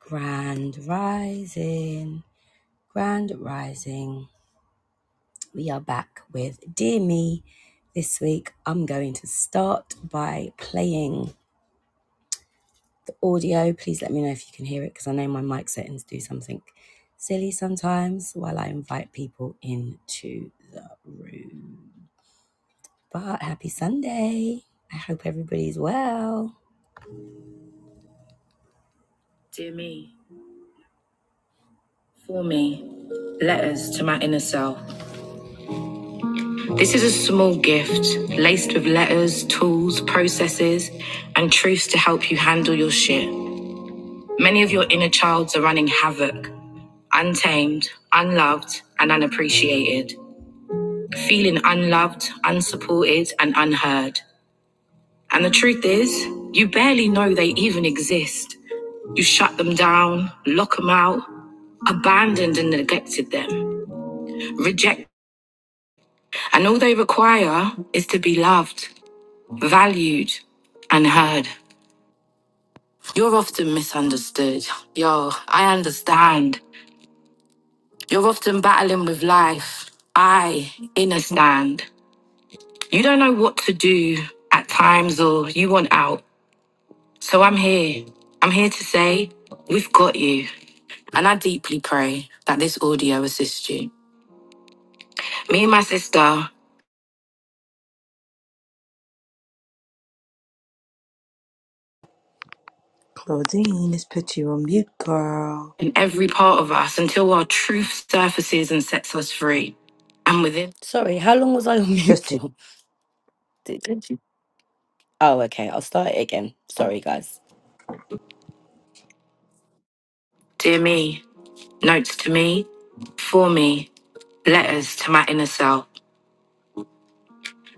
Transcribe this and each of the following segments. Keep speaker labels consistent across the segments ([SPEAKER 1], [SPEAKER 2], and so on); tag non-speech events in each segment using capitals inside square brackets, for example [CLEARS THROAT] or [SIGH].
[SPEAKER 1] Grand Rising, Grand Rising. We are back with Dear Me. This week, I'm going to start by playing the audio. Please let me know if you can hear it because I know my mic settings do something silly sometimes while I invite people into the room. But happy Sunday. I hope everybody's well. Dear me, for me, letters to my inner self. This is a small gift laced with letters, tools, processes, and truths to help you handle your shit. Many of your inner childs are running havoc, untamed, unloved, and unappreciated, feeling unloved, unsupported, and unheard. And the truth is, you barely know they even exist. You shut them down, lock them out, abandoned and neglected them, reject, and all they require is to be loved. valued and heard. You're often misunderstood. Yo, I understand. You're often battling with life. I understand. You don't know what to do at times or you want out. So I'm here. I'm here to say, we've got you. And I deeply pray that this audio assists you. Me and my sister,
[SPEAKER 2] Claudine, this put you on mute, girl.
[SPEAKER 1] and every part of us until our truth surfaces and sets us free. And within,
[SPEAKER 2] Just to.
[SPEAKER 1] dear me. Notes to me, for me, letters to my inner self.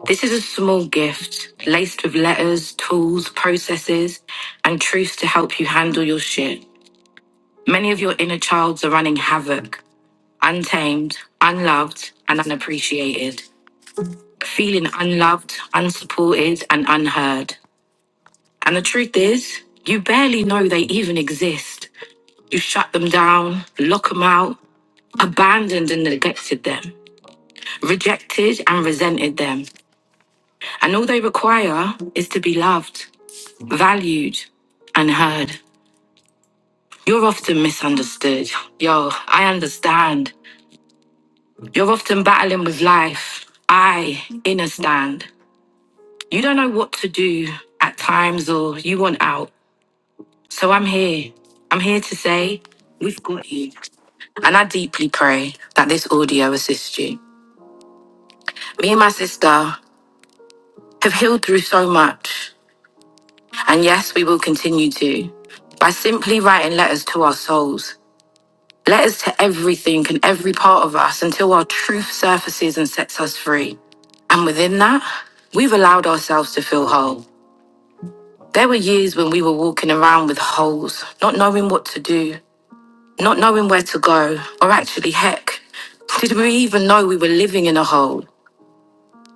[SPEAKER 1] This is a small gift laced with letters, tools, processes, and truths to help you handle your shit. Many of your inner childs are running havoc, untamed, unloved, and unappreciated, feeling unloved, unsupported, and unheard. And the truth is, you barely know they even exist. You shut them down, lock them out, abandoned and neglected them, rejected and resented them, And all they require is to be loved, valued, and heard. You're often misunderstood. Yo, I understand. You're often battling with life. I understand. You don't know what to do at times or you want out. So I'm here. I'm here to say, we've got you. And I deeply pray that this audio assists you. Me and my sister have healed through so much. And yes, we will continue to by simply writing letters to our souls Letters to everything and every part of us until our truth surfaces and sets us free. And within that, we've allowed ourselves to feel whole. There were years when we were walking around with holes, not knowing what to do, not knowing where to go, or actually, heck, did we even know we were living in a hole?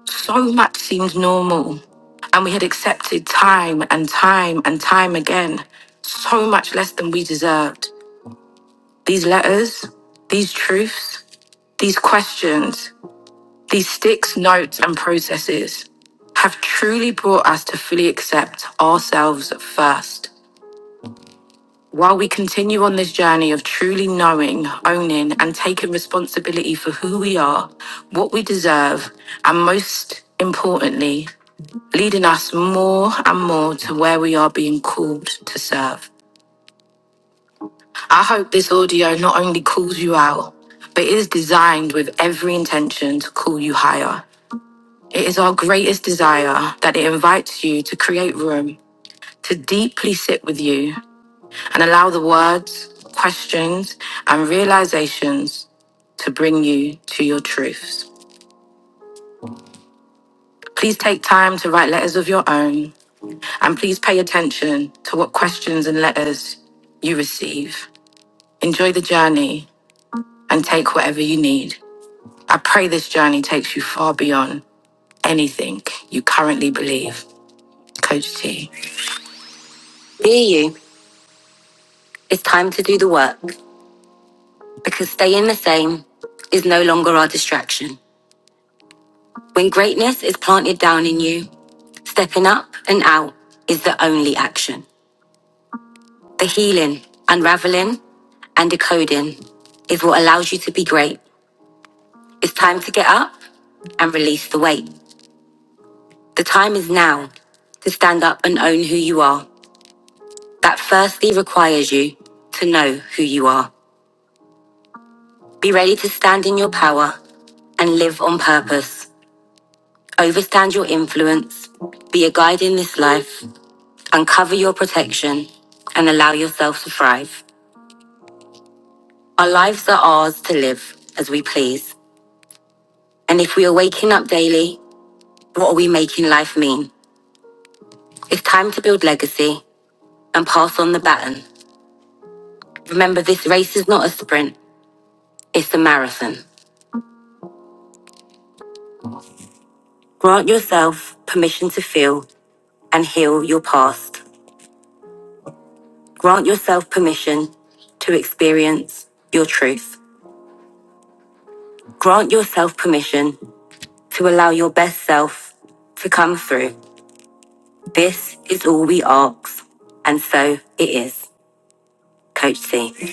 [SPEAKER 1] So much seemed normal. And we had accepted time and time and time again so much less than we deserved. These letters, these truths, these questions. These sticks, notes, and processes have truly brought us to fully accept ourselves first. While we continue on this journey of truly knowing, owning, and taking responsibility for who we are, what we deserve, and most importantly, leading us more and more to where we are being called to serve. I hope this audio not only calls you out, but is designed with every intention to call you higher. It is our greatest desire that it invites you to create room, to deeply sit with you and allow the words, questions, and realizations to bring you to your truths. Please take time to write letters of your own and please pay attention to what questions and letters you receive. Enjoy the journey and take whatever you need. I pray this journey takes you far beyond anything you currently believe. Coach T. Be you. It's time to do the work. because staying the same is no longer our distraction. When greatness is planted down in you, stepping up and out is the only action. The healing, unraveling, and decoding is what allows you to be great. It's time to get up and release the weight. The time is now to stand up and own who you are. That firstly requires you to know who you are. Be ready to stand in your power and live on purpose. Overstand your influence, be a guide in this life, uncover your protection, and allow yourself to thrive. Our lives are ours to live as we please. And if we are waking up daily, what are we making life mean? It's time to build legacy and pass on the baton. Remember, this race is not a sprint, it's a marathon. Grant yourself permission to feel and heal your past. Grant yourself permission to experience your truth. Grant yourself permission to allow your best self to come through. This is all we ask. And so it is. Coach C.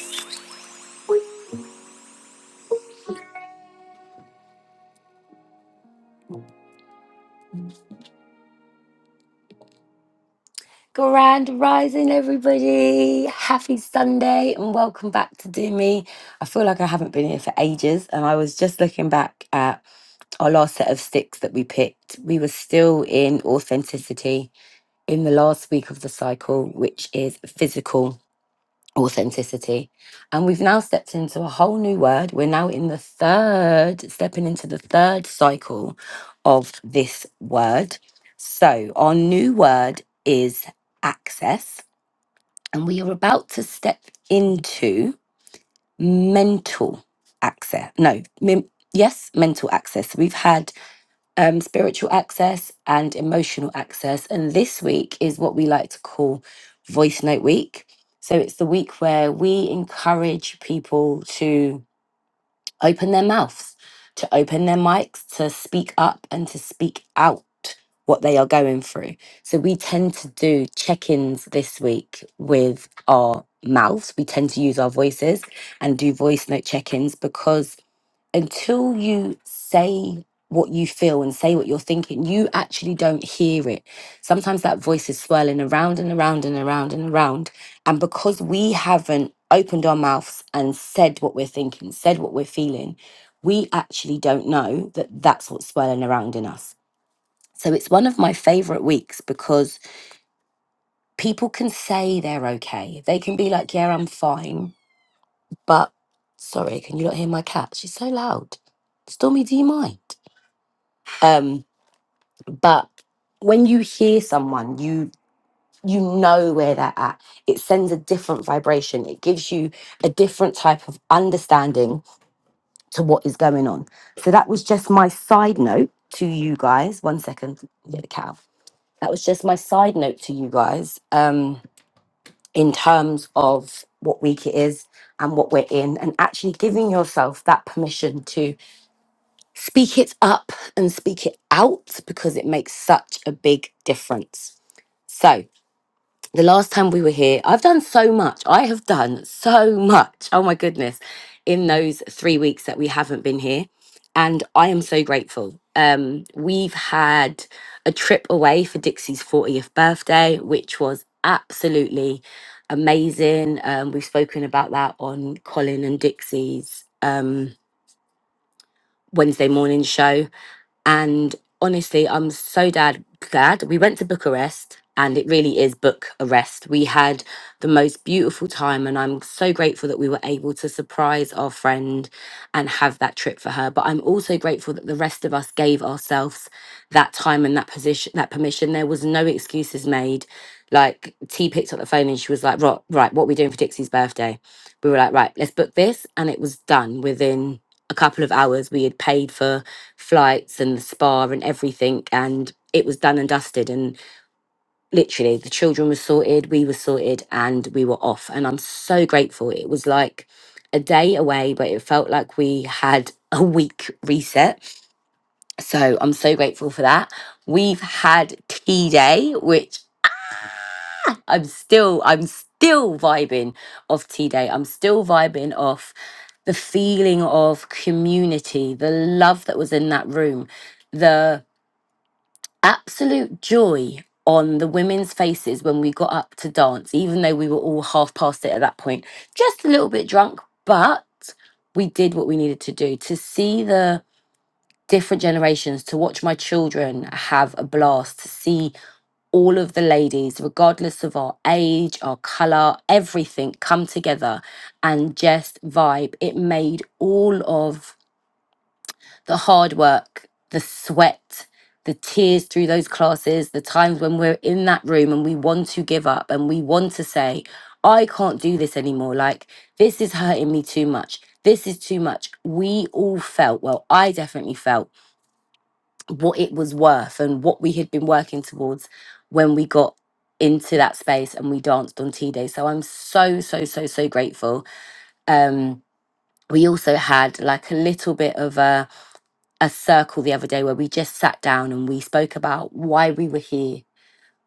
[SPEAKER 1] Grand rising, everybody. Happy Sunday and welcome back to Do Me. I feel like I haven't been here for ages. And I was just looking back at our last set of sticks that we picked, we were still in authenticity in the last week of the cycle, which is physical. authenticity. And we've now stepped into a whole new word. We're now in the third, stepping into the third cycle of this word. So our new word is access. And we are about to step into mental access. No, mem- yes, mental access. We've had um, spiritual access and emotional access. And this week is what we like to call Voice Note Week. So it's the week where we encourage people to open their mouths, to open their mics, to speak up and to speak out what they are going through. So we tend to do check ins this week with our mouths. We tend to use our voices and do voice note check ins because until you say what you feel and say what you're thinking, you actually don't hear it. Sometimes that voice is swirling around and around and around and around. And because we haven't opened our mouths and said what we're thinking, said what we're feeling, we actually don't know that that's what's swirling around in us. So it's one of my favorite weeks because people can say they're okay. They can be like, yeah, I'm fine. But sorry, can you not hear my cat? She's so loud. Stormy, do you mind? um but when you hear someone you you know where they're at it sends a different vibration it gives you a different type of understanding to what is going on so that was just my side note to you guys one second get the cow that was just my side note to you guys um in terms of what week it is and what we're in and actually giving yourself that permission Speak it up and speak it out because it makes such a big difference. So, the last time we were here, I've done so much. I have done so much. Oh my goodness, in those three weeks that we haven't been here. And I am so grateful. Um, we've had a trip away for Dixie's 40th birthday, which was absolutely amazing. Um, we've spoken about that on Colin and Dixie's um, Wednesday morning show and honestly, I'm so dad glad we went to Bucharest, and it really is Bucharest. We had the most beautiful time, and I'm so grateful that we were able to surprise our friend and have that trip for her. But I'm also grateful that the rest of us gave ourselves that time and that position, that permission. There was no excuses made. Like T picked up the phone and she was like, "Right, right, what are we doing for Dixie's birthday?" We were like, "Right, let's book this," and it was done within a couple of hours. We had paid for flights and the spa and everything. And it was done and dusted. And literally, the children were sorted, we were sorted, and we were off. And I'm so grateful. It was like a day away, but it felt like we had a week reset. So I'm so grateful for that. We've had tea day, which I'm still, I'm still vibing off tea day. I'm still vibing off the feeling of community, the love that was in that room, the absolute joy on the women's faces when we got up to dance, even though we were all half past it at that point, just a little bit drunk, but we did what we needed to do to see the different generations, to watch my children have a blast, to see all of the ladies, regardless of our age, our colour, everything, come together and just vibe. It made all of the hard work, the sweat, the tears through those classes, the times when we're in that room and we want to give up and we want to say, I can't do this anymore. Like, this is hurting me too much. This is too much. We all felt, well, I definitely felt what it was worth and what we had been working towards when we got into that space and we danced on T Day. So I'm so, so, so, so grateful. Um, we also had like a little bit of a a circle the other day where we just sat down and we spoke about why we were here,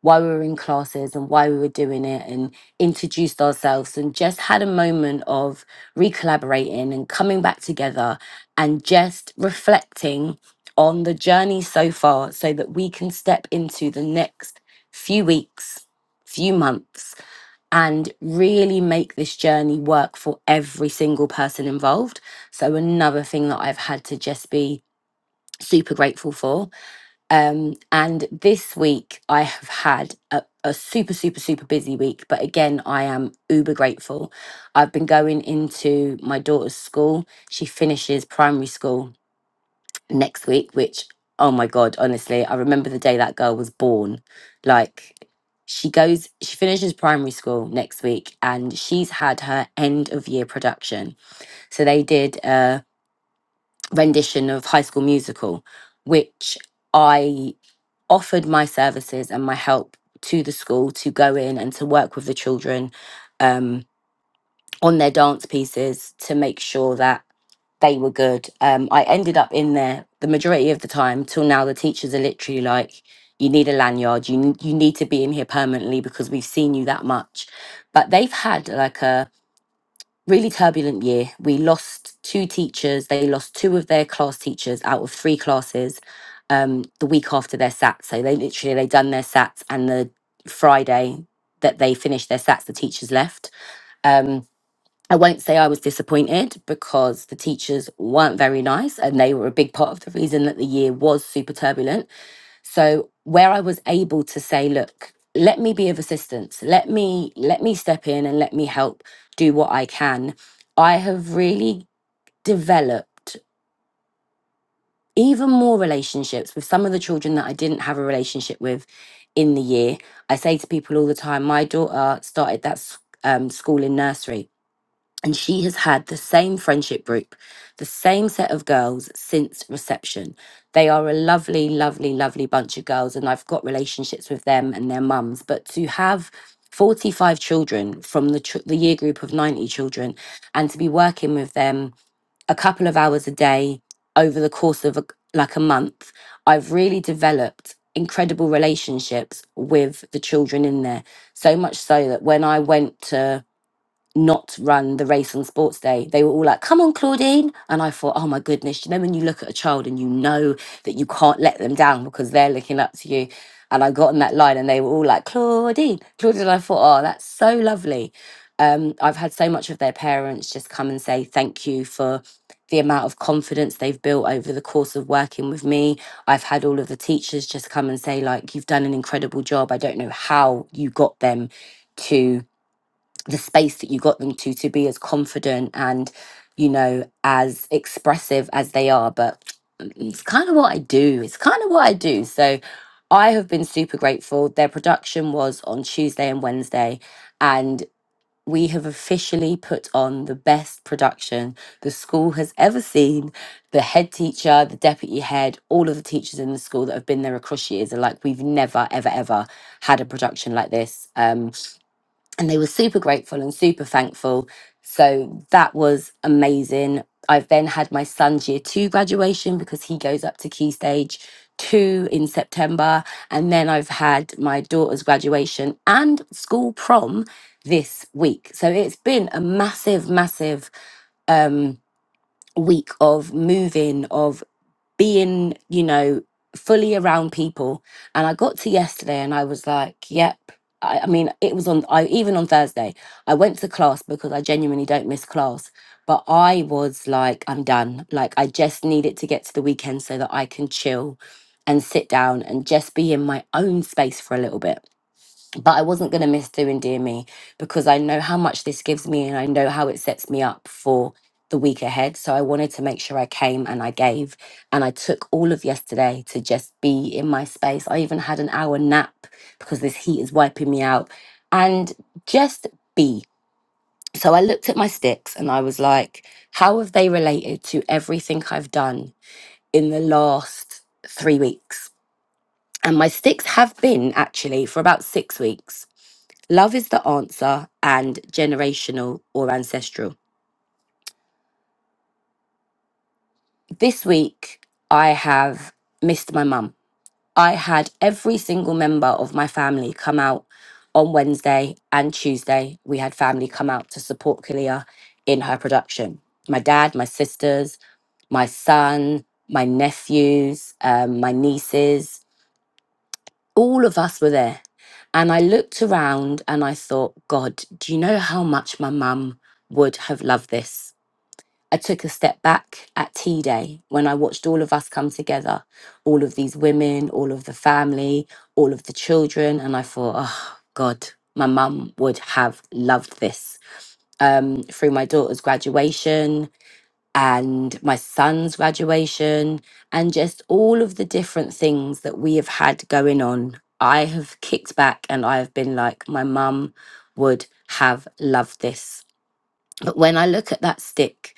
[SPEAKER 1] why we were in classes and why we were doing it and introduced ourselves and just had a moment of recollaborating and coming back together and just reflecting on the journey so far so that we can step into the next few weeks, few months and really make this journey work for every single person involved. So another thing that I've had to just be super grateful for. Um, and this week I have had a, a super, super, super busy week, but again, I am uber grateful. I've been going into my daughter's school. She finishes primary school next week, which, oh my God, honestly, I remember the day that girl was born. Like, she goes, she finishes primary school next week and she's had her end of year production. So they did a rendition of High School Musical, which I offered my services and my help to the school to go in and to work with the children um, on their dance pieces to make sure that they were good. Um, I ended up in there the majority of the time till now. The teachers are literally like, "You need a lanyard. You n- you need to be in here permanently because we've seen you that much." But they've had like a really turbulent year. We lost two teachers. They lost two of their class teachers out of three classes um, the week after their SAT. So they literally they done their SATs and the Friday that they finished their SATs, the teachers left. Um, I won't say I was disappointed because the teachers weren't very nice and they were a big part of the reason that the year was super turbulent. So where I was able to say, look, let me be of assistance. Let me let me step in and let me help do what I can. I have really developed even more relationships with some of the children that I didn't have a relationship with in the year. I say to people all the time, my daughter started that s- um, school in nursery and she has had the same friendship group, the same set of girls since reception. They are a lovely, lovely, lovely bunch of girls, and I've got relationships with them and their mums. But to have 45 children from the, tr- the year group of 90 children and to be working with them a couple of hours a day over the course of a, like a month, I've really developed incredible relationships with the children in there. So much so that when I went to not run the race and sports day. They were all like, come on, Claudine. And I thought, oh my goodness, you know, when you look at a child and you know that you can't let them down because they're looking up to you. And I got on that line and they were all like, Claudine, Claudine. And I thought, oh, that's so lovely. Um, I've had so much of their parents just come and say thank you for the amount of confidence they've built over the course of working with me. I've had all of the teachers just come and say, like, you've done an incredible job. I don't know how you got them to the space that you got them to to be as confident and you know as expressive as they are but it's kind of what i do it's kind of what i do so i have been super grateful their production was on tuesday and wednesday and we have officially put on the best production the school has ever seen the head teacher the deputy head all of the teachers in the school that have been there across years are like we've never ever ever had a production like this Um, and they were super grateful and super thankful. So that was amazing. I've then had my son's year two graduation because he goes up to Key Stage two in September. And then I've had my daughter's graduation and school prom this week. So it's been a massive, massive um, week of moving, of being, you know, fully around people. And I got to yesterday and I was like, yep. I, I mean, it was on, I even on Thursday, I went to class because I genuinely don't miss class. But I was like, I'm done. Like, I just needed to get to the weekend so that I can chill and sit down and just be in my own space for a little bit but I wasn't going to miss doing Dear Me because I know how much this gives me and I know how it sets me up for the week ahead. So I wanted to make sure I came and I gave. And I took all of yesterday to just be in my space. I even had an hour nap because this heat is wiping me out and just be. So I looked at my sticks and I was like, how have they related to everything I've done in the last three weeks? And my sticks have been actually for about six weeks Love is the answer and generational or ancestral. This week, I have missed my mum. I had every single member of my family come out on Wednesday and Tuesday. We had family come out to support Kalia in her production. My dad, my sisters, my son, my nephews, um, my nieces, all of us were there. And I looked around and I thought, God, do you know how much my mum would have loved this? I took a step back at Tea Day when I watched all of us come together, all of these women, all of the family, all of the children. And I thought, oh, God, my mum would have loved this. Um, through my daughter's graduation and my son's graduation, and just all of the different things that we have had going on, I have kicked back and I have been like, my mum would have loved this but when I look at that stick,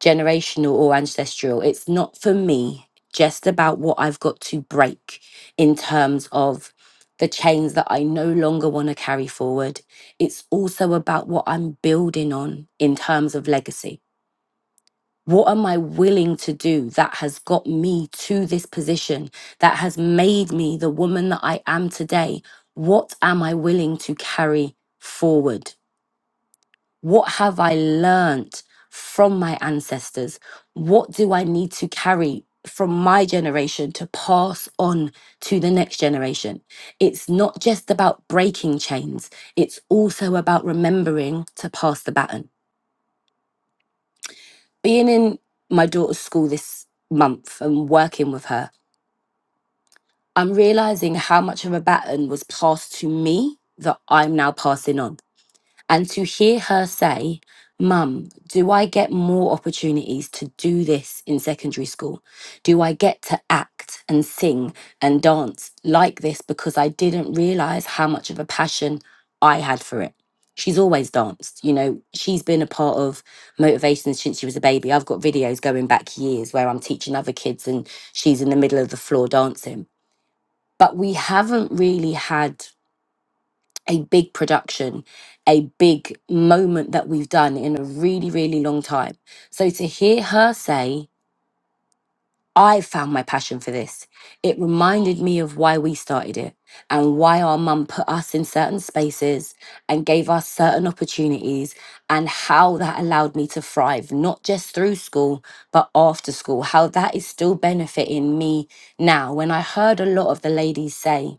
[SPEAKER 1] generational or ancestral, it's not for me just about what I've got to break in terms of the chains that I no longer want to carry forward. It's also about what I'm building on in terms of legacy. What am I willing to do that has got me to this position, that has made me the woman that I am today? What am I willing to carry forward? What have I learnt from my ancestors? What do I need to carry from my generation to pass on to the next generation? It's not just about breaking chains, it's also about remembering to pass the baton. Being in my daughter's school this month and working with her, I'm realizing how much of a baton was passed to me that I'm now passing on. And to hear her say, Mum, do I get more opportunities to do this in secondary school? Do I get to act and sing and dance like this because I didn't realize how much of a passion I had for it? She's always danced. You know, she's been a part of motivations since she was a baby. I've got videos going back years where I'm teaching other kids and she's in the middle of the floor dancing. But we haven't really had a big production, a big moment that we've done in a really, really long time. So to hear her say, I found my passion for this, it reminded me of why we started it and why our mum put us in certain spaces and gave us certain opportunities and how that allowed me to thrive, not just through school, but after school, how that is still benefiting me now. When I heard a lot of the ladies say,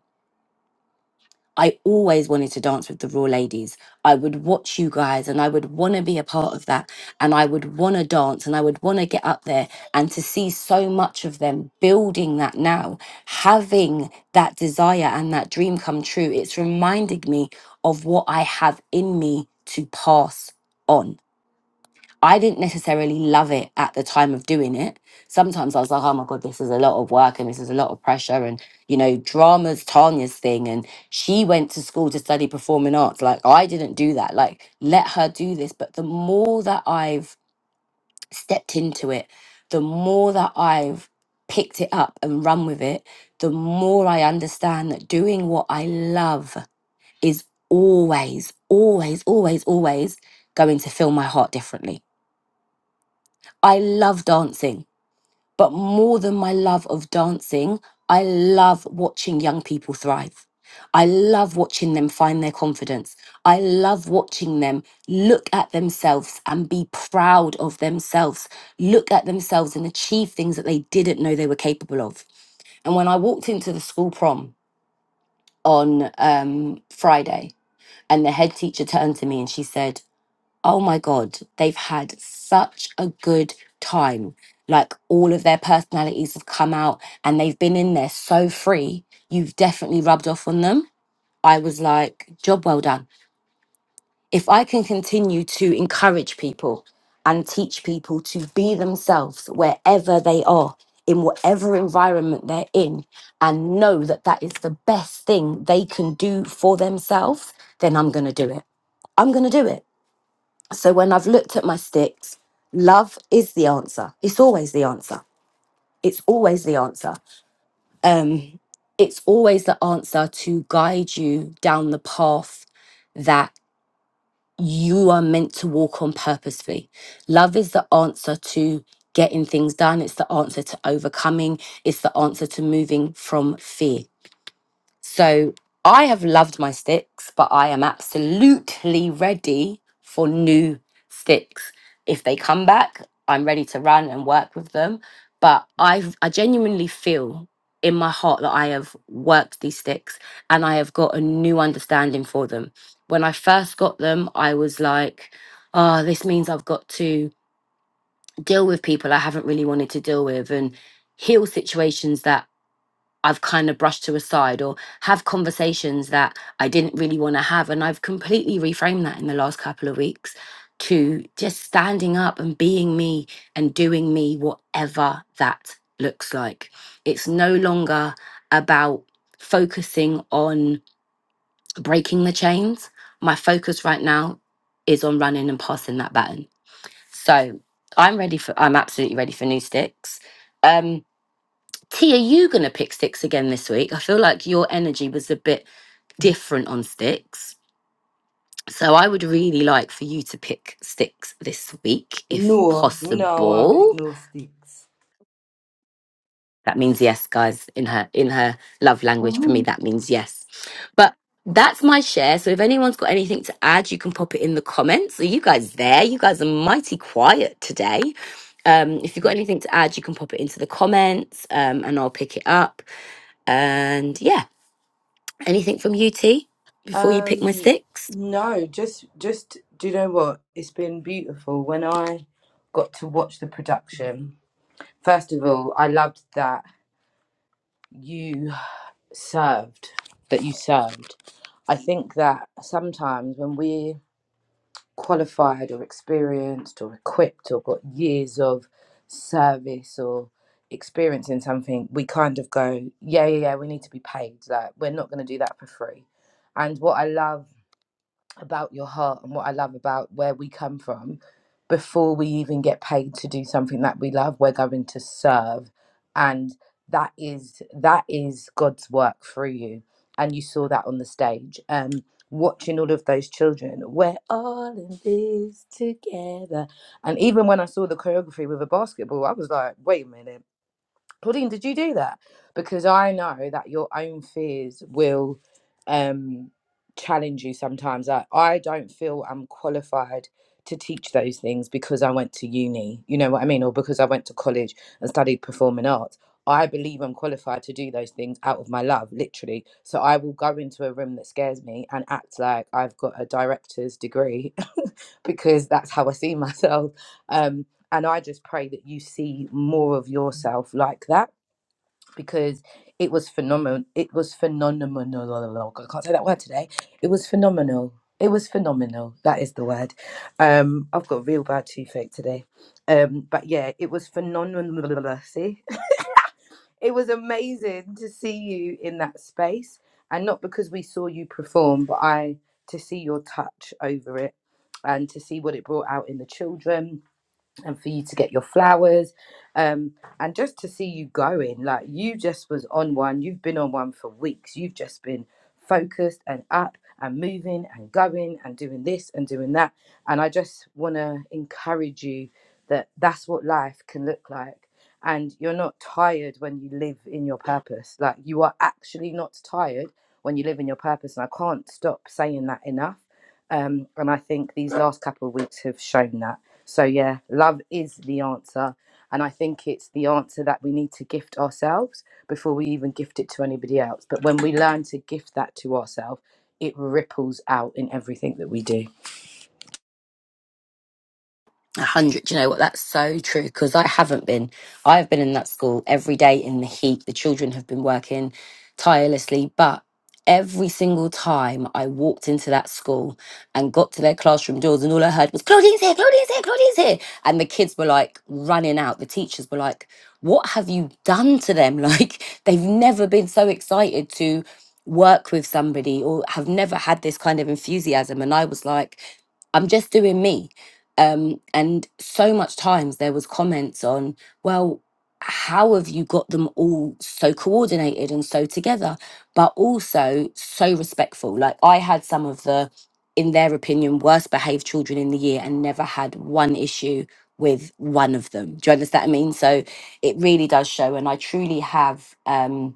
[SPEAKER 1] I always wanted to dance with the Raw Ladies. I would watch you guys and I would want to be a part of that. And I would want to dance and I would want to get up there and to see so much of them building that now, having that desire and that dream come true. It's reminding me of what I have in me to pass on. I didn't necessarily love it at the time of doing it. Sometimes I was like, oh my God, this is a lot of work and this is a lot of pressure. And, you know, drama's Tanya's thing. And she went to school to study performing arts. Like, I didn't do that. Like, let her do this. But the more that I've stepped into it, the more that I've picked it up and run with it, the more I understand that doing what I love is always, always, always, always going to fill my heart differently I love dancing, but more than my love of dancing, I love watching young people thrive. I love watching them find their confidence. I love watching them look at themselves and be proud of themselves, look at themselves and achieve things that they didn't know they were capable of. And when I walked into the school prom on um, Friday, and the head teacher turned to me and she said, oh my God, they've had such a good time. Like all of their personalities have come out and they've been in there so free. You've definitely rubbed off on them. I was like, job well done. If I can continue to encourage people and teach people to be themselves wherever they are, in whatever environment they're in, and know that that is the best thing they can do for themselves, then I'm going to do it. I'm going to do it so when I've looked at my sticks, love is the answer. It's always the answer. It's always the answer. Um, it's always the answer to guide you down the path that you are meant to walk on purposefully. Love is the answer to getting things done. It's the answer to overcoming. It's the answer to moving from fear. So I have loved my sticks, but I am absolutely ready for new sticks. If they come back, I'm ready to run and work with them. But I I genuinely feel in my heart that I have worked these sticks and I have got a new understanding for them. When I first got them, I was like, oh, this means I've got to deal with people I haven't really wanted to deal with and heal situations that I've kind of brushed to a side or have conversations that I didn't really want to have. And I've completely reframed that in the last couple of weeks to just standing up and being me and doing me, whatever that looks like. It's no longer about focusing on breaking the chains. My focus right now is on running and passing that baton. So I'm ready for, I'm absolutely ready for new sticks. Um, T, are you going to pick sticks again this week? I feel like your energy was a bit different on sticks. So I would really like for you to pick sticks this week if
[SPEAKER 2] No, me no want pick
[SPEAKER 1] possible.
[SPEAKER 2] no sticks.
[SPEAKER 1] That means yes, guys, in her in her love language for me
[SPEAKER 2] Mhm.
[SPEAKER 1] that means yes. But that's my share. So if anyone's got anything to add, you can pop it in the comments. Are you guys there? You guys are mighty quiet today. Um, if you've got anything to add, you can pop it into the comments um, and I'll pick it up. And yeah, Anything from you, T, before you pick my
[SPEAKER 2] Um,
[SPEAKER 1] sticks?
[SPEAKER 2] no, just just do you know what? It's been beautiful when I got to watch the production. First of all, I loved that you served, that you served. I think that sometimes when we qualified or experienced or equipped or got years of service or experience in something, we kind of go, yeah, yeah, yeah, we need to be paid. Like, we're not going to do that for free. And what I love about your heart and what I love about where we come from, before we even get paid to do something that we love, we're going to serve. And that is that is God's work through you. And you saw that on the stage. Um watching all of those children, we're all in this together. And even when I saw the choreography with a basketball, I was like, wait a minute, Claudine, did you do that? Because I know that your own fears will um, challenge you sometimes. I, I don't feel I'm qualified to teach those things because I went to uni, you know what I mean? Or because I went to college and studied performing arts. I believe I'm qualified to do those things out of my love, literally. So I will go into a room that scares me and act like I've got a director's degree [LAUGHS] because that's how I see myself. Um, and I just pray that you see more of yourself like that because it was phenomenal. It was phenomenal. I can't say that word today. It was phenomenal. It was phenomenal. That is the word. Um, I've got a real bad toothache today. Um, but yeah, it was phenomenal. See, [LAUGHS] it was amazing to see you in that space, and not because we saw you perform, but I to see your touch over it, and to see what it brought out in the children and for you to get your flowers um and just to see you going like you just was on one you've been on one for weeks you've just been focused and up and moving and going and doing this and doing that and i just want to encourage you that that's what life can look like and you're not tired when you live in your purpose like you are actually not tired when you live in your purpose and i can't stop saying that enough um, and I think these last couple of weeks have shown that. So, yeah, love is the answer. And I think it's the answer that we need to gift ourselves before we even gift it to anybody else. But when we learn to gift that to ourselves, it ripples out in everything that we do.
[SPEAKER 1] A hundred. Do you know what? That's so true because I haven't been. I have been in that school every day in the heat. The children have been working tirelessly, but every single time I walked into that school and got to their classroom doors, and all I heard was Claudine's here, Claudine's here, Claudine's here, and the kids were like running out. The teachers were like, "What have you done to them? [LAUGHS] Like they've never been so excited to." work with somebody or have never had this kind of enthusiasm and I was like I'm just doing me um, and so much times there was comments on well how have you got them all so coordinated and so together but also so respectful like i had some of the in their opinion worst behaved children in the year and never had one issue with one of them do you understand what i mean so it really does show and i truly have um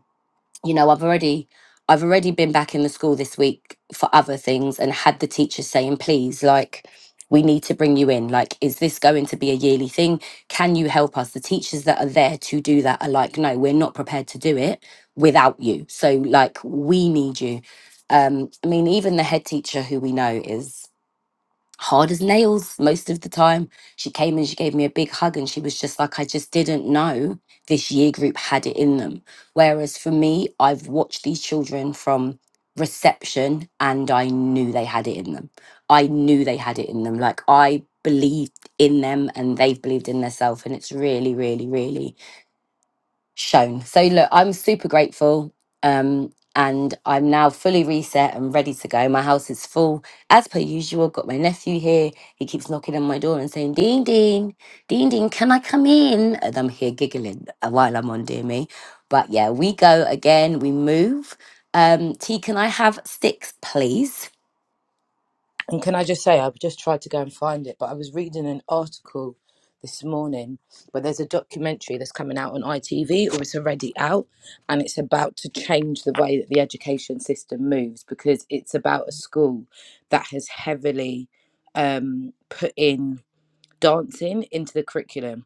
[SPEAKER 1] you know i've already i've already been back in the school this week for other things and had the teachers saying please like we need to bring you in like is this going to be a yearly thing can you help us the teachers that are there to do that are like no we're not prepared to do it without you so like we need you um i mean even the head teacher who we know is hard as nails most of the time. She came and she gave me a big hug and she was just like, I just didn't know this year group had it in them. Whereas for me, I've watched these children from reception and I knew they had it in them. I knew they had it in them. Like I believed in them and they've believed in themselves. And it's really, really, really shown. So look, I'm super grateful. Um, and I'm now fully reset and ready to go. My house is full as per usual. Got my nephew here. He keeps knocking on my door and saying, Dean, Dean, Dean, Dean, can I come in? And I'm here giggling uh, while I'm on Dear Me. But yeah, we go again. We move. Um, T, can I have sticks, please?
[SPEAKER 2] And can I just say, I've just tried to go and find it, but I was reading an article this morning, but there's a documentary that's coming out on ITV or it's already out, and it's about to change the way that the education system moves because it's about a school that has heavily um, put in dancing into the curriculum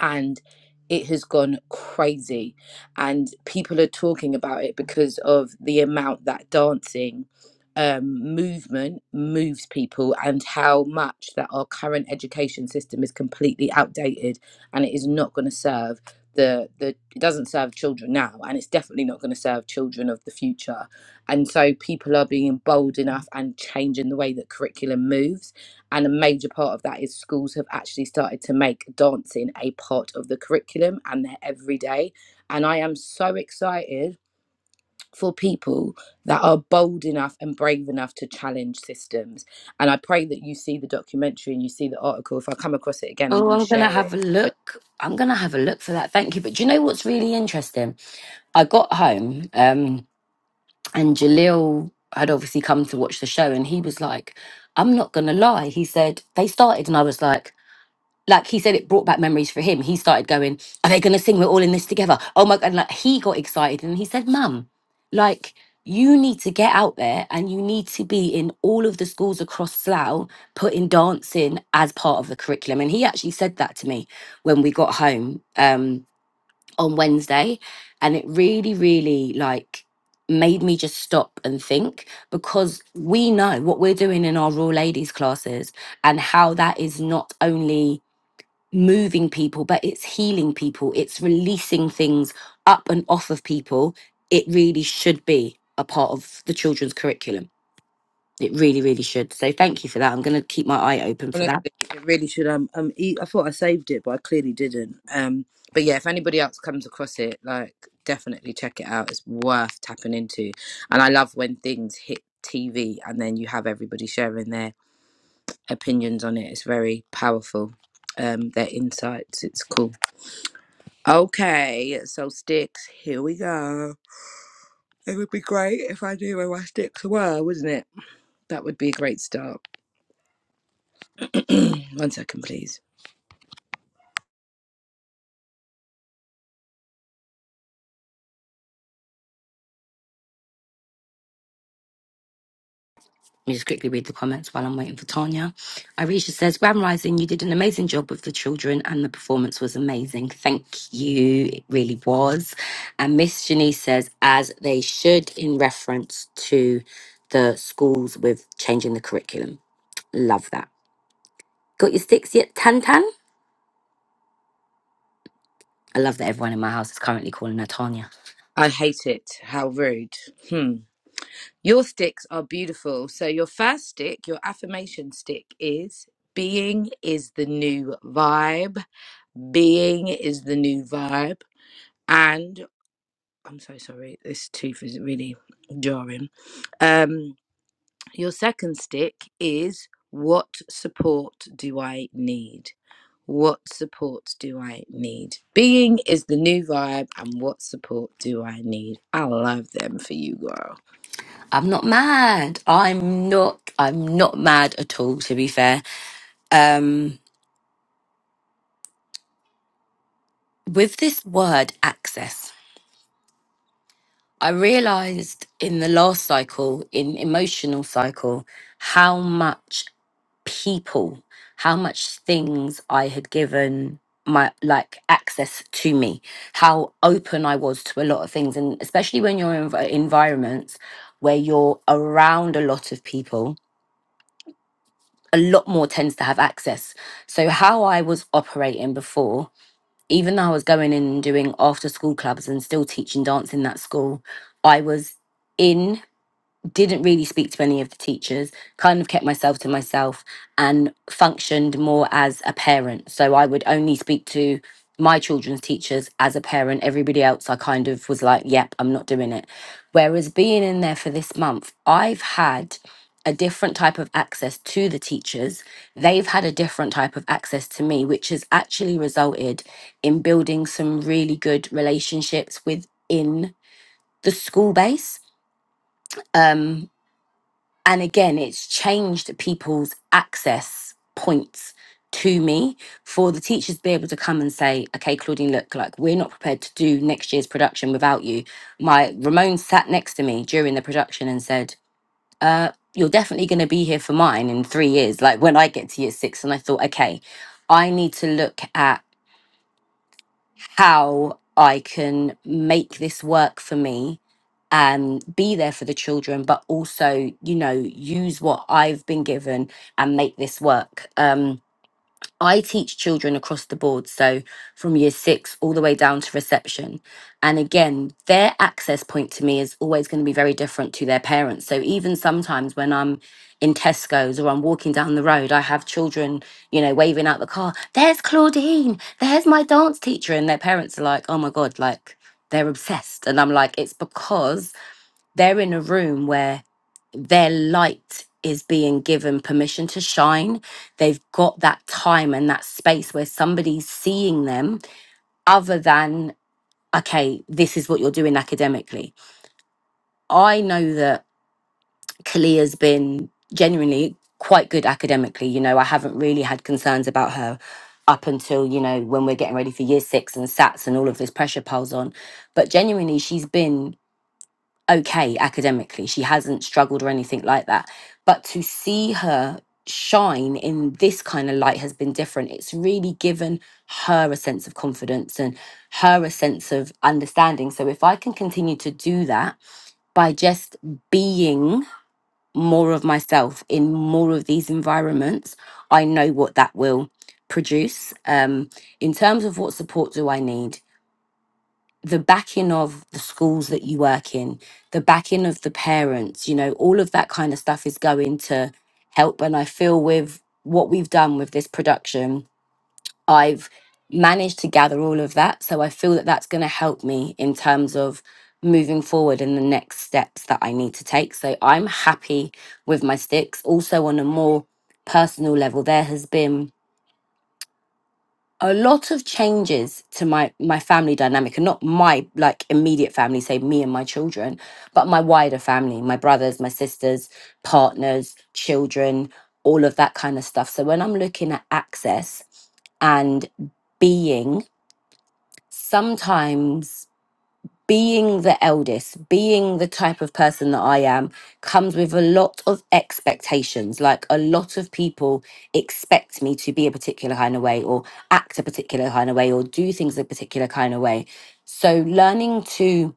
[SPEAKER 2] and it has gone crazy and people are talking about it because of the amount that dancing um, movement moves people and how much that our current education system is completely outdated and it is not going to serve the the it doesn't serve children now and it's definitely not going to serve children of the future and so people are being bold enough and changing the way that curriculum moves and a major part of that is schools have actually started to make dancing a part of the curriculum and their everyday. And I am so excited for people that are bold enough and brave enough to challenge systems. And I pray that you see the documentary and you see the article. If I come across it again, I'm
[SPEAKER 1] Oh,
[SPEAKER 2] going to
[SPEAKER 1] I'm going to
[SPEAKER 2] share
[SPEAKER 1] have
[SPEAKER 2] it.
[SPEAKER 1] a look. I'm going to have a look for that. Thank you. But do you know what's really interesting? I got home. Um, And Jalil had obviously come to watch the show and he was like, I'm not gonna lie. He said, they started and I was like, like he said it brought back memories for him. He started going, Are they gonna sing? We're all in this together. Oh my god, and like he got excited and he said, Mum, like you need to get out there and you need to be in all of the schools across Slough putting dancing as part of the curriculum. And he actually said that to me when we got home. Um, on Wednesday and it really really like made me just stop and think because we know what we're doing in our raw ladies classes and how that is not only moving people but it's healing people it's releasing things up and off of people it really should be a part of the children's curriculum it really, really should. So thank you for that. I'm going to keep my eye open for
[SPEAKER 2] Honestly,
[SPEAKER 1] that.
[SPEAKER 2] it really should. Um, um, e- I thought I saved it, but I clearly didn't. Um, but yeah, if anybody else comes across it, like definitely check it out. It's worth tapping into. And I love when things hit TV and then you have everybody sharing their opinions on it. It's very powerful. Um, their insights. It's cool. Okay, so sticks. Here we go. It would be great if I knew where my sticks were, wouldn't it? That would be a great start. [CLEARS THROAT] One second, please.
[SPEAKER 1] Let me just quickly read the comments while I'm waiting for Tanya. Irisha says, Grand Rising, you did an amazing job with the children and the performance was amazing. Thank you. It really was. And Miss Janice says, as they should in reference to the schools with changing the curriculum. Love that. Got your sticks yet, Tan Tan? I love that everyone in my house is currently calling her Tanya.
[SPEAKER 2] I hate it. How rude. Hmm. Your sticks are beautiful. So, your first stick, your affirmation stick is being is the new vibe. Being is the new vibe. And I'm so sorry, this tooth is really jarring. Um, your second stick is what support do I need? What support do I need? Being is the new vibe, and what support do I need? I love them for you, girl.
[SPEAKER 1] I'm not mad. I'm not I'm not mad at all to be fair. Um with this word access, I realized in the last cycle in emotional cycle how much people, how much things I had given my like access to me, how open I was to a lot of things and especially when you're in env- environments where you're around a lot of people a lot more tends to have access. So how I was operating before, even though I was going in and doing after school clubs and still teaching dance in that school, I was in didn't really speak to any of the teachers, kind of kept myself to myself and functioned more as a parent. So I would only speak to my children's teachers as a parent. Everybody else, I kind of was like, yep, I'm not doing it. Whereas being in there for this month, I've had a different type of access to the teachers. They've had a different type of access to me, which has actually resulted in building some really good relationships within the school base. Um, and again it's changed people's access points to me for the teachers to be able to come and say okay claudine look like we're not prepared to do next year's production without you my ramon sat next to me during the production and said uh you're definitely going to be here for mine in three years like when i get to year six and i thought okay i need to look at how I can make this work for me and be there for the children, but also, you know, use what I've been given and make this work. Um, I teach children across the board, so from year six all the way down to reception. And again, their access point to me is always going to be very different to their parents. So even sometimes when I'm in Tesco's or I'm walking down the road, I have children, you know, waving out the car, there's Claudine, there's my dance teacher. And their parents are like, oh my God, like they're obsessed. And I'm like, it's because they're in a room where their light is being given permission to shine. They've got that time and that space where somebody's seeing them other than, okay, this is what you're doing academically. I know that Kalia's been genuinely quite good academically. You know, I haven't really had concerns about her up until, you know, when we're getting ready for year six and SATs and all of this pressure piles on. But genuinely, she's been okay academically. She hasn't struggled or anything like that. But to see her shine in this kind of light has been different. It's really given her a sense of confidence and her a sense of understanding. So if I can continue to do that by just being more of myself in more of these environments, I know what that will produce. Um, in terms of what support do I need? the backing of the schools that you work in, the backing of the parents, you know, all of that kind of stuff is going to help. And I feel with what we've done with this production, I've managed to gather all of that. So I feel that that's going to help me in terms of moving forward and the next steps that I need to take. So I'm happy with my sticks. Also, on a more personal level, there has been a lot of changes to my my family dynamic and not my like immediate family say me and my children but my wider family my brothers my sisters partners children all of that kind of stuff so when i'm looking at access and being sometimes being the eldest, being the type of person that I am, comes with a lot of expectations. Like a lot of people expect me to be a particular kind of way, or act a particular kind of way, or do things a particular kind of way. So learning to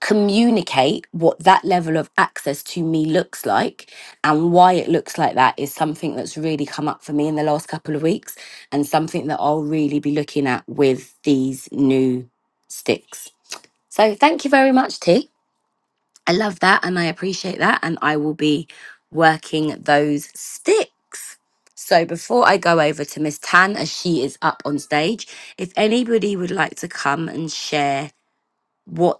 [SPEAKER 1] communicate what that level of access to me looks like and why it looks like that is something that's really come up for me in the last couple of weeks and something that I'll really be looking at with these new sticks. So thank you very much, T. I love that and I appreciate that. And I will be working those sticks. So before I go over to Miss Tan, as she is up on stage, if anybody would like to come and share what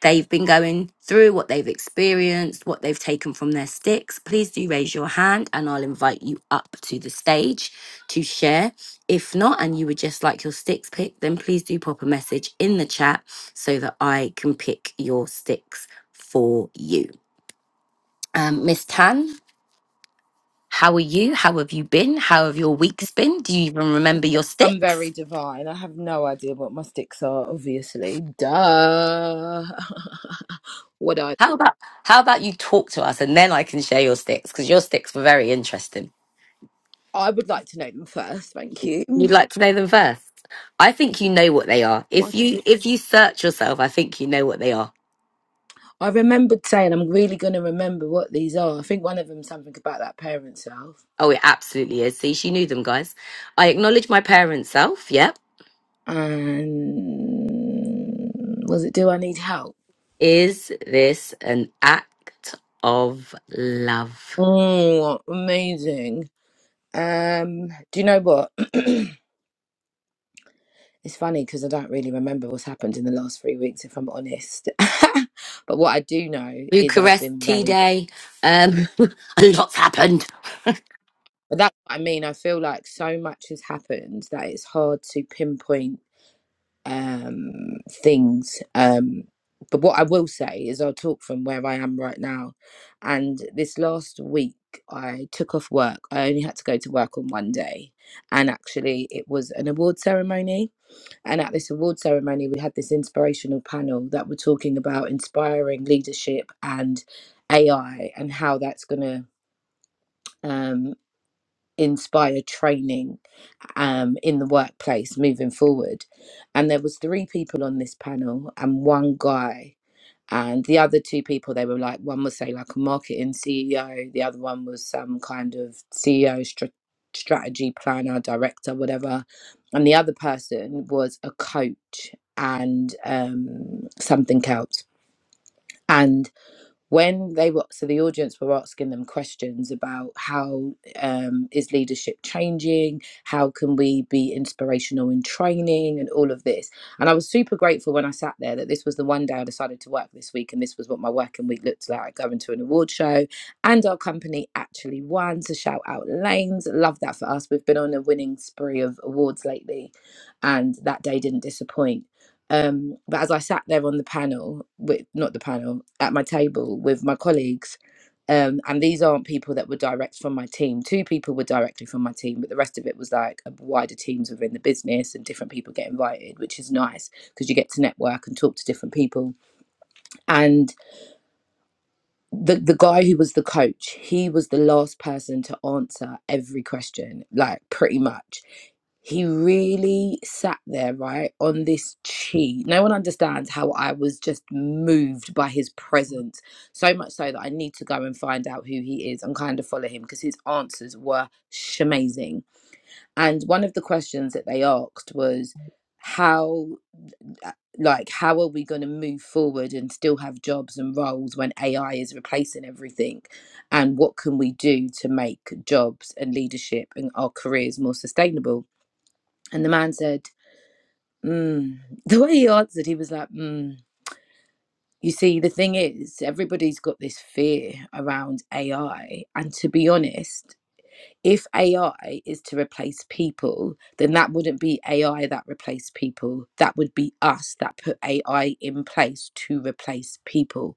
[SPEAKER 1] they've been going through, what they've experienced, what they've taken from their sticks, please do raise your hand and I'll invite you up to the stage to share. If not, and you would just like your sticks picked, then please do pop a message in the chat so that I can pick your sticks for you. Um, Miss Tan, how are you? How have you been? How have your weeks been? Do you even remember your
[SPEAKER 2] I'm very
[SPEAKER 1] sticks?
[SPEAKER 2] divine. I have no idea what my sticks are, obviously. Duh. [LAUGHS] what I
[SPEAKER 1] How about how about you talk to us and then I can share your sticks because your sticks were very interesting.
[SPEAKER 2] I would like to know them first, thank you.
[SPEAKER 1] You'd like to know them first? I think you know what they are.
[SPEAKER 2] My-
[SPEAKER 1] If you if you search yourself, I think you know what they are.
[SPEAKER 2] I remembered saying I'm really gonna remember what these are. I think one of them's something about that parent self.
[SPEAKER 1] Oh, it absolutely is. See, she knew them, guys. I acknowledge my parent self. Yep.
[SPEAKER 2] And was it do I need help?
[SPEAKER 1] Is this an act of love?
[SPEAKER 2] Oh amazing. Um do you know what? [CLEARS THROAT] It's funny because I don't really remember what's happened in the last three weeks, if I'm honest. [LAUGHS] but what I do know is I've
[SPEAKER 1] Bucharest
[SPEAKER 2] been
[SPEAKER 1] tea
[SPEAKER 2] very. p-
[SPEAKER 1] day. Um, [LAUGHS] a lot's happened. [LAUGHS]
[SPEAKER 2] But that's what I mean. I feel like so much has happened that it's hard to pinpoint um, things. Um, but what I will say is I'll talk from where I am right now. And this last week, I took off work. I only had to go to work on one day. And actually, it was an award ceremony And at this award ceremony, we had this inspirational panel that were talking about inspiring leadership and AI and how that's going to um, inspire training um, in the workplace moving forward. And there was three people on this panel and one guy and the other two people they were like one was say like a marketing ceo the other one was some kind of ceo str- strategy planner director whatever and the other person was a coach and um something else and when they were so the audience were asking them questions about how um, is leadership changing how can we be inspirational in training and all of this and i was super grateful when i sat there that this was the one day i decided to work this week and this was what my working week looked like going to an award show and our company actually won so shout out lanes love that for us we've been on a winning spree of awards lately and that day didn't disappoint um, but as I sat there on the panel, with not the panel, at my table with my colleagues, um, and these aren't people that were direct from my team. Two people were directly from my team, but the rest of it was like a wider teams within the business and different people get invited, which is nice because you get to network and talk to different people. And the the guy who was the coach, he was the last person to answer every question, like pretty much he really sat there right on this chi no one understands how i was just moved by his presence so much so that i need to go and find out who he is and kind of follow him because his answers were shamazing and one of the questions that they asked was how uh, like how are we going to move forward and still have jobs and roles when ai is replacing everything and what can we do to make jobs and leadership and our careers more sustainable and the man said Mm. The way he answered, he was like, mm. You see, the thing is, everybody's got this fear around AI. And to be honest, if AI is to replace people, then that wouldn't be AI that replaced people. That would be us that put AI in place to replace people.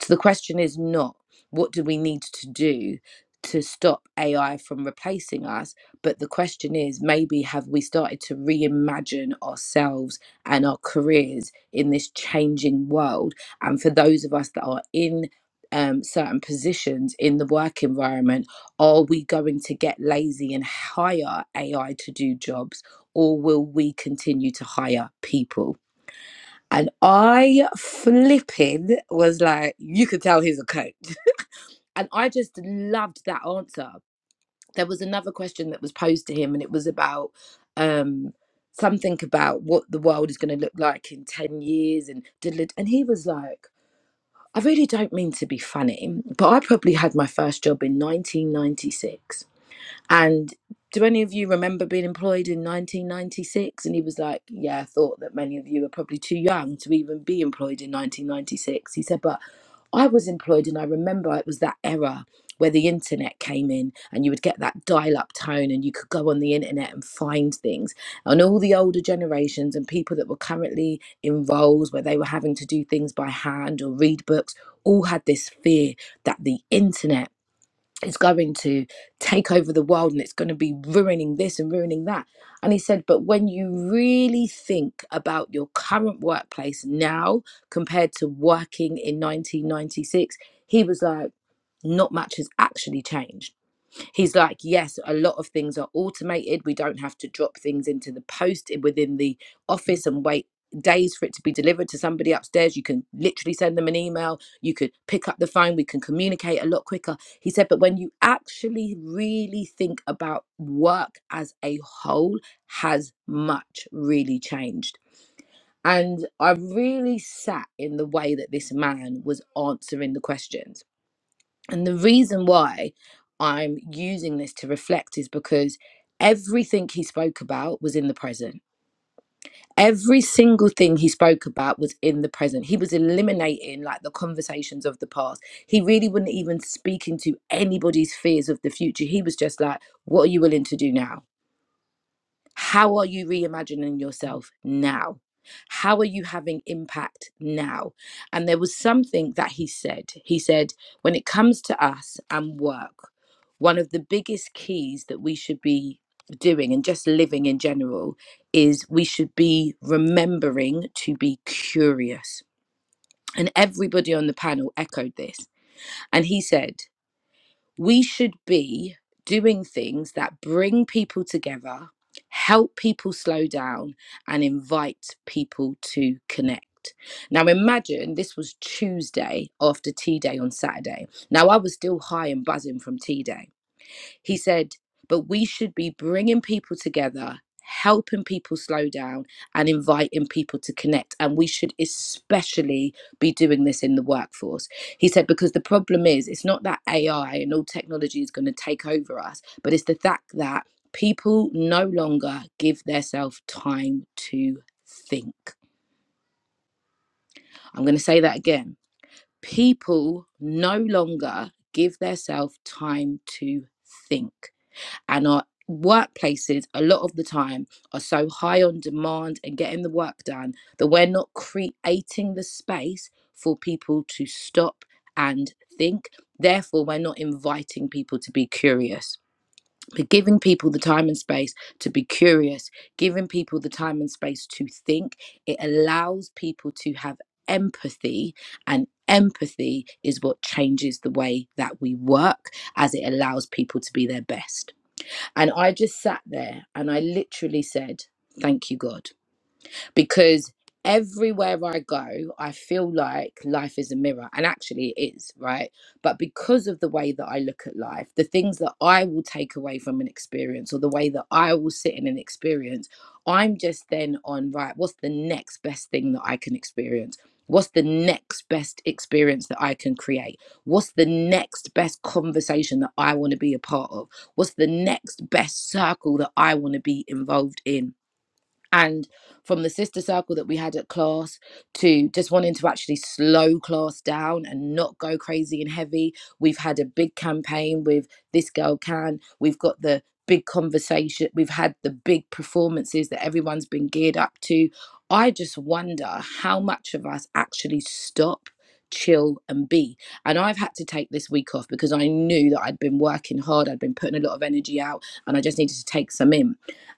[SPEAKER 2] So the question is not what do we need to do to stop AI from replacing us, but the question is maybe have we started to reimagine ourselves and our careers in this changing world? And for those of us that are in um, certain positions in the work environment, are we going to get lazy and hire AI to do jobs, or will we continue to hire people? And I flipping was like, you could tell he's a coach. And I just loved that answer. There was another question that was posed to him, and it was about um, something about what the world is going to look like in 10 years. And, and he was like, I really don't mean to be funny, but I probably had my first job in 1996. And do any of you remember being employed in 1996? And he was like, Yeah, I thought that many of you are probably too young to even be employed in 1996. He said, But I was employed, and I remember it was that era where the internet came in, and you would get that dial up tone, and you could go on the internet and find things. And all the older generations and people that were currently in roles where they were having to do things by hand or read books all had this fear that the internet it's going to take over the world and it's going to be ruining this and ruining that. And he said, but when you really think about your current workplace now compared to working in 1996, he was like, not much has actually changed He's like, yes, a lot of things are automated. We don't have to drop things into the post i- within the office and wait days for it to be delivered to somebody upstairs. You can literally send them an email. You could pick up the phone. We can communicate a lot quicker. He said, but when you actually really think about work as a whole, has much really changed. And I really sat in the way that this man was answering the questions and the reason why I'm using this to reflect is because everything he spoke about was in the present. Every single thing he spoke about was in the present. He was eliminating like the conversations of the past. He really wasn't even speaking to anybody's fears of the future. He was just like, what are you willing to do now? How are you reimagining yourself now? How are you having impact now? And there was something that he said. He said, when it comes to us and work, one of the biggest keys that we should be doing and just living in general is we should be remembering to be curious. And everybody on the panel echoed this. And he said, we should be doing things that bring people together, help people slow down, and invite people to connect. Now, imagine this was Tuesday after Tea Day on Saturday. Now, I was still high and buzzing from Tea Day. He said, but we should be bringing people together, helping people slow down, and inviting people to connect. And we should especially be doing this in the workforce. He said, because the problem is, it's not that AI and all technology is going to take over us, but it's the fact that people no longer give themselves time to think. I'm going to say that again. People no longer give themselves time to think and our workplaces a lot of the time are so high on demand and getting the work done that we're not creating the space for people to stop and think therefore we're not inviting people to be curious but giving people the time and space to be curious giving people the time and space to think it allows people to have empathy and empathy is what changes the way that we work as it allows people to be their best and I just sat there and I literally said, Thank you, God because everywhere I go, I feel like life is a mirror, and actually it is, right? But because of the way that I look at life, the things that I will take away from an experience or the way that I will sit in an experience, I'm just then on, right, what's the next best thing that I can experience? What's the next best experience that I can create? What's the next best conversation that I want to be a part of? What's the next best circle that I want to be involved in? and from the sister circle that we had at class to just wanting to actually slow class down and not go crazy and heavy we've had a big campaign with this girl can we've got the big conversation we've had the big performances that everyone's been geared up to i just wonder how much of us actually stop chill and be and i've had to take this week off because i knew that i'd been working hard i'd been putting a lot of energy out and i just needed to take some in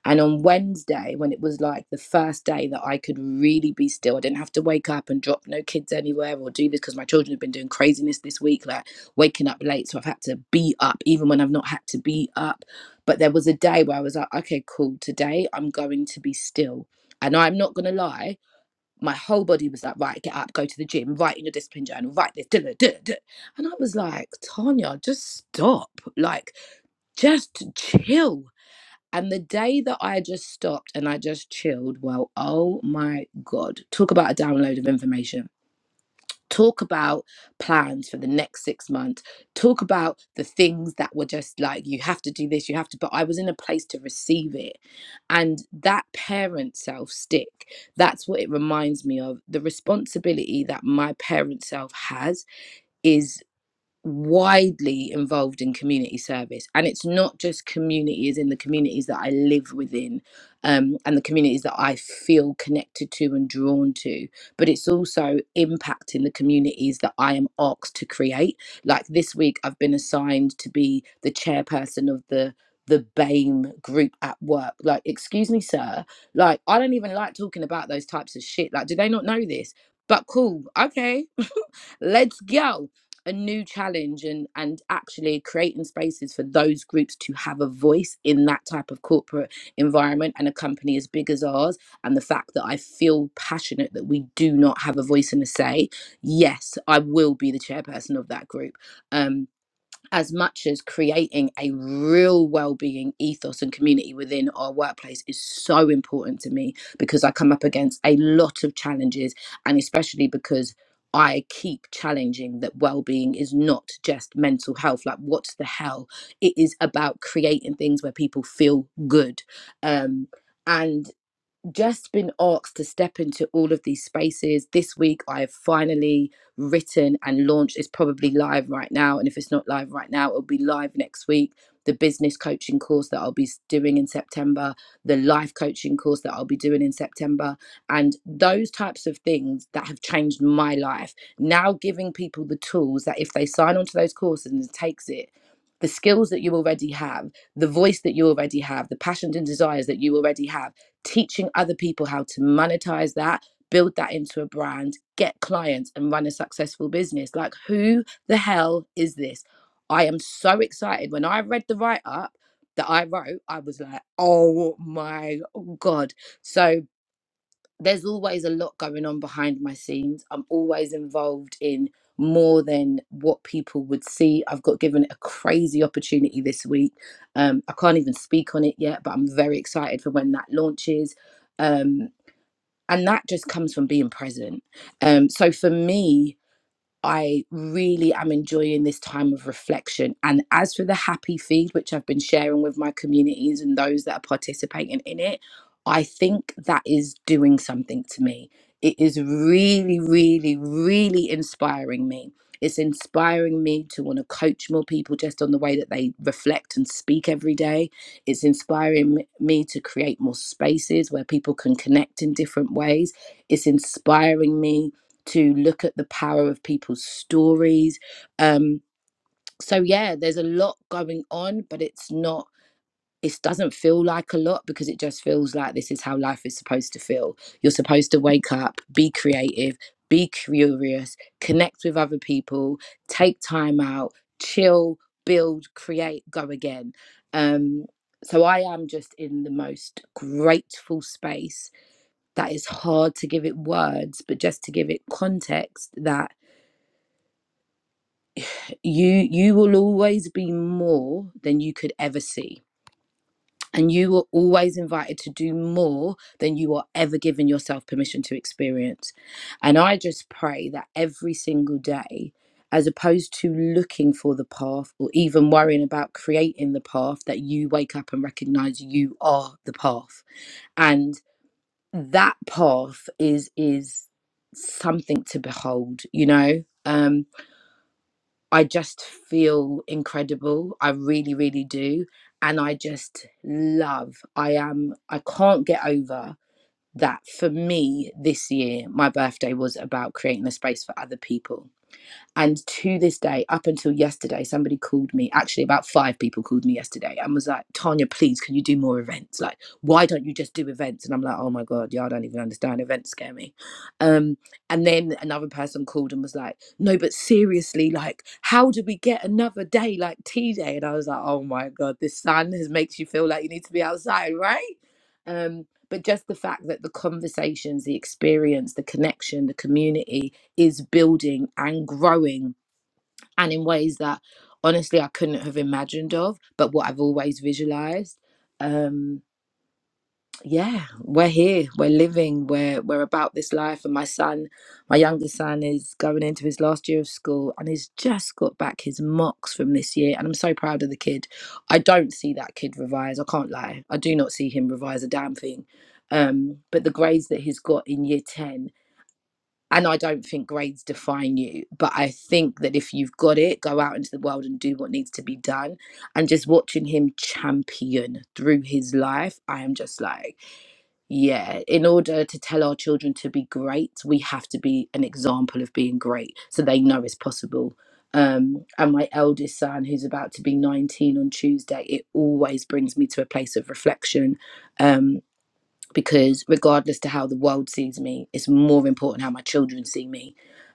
[SPEAKER 2] and on Wednesday, when it was like the first day that I could really be still, I didn't have to wake up and drop no kids anywhere or do this because my children have been doing craziness this week, like waking up late. So I've had to be up even when I've not had to be up. But there was a day where I was like, okay, cool, today I'm going to be still. And I'm not going to lie, my whole body was like, right, get up, go to the gym, write in your discipline journal, write this, da, da, da, da. And I was like, Tanya, just stop. Like, just chill and the day that I just stopped and I just chilled, well, oh my God. Talk about a download of information. Talk about plans for the next six months. Talk about the things that were just like, you have to do this, you have to. But I was in a place to receive it. And that parent self stick, that's what it reminds me of. The responsibility that my parent self has is widely involved in community service and it's not just communities in the communities that i live within um, and the communities that i feel connected to and drawn to but it's also impacting the communities that i am asked to create like this week i've been assigned to be the chairperson of the the BAME group at work. Like, excuse me, sir. Like, I don't even like talking about those types of shit. Like, do they not know this? But cool. Okay let's go a new challenge and and actually creating spaces for those groups to have a voice in that type of corporate environment and a company as big as ours and the fact that I feel passionate that we do not have a voice and a say yes I will be the chairperson of that group Um as much as creating a real well-being ethos and community within our workplace is so important to me because I come up against a lot of challenges and especially because I keep challenging that well-being is not just mental health like what's the hell it is about creating things where people feel good um and just been asked to step into all of these spaces. This week, I've finally written and launched. It's probably live right now. And if it's not live right now, it'll be live next week. The business coaching course that I'll be doing in September, the life coaching course that I'll be doing in September, and those types of things that have changed my life. Now, giving people the tools that if they sign onto those courses and takes it, the skills that you already have, the voice that you already have, the passions and desires that you already have teaching other people how to monetize that, build that into a brand, get clients, and run a successful business. Like, who the hell is this? I am so excited. When I read the write up that I wrote, I was like, oh my God. So, there's always a lot going on behind my scenes. I'm always involved in more than what people would see. I've got given a crazy opportunity this week. Um, I can't even speak on it yet, but I'm very excited for when that launches. Um, and that just comes from being present. Um, so for me, I really am enjoying this time of reflection. And as for the happy feed, which I've been sharing with my communities and those that are participating in it, I think that is doing something to me. It is really, really, really inspiring me. It's inspiring me to want to coach more people just on the way that they reflect and speak every day. It's inspiring m- me to create more spaces where people can connect in different ways. It's inspiring me to look at the power of people's stories. Um, so yeah, there's a lot going on, but it's not. It doesn't feel like a lot because it just feels like this is how life is supposed to feel. You're supposed to wake up, be creative, be curious, connect with other people, take time out, chill, build, create, go again. Um, so I am just in the most grateful space that is hard to give it words, but just to give it context that you you will always be more than you could ever see and you are always invited to do more than you are ever given yourself permission to experience and i just pray that every single day as opposed to looking for the path or even worrying about creating the path that you wake up and recognize you are the path and that path is is something to behold you know Um I just feel incredible. I really, really do. And I just love, I am, I can't get over that for me this year, my birthday was about creating a space for other people and to this day, up until yesterday, somebody called me, actually, about five people called me yesterday and was like, Tanya, please, can you do more events? Like, why don't you just do events? And I'm like, oh my God, yeah, I don't even understand. Events scare me. Um, and then another person called and was like, no, but seriously, like, how do we get another day like T day? And I was like, oh my God, this sun has makes you feel like you need to be outside, right? Um, but just the fact that the conversations, the experience, the connection, the community, is building and growing and in ways that honestly I couldn't have imagined of, but what I've always visualized. Um yeah, we're here, we're living, we're we're about this life and my son, my youngest son is going into his last year of school and he's just got back his mocks from this year and I'm so proud of the kid. I don't see that kid revise, I can't lie. I do not see him revise a damn thing. Um but the grades that he's got in year 10 and I don't think grades define you, but I think that if you've got it, go out into the world and do what needs to be done. And just watching him champion through his life, I am just like, yeah, in order to tell our children to be great, we have to be an example of being great so they know it's possible. Um, and my eldest son, who's about to be 19 on Tuesday, it always brings me to a place of reflection. Um, because regardless to how the world sees me it's more important how my children see me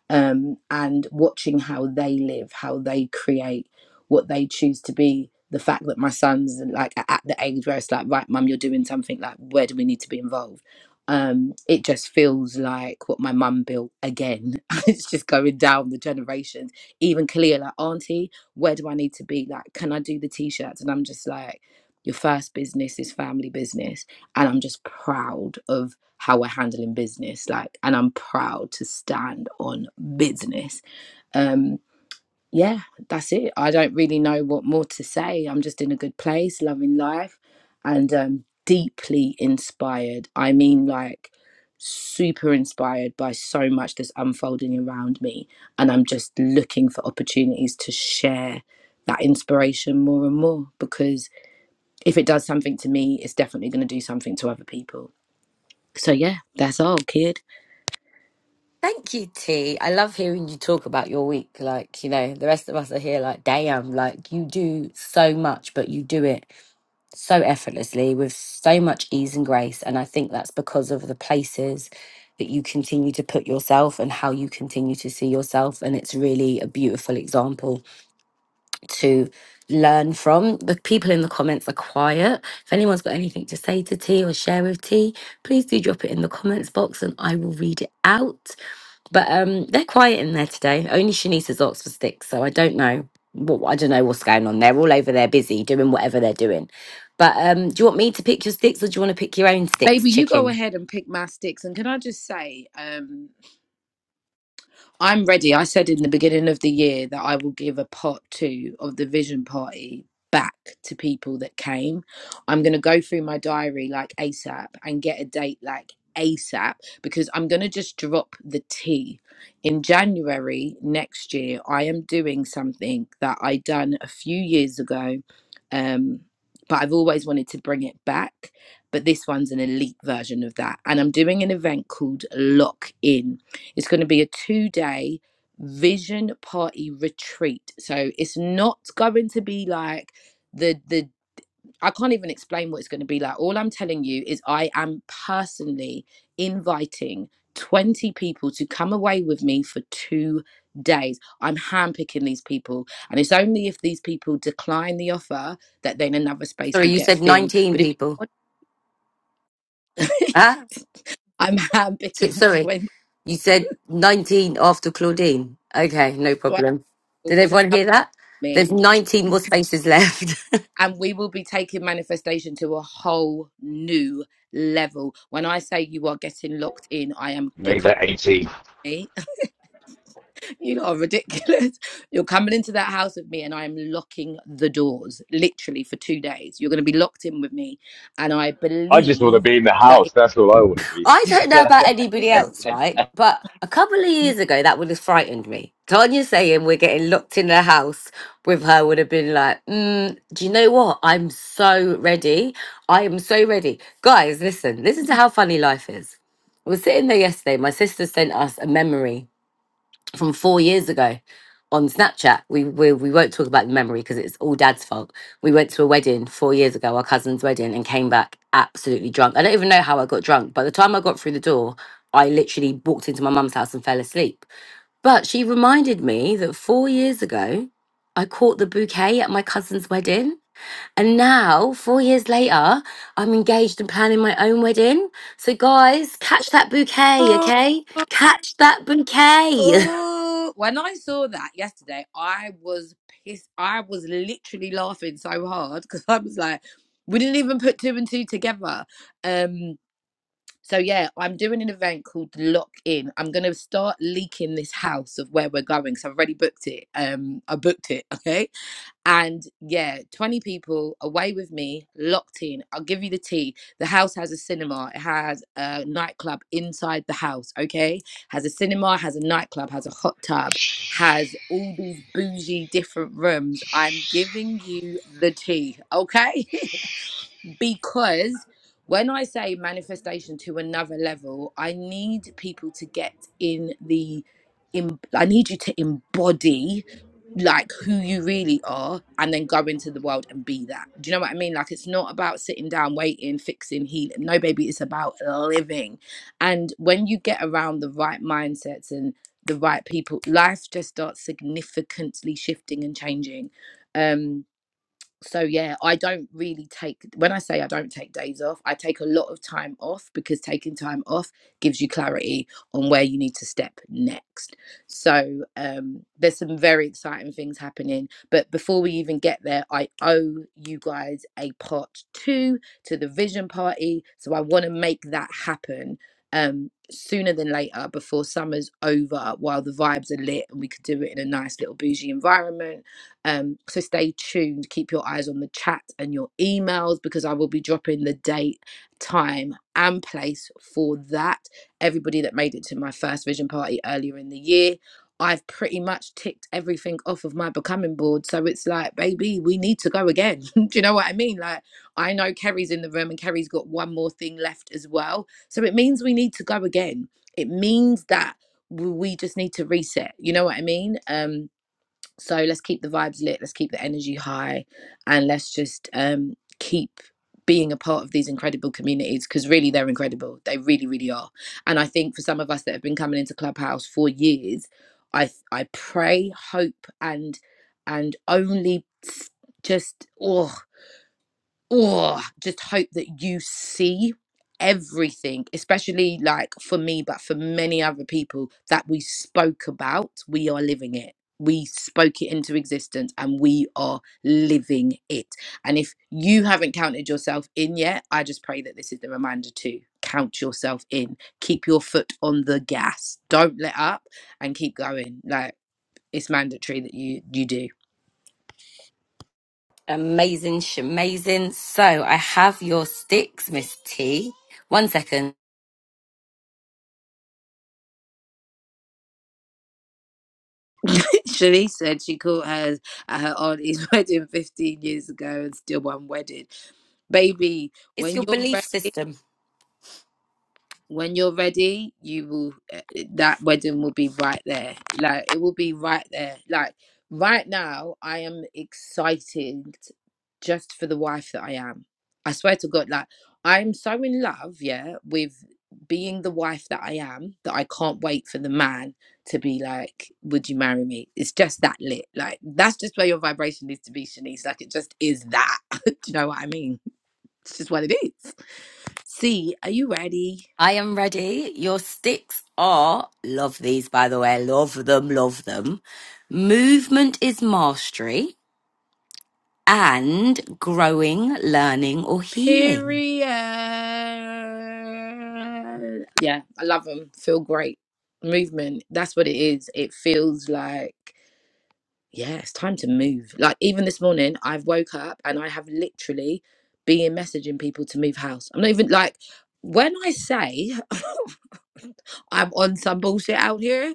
[SPEAKER 2] um, and watching how they live how they create what they choose to be the fact that my sons like are at the age where it's like right mum you're doing something like where do we need to be involved um, it just feels like what my mum built again [LAUGHS] it's just going down the generations even clear like auntie where do i need to be like can i do the t-shirts and i'm just like your first business is family business and I'm just proud of how we're handling business. Like, and I'm proud to stand on business. Um, yeah, that's it. I don't really know what more to say. I'm just in a good place, loving life, and um, deeply inspired. I mean, like, super inspired by so much that's unfolding around me, and I'm just looking for opportunities to share that inspiration more and more because if it does something to me, it's definitely going to do something to other people so yeah, that's all, kid.
[SPEAKER 1] Thank you, T. I love hearing you talk about your week. Like, you know, the rest of us are here like, damn, like you do so much, but you do it so effortlessly with so much ease and grace. And I think that's because of the places that you continue to put yourself and how you continue to see yourself. And it's really a beautiful example to learn from. The people in the comments are quiet. If anyone's got anything to say to T or share with T, please do drop it in the comments box and I will read it out. But um they're quiet in there today. Only Shanice's Oxford sticks, so I don't know what I don't know what's going on. They're all over there busy doing whatever they're doing. But um do you want me to pick your sticks or do you want to pick your own sticks,
[SPEAKER 2] Baby, you go
[SPEAKER 1] chicken?
[SPEAKER 2] ahead and pick my sticks. And can I just say, um, I'm ready. I said in the beginning of the year that I will give a part two of the vision party back to people that came. I'm going to go through my diary like ASAP and get a date like ASAP because I'm going to just drop the T. In January next year, I am doing something that I done a few years ago, um, but I've always wanted to bring it back. But this one's an elite version of that. And I'm doing an event called Lock In it's going to be a two day vision party retreat. So it's not going to be like the, the, I can't even explain what it's going to be like. All I'm telling you is I am personally inviting 20 people to come away with me for two days. I'm handpicking these people. And it's only if these people decline the offer that then another space
[SPEAKER 1] Sorry,
[SPEAKER 2] will
[SPEAKER 1] you
[SPEAKER 2] get
[SPEAKER 1] said
[SPEAKER 2] filled.
[SPEAKER 1] 19
[SPEAKER 2] But if you
[SPEAKER 1] people.
[SPEAKER 2] want,
[SPEAKER 1] Huh?
[SPEAKER 2] [LAUGHS] I'm
[SPEAKER 1] S-
[SPEAKER 2] handpicking
[SPEAKER 1] sorry,
[SPEAKER 2] 20
[SPEAKER 1] you said 19 after Claudine. Okay, no problem. Did
[SPEAKER 2] people to
[SPEAKER 1] everyone
[SPEAKER 2] come
[SPEAKER 1] hear that?
[SPEAKER 2] with me
[SPEAKER 1] There's 19 more spaces left. [LAUGHS]
[SPEAKER 2] and we will be taking manifestation to a whole new level. When I say you are getting locked in, I am you're
[SPEAKER 3] Make
[SPEAKER 2] coming.
[SPEAKER 3] that 18.
[SPEAKER 2] to me. [LAUGHS] You lot are ridiculous. [LAUGHS] You're coming into that house with me, and I am locking the doors literally for two days. You're going to be locked in with me, and I
[SPEAKER 3] I just want to
[SPEAKER 2] believe
[SPEAKER 3] be in the
[SPEAKER 2] that.
[SPEAKER 3] house.
[SPEAKER 2] It,
[SPEAKER 3] That's all I want to be.
[SPEAKER 1] I don't know about anybody else, right? But a couple of years ago, that would have frightened me. Tanya saying we're getting locked in the house with her would have been like, mm, do you know what? I'm so ready. I am so ready. Guys, listen, listen to how funny life is. We were sitting there yesterday. My sister sent us a memory from four years ago on Snapchat. We we, we won't talk about the memory because it's all dad's fault. We went to a wedding four years ago, our cousin's wedding, and came back absolutely drunk. I don't even know how I got drunk. By the time I got through the door, I literally walked into my mum's house and fell asleep. But she reminded me that four years ago, I caught the bouquet at my cousin's wedding. And now, four years later, I'm engaged and planning my own wedding. So, guys, catch that bouquet, okay? Catch that bouquet. [LAUGHS]
[SPEAKER 2] Oh, when I saw that yesterday, I was pissed. I was literally laughing so hard because I was like, we didn't even put two and two together. Um, so yeah, I'm doing an event called Lock In. I'm gonna start leaking this house of where we're going. So I've already booked it. Um, I booked it. [LAUGHS] Okay, and yeah, 20 people away with me, locked in. I'll give you the tea. The house has a cinema. It has a nightclub inside the house. Okay, has a cinema, has a nightclub, has a hot tub, has all these bougie different rooms. I'm giving you the tea. Okay. [LAUGHS] because when I say manifestation to another level, I need people to get in the, in, I need you to embody like who you really are and then go into the world and be that. Do you know what I mean? Like it's not about sitting down, waiting, fixing, healing. No, baby, it's about living. And when you get around the right mindsets and the right people, life just starts significantly shifting and changing. Um, so yeah i don't really take when i say i don't take days off i take a lot of time off because taking time off gives you clarity on where you need to step next so um there's some very exciting things happening but before we even get there i owe you guys a part 2 to the vision party so i want to make that happen um sooner than later before summer's over while the vibes are lit and we could do it in a nice little bougie environment um, so stay tuned, keep your eyes on the chat and your emails because I will be dropping the date, time, and place for that. Everybody that made it to my first vision party earlier in the year. I've pretty much ticked everything off of my becoming board. So it's like, baby, we need to go again. [LAUGHS] Do you know what I mean? Like, I know Kerry's in the room and Kerry's got one more thing left as well. So it means we need to go again. It means that w- we just need to reset. You know what I mean? Um, so let's keep the vibes lit let's keep the energy high and let's just um keep being a part of these incredible communities because really they're incredible they really really are and i think for some of us that have been coming into clubhouse for years i i pray hope and and only just oh oh, just hope that you see everything, especially like for me, but for many other people that we spoke about, we are living it. We spoke it into existence and we are living it. And if you haven't counted yourself in yet, I just pray that this is the reminder to count yourself in. Keep your foot on the gas. Don't let up and keep going. Like it's mandatory that you you do.
[SPEAKER 1] Amazing, amazing. So I have your sticks, Miss T. One second.
[SPEAKER 2] [LAUGHS] Shanice said she caught her at her auntie's [LAUGHS] wedding 15 years ago and still unwedded. Baby,
[SPEAKER 1] It's
[SPEAKER 2] when
[SPEAKER 1] your
[SPEAKER 2] you're
[SPEAKER 1] belief
[SPEAKER 2] ready
[SPEAKER 1] system.
[SPEAKER 2] when you're ready, you will uh, that wedding will be right there. Like it will be right there. Like right now, I am excited just for the wife that I am. I swear to God, like I'm so in love, yeah, with being the wife that I am that I can't wait for the man to be like, Would you marry me? It's just that lit. Like that's just where your vibration needs to be, Shanice. Like it just is that. [LAUGHS] Do you know what I mean? It's just what it is. See, are you ready?
[SPEAKER 1] I am ready. Your sticks are, love these by the way, love them, love them. Movement is mastery and growing, learning, or healing.
[SPEAKER 2] Period. Yeah, I love them. Feel great. Movement. That's what it is. It feels like, yeah, it's time to move. Like, even this morning, I've woke up and I have literally been messaging people to move house. I'm not even like, when I say [LAUGHS] I'm on some bullshit out here,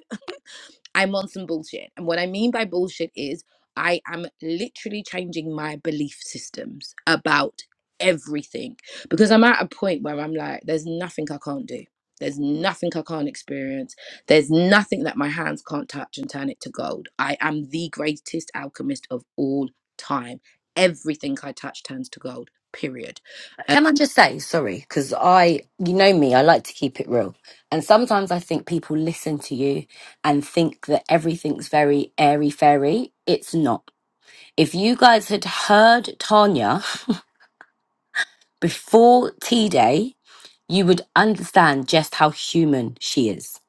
[SPEAKER 2] I'm on some bullshit. And what I mean by bullshit is I am literally changing my belief systems about everything because I'm at a point where I'm like, there's nothing I can't do. There's nothing I can't experience. There's nothing that my hands can't touch and turn it to gold. I am the greatest alchemist of all time. Everything I touch turns to gold, period. Uh,
[SPEAKER 1] Can I just say, sorry, because I, you know me, I like to keep it real. And sometimes I think people listen to you and think that everything's very airy fairy. It's not If you guys had heard Tanya before T Day, you would understand just how human she is,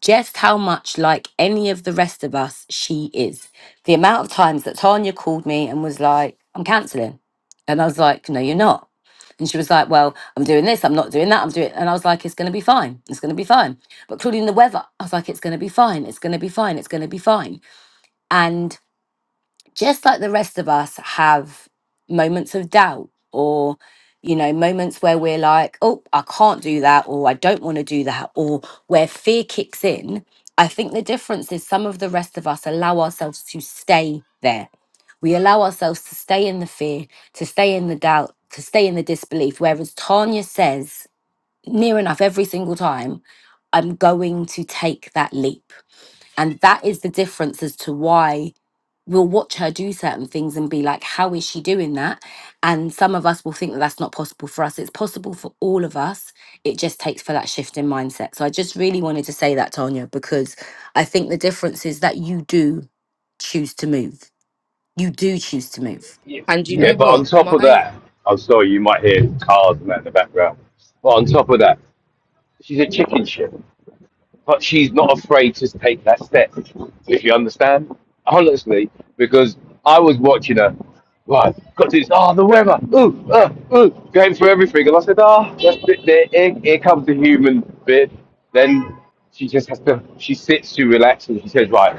[SPEAKER 1] just how much like any of the rest of us she is. The amount of times that Tanya called me and was like, I'm cancelling. And I was like, No, you're not. And she was like, Well, I'm doing this, I'm not doing that, I'm doing. And I was like, It's going to be fine. It's going to be fine. But including the weather, I was like, It's going to be fine. It's going to be fine. It's going to be fine. And just like the rest of us have moments of doubt or you know moments where we're like oh i can't do that or i don't want to do that or where fear kicks in i think the difference is some of the rest of us allow ourselves to stay there we allow ourselves to stay in the fear to stay in the doubt to stay in the disbelief whereas tanya says near enough every single time i'm going to take that leap and that is the difference as to why will watch her do certain things and be like, how is she doing that? And some of us will think that that's not possible for us. It's possible for all of us. It just takes for that shift in mindset. So I just really wanted to say that, Tanya, because I think the difference is that you do choose to move. You do choose to move.
[SPEAKER 3] Yeah,
[SPEAKER 2] and you
[SPEAKER 3] yeah,
[SPEAKER 2] know
[SPEAKER 3] but on
[SPEAKER 2] what?
[SPEAKER 3] top of
[SPEAKER 2] My
[SPEAKER 3] that, I'm sorry, you might hear cars and that in the background. But on top of that, she's a chicken shit. But she's not afraid to take that step, if you understand. Honestly, because I was watching her, right, got this, oh, the weather, ooh, uh, ooh, going through everything. And I said, ah, that's it, there, here, here comes the human bit. Then she just has to, she sits, she relaxes, and she says, right,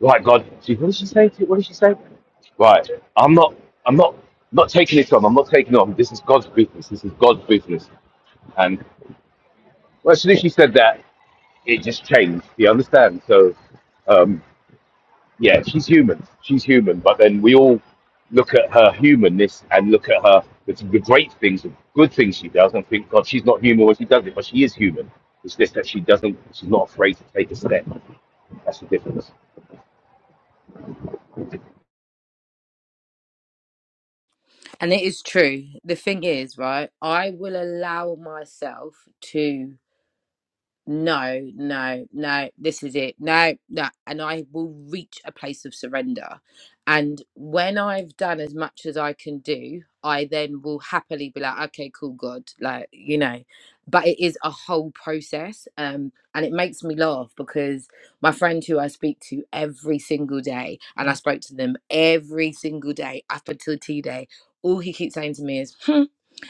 [SPEAKER 3] Right, God. She, what did she say? To you? What did she say? Right. I'm not. I'm not. Not taking it on. I'm not taking it on. This is God's business. This is God's business. And well, as soon as she said that, it just changed. Do You understand? So, um, yeah, she's human. She's human. But then we all look at her humanness and look at her the, the great things, the good things she does, and think, God, she's not human when she does it, but she is human. It's just that she doesn't. She's not afraid to take a step. That's the difference.
[SPEAKER 2] and it is true. The thing is, right? I will allow myself to no, no, no, this is it. No, no. And I will reach a place of surrender. And when I've done as much as I can do, I then will happily be like, okay, cool, God, like, you know. But it is a whole process. Um, and it makes me laugh because my friend who I speak to every single day, and I spoke to them every single day up until T Day, all he keeps saying to me is, hmm.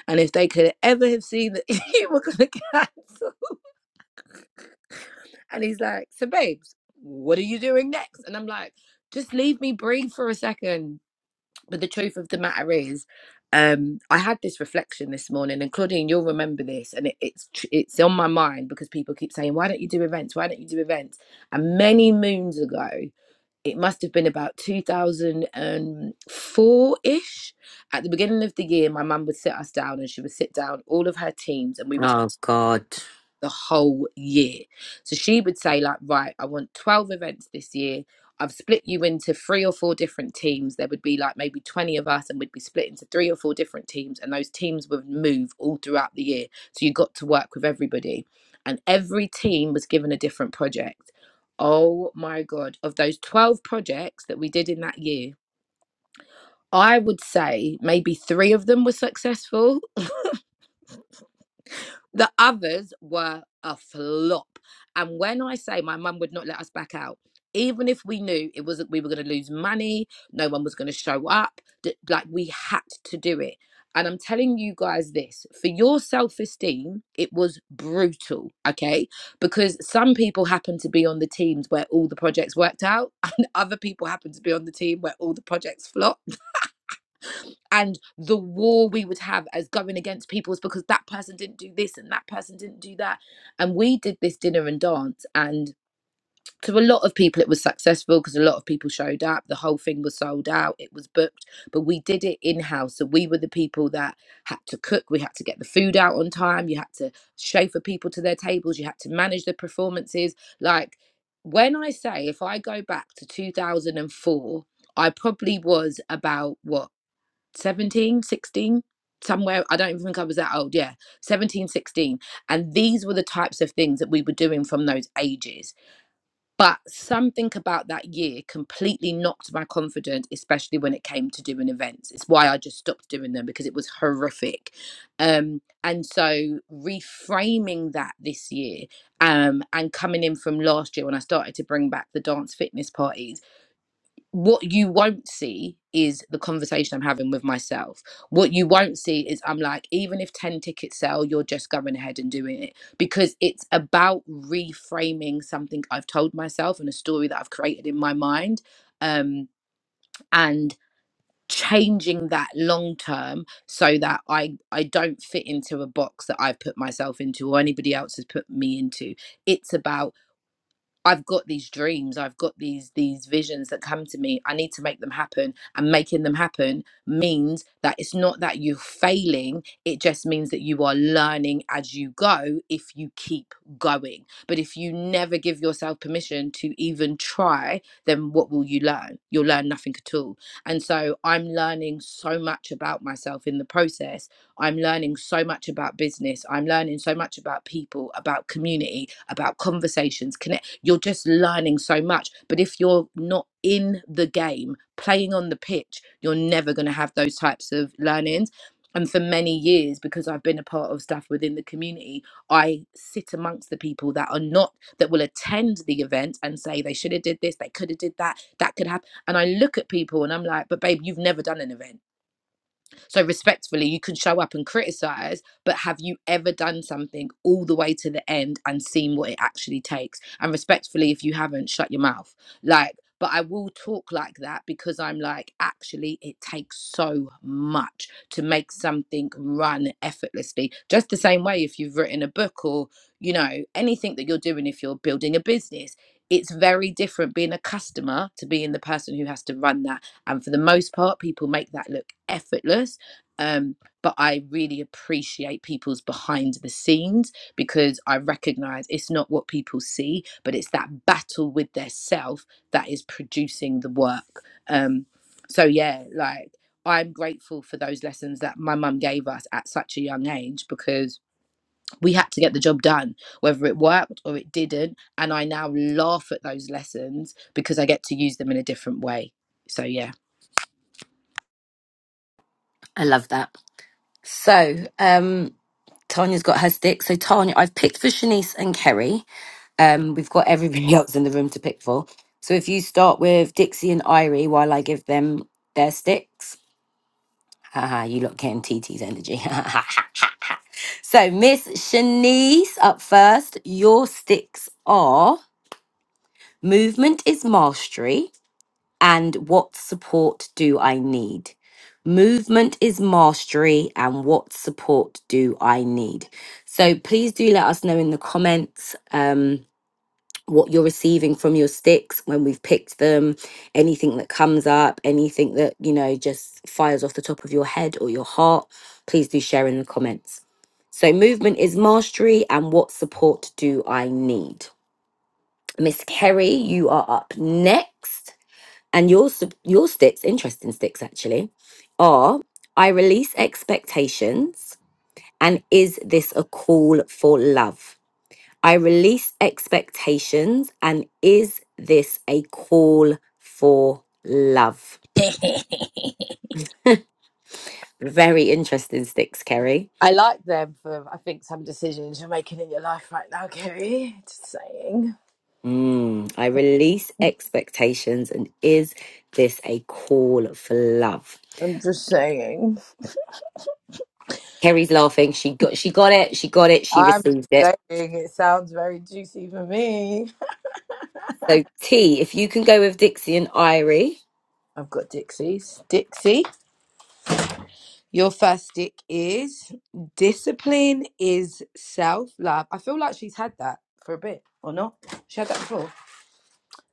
[SPEAKER 2] And if they could ever have seen that [LAUGHS] you were going to cancel. And he's like, So, babes, what are you doing next? And I'm like, Just leave me breathe for a second. But the truth of the matter is, um, I had this reflection this morning, and Claudine, you'll remember this, and it, it's tr- it's on my mind because people keep saying, "Why don't you do events? Why don't you do events?" And many moons ago, it must have been about 2004 ish. At the beginning of the year, my mum would sit us down, and she would sit down all of her teams, and we would the whole year. So she would say, like, right, I want 12 events this year. I've split you into three or four different teams. There would be like maybe 20 of us, and we'd be split into three or four different teams, and those teams would move all throughout the year. So you got to work with everybody. And every team was given a different project. Oh my God. Of those 12 projects that we did in that year, I would say maybe three of them were successful The others were a flop. And when I say my mum would not let us back out, even if we knew it wasn't, we were going to lose money, no one was going to show up, that like we had to do it. And I'm telling you guys this for your self esteem, it was brutal, okay? Because some people happen to be on the teams where all the projects worked out, [LAUGHS] and other people happen to be on the team where all the projects flopped and the war we would have as going against people is because that person didn't do this and that person didn't do that. And we did this dinner and dance, and to a lot of people, it was successful because a lot of people showed up. The whole thing was sold out, it was booked, but we did it in house. So we were the people that had to cook, we had to get the food out on time, you had to chauffeur people to their tables, you had to manage the performances. Like, when I say if I go back to 2004, I probably was about what? 17, 16, somewhere. I don't even think I was that old. Yeah, 17, 16, And these were the types of things that we were doing from those ages. But something about that year completely knocked my confidence, especially when it came to doing events. It's why I just stopped doing them because it was horrific. Um, and so reframing that this year um, and coming in from last year when I started to bring back the dance fitness parties what you won't see is the conversation I'm having with myself. What you won't see is I'm like, even if 10 tickets sell, you're just going ahead and doing it because it's about reframing something I've told myself and a story that I've created in my mind um, and changing that long term so that I, I don't fit into a box that I've put myself into or anybody else has put me into. It's about I've got these dreams, I've got these these visions that come to me. I need to make them happen. And making them happen means that it's not that you're failing, it just means that you are learning as you go if you keep going. But if you never give yourself permission to even try, then what will you learn? You'll learn nothing at all. And so I'm learning so much about myself in the process. I'm learning so much about business. I'm learning so much about people, about community, about conversations, connections, you're just learning so much. But if you're not in the game, playing on the pitch, you're never going to have those types of learnings. And for many years, because I've been a part of stuff within the community, I sit amongst the people that are not that will attend the event and say they should have did this, they could have did that, that could happen. And I look at people and I'm like, but babe, you've never done an event so respectfully, you can show up and criticize, but have you ever done something all the way to the end and seen what it actually takes? And respectfully, if you haven't, shut your mouth. Like, but I will talk like that because I'm like, actually, it takes so much to make something run effortlessly. Just the same way if you've written a book or, you know, anything that you're doing, if you're building a business, it's very different being a customer to being the person who has to run that. And for the most part, people make that look effortless um, but I really appreciate people's behind the scenes because I recognize it's not what people see, but it's that battle with their self that is producing the work. Um, so yeah, like I'm grateful for those lessons that my mum gave us at such a young age because we had to get the job done, whether it worked or it didn't. And I now laugh at those lessons because I get to use them in a different way. So yeah.
[SPEAKER 1] I love that. So, um, Tanya's got her stick. So, Tanya, I've picked for Shanice and Kerry. Um, we've got everybody [LAUGHS] else in the room to pick for. So if you start with Dixie and Irie while I give them their sticks. Haha, you lot came TT's energy. [LAUGHS] so, Miss Shanice up first. Your sticks are movement is mastery, and what support do I need? Movement is mastery, and what support do I need? So, please do let us know in the comments. Um, what you're receiving from your sticks when we've picked them, anything that comes up, anything that, you know, just fires off the top of your head or your heart, please do share in the comments. So, movement is mastery, and what support do I need? Miss Kerry, you are up next, and your sup- your sticks, interesting sticks actually, are I release expectations, and is this a call for love? I release expectations. And is this a call for love?
[SPEAKER 2] [LAUGHS]
[SPEAKER 1] Very interesting sticks, Kerry.
[SPEAKER 2] I like them for, I think, some decisions you're making in your life right now, Kerry. Just saying.
[SPEAKER 1] Mm, I release expectations. And is this a call for love?
[SPEAKER 2] I'm just saying.
[SPEAKER 1] Kerry's laughing. She got she got it. She got it. She
[SPEAKER 2] I'm
[SPEAKER 1] received
[SPEAKER 2] just
[SPEAKER 1] it.
[SPEAKER 2] saying. It sounds very juicy for me.
[SPEAKER 1] So T, if you can go with Dixie and Irie.
[SPEAKER 2] I've got Dixie's. Dixie, your first stick is discipline is self love. I feel like she's had that for a bit, or not? She had that before.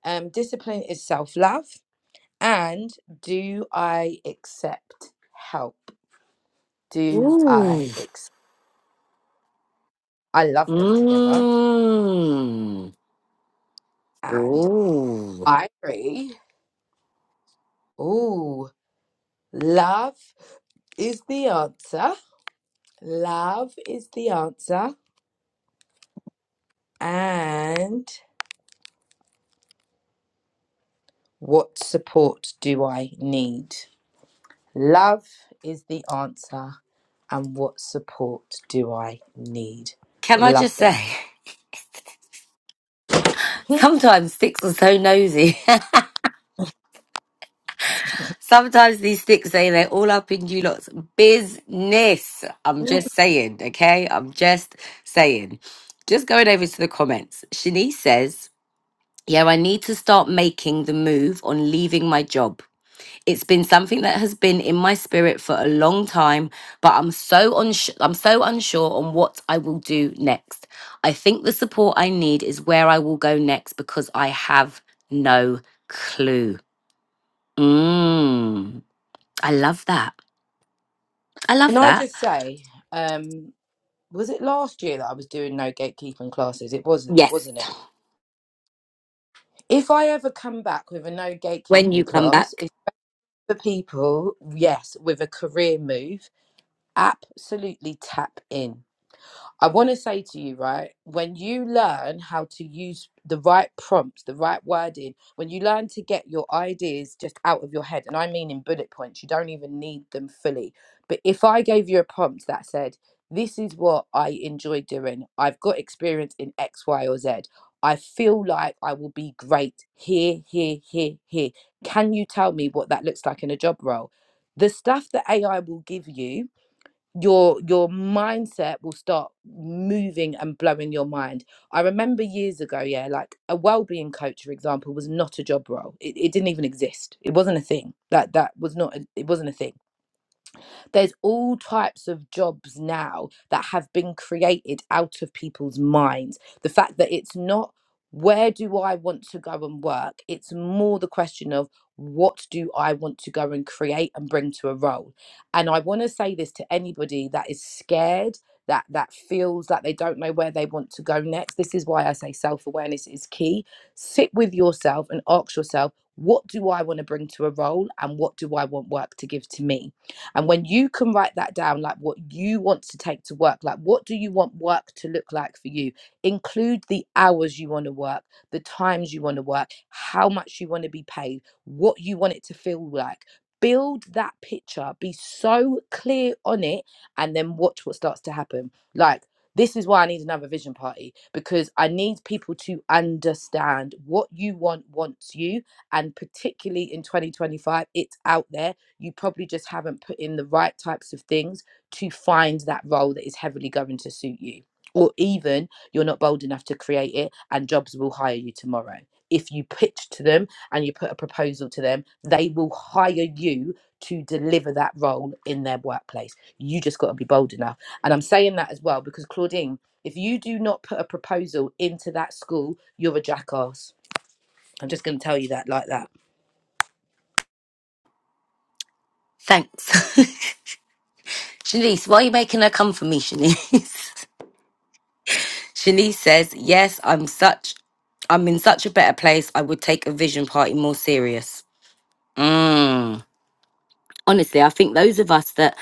[SPEAKER 2] Um, discipline is self love. And do I accept help? Do
[SPEAKER 1] Ooh.
[SPEAKER 2] I accept? I love them together.
[SPEAKER 1] Mmm.
[SPEAKER 2] And
[SPEAKER 1] Ooh.
[SPEAKER 2] Irie. Ooh, love is the answer. Love is the answer. And what support do I need? Love is the answer. And what support do I need?
[SPEAKER 1] Can I
[SPEAKER 2] Love
[SPEAKER 1] just say,
[SPEAKER 2] them.
[SPEAKER 1] [LAUGHS]
[SPEAKER 2] [LAUGHS] Can
[SPEAKER 1] sometimes sticks are so nosy. [LAUGHS] Sometimes these sticks say they're all up in you lot's business. I'm just saying, okay? I'm just saying. Just going over to the comments. Shanice says, Yeah, I need to start making the move on leaving my job. It's been something that has been in my spirit for a long time, but I'm so uns- I'm so unsure on what I will do next. I think the support I need is where I will go next because I have no clue. Mm, I love that. I love
[SPEAKER 2] I
[SPEAKER 1] that.
[SPEAKER 2] just say, um, was it last year that I was doing no gatekeeping classes? It wasn't,
[SPEAKER 1] Yes,
[SPEAKER 2] wasn't it? If I ever come back with a no
[SPEAKER 1] when you
[SPEAKER 2] gatekeeping
[SPEAKER 1] come
[SPEAKER 2] class,
[SPEAKER 1] back.
[SPEAKER 2] for people, yes, with a career move, absolutely tap in. I want to say to you, right, when you learn how to use the right prompts, the right wording, when you learn to get your ideas just out of your head, and I mean in bullet points, you don't even need them fully. But if I gave you a prompt that said, This is what I enjoy doing, I've got experience in X, Y, or Z, I feel like I will be great here, here, here, here. Can you tell me what that looks like in a job role? The stuff that AI will give you your your mindset will start moving and blowing your mind. I remember years ago, yeah, like a well-being coach, for example, was not a job role. It, it didn't even exist. It wasn't a thing. That that was not a, it wasn't a thing there's all types of jobs now that have been created out of people's minds. The fact that it's not where do I want to go and work? It's more the question of what do I want to go and create and bring to a role. And I want to say this to anybody that is scared, that that feels that they don't know where they want to go next. This is why I say self-awareness is key. Sit with yourself and ask yourself, what do I want to bring to a role and what do I want work to give to me? And when you can write that down, like what you want to take to work, like what do you want work to look like for you? Include the hours you want to work, the times you want to work, how much you want to be paid, what you want it to feel like. Build that picture, be so clear on it, and then watch what starts to happen. Like, this is why I need another vision party because I need people to understand what you want wants you. And particularly in 2025, it's out there you probably just haven't put in the right types of things to find that role that is heavily going to suit you. Or even you're not bold enough to create it and jobs will hire you tomorrow. If you pitch to them and you put a proposal to them, they will hire you to deliver that role in their workplace. You just got to be bold enough. And I'm saying that as well because Claudine, if you do not put a proposal into that school, you're a jackass. I'm just going to tell you that like that.
[SPEAKER 1] Thanks. [LAUGHS] Shanice, why are you making her come for me, Shanice? [LAUGHS] Shanice says, Yes, I'm such I'm in such a better place. I would take a vision party more serious. Mm. Honestly, I think those of us that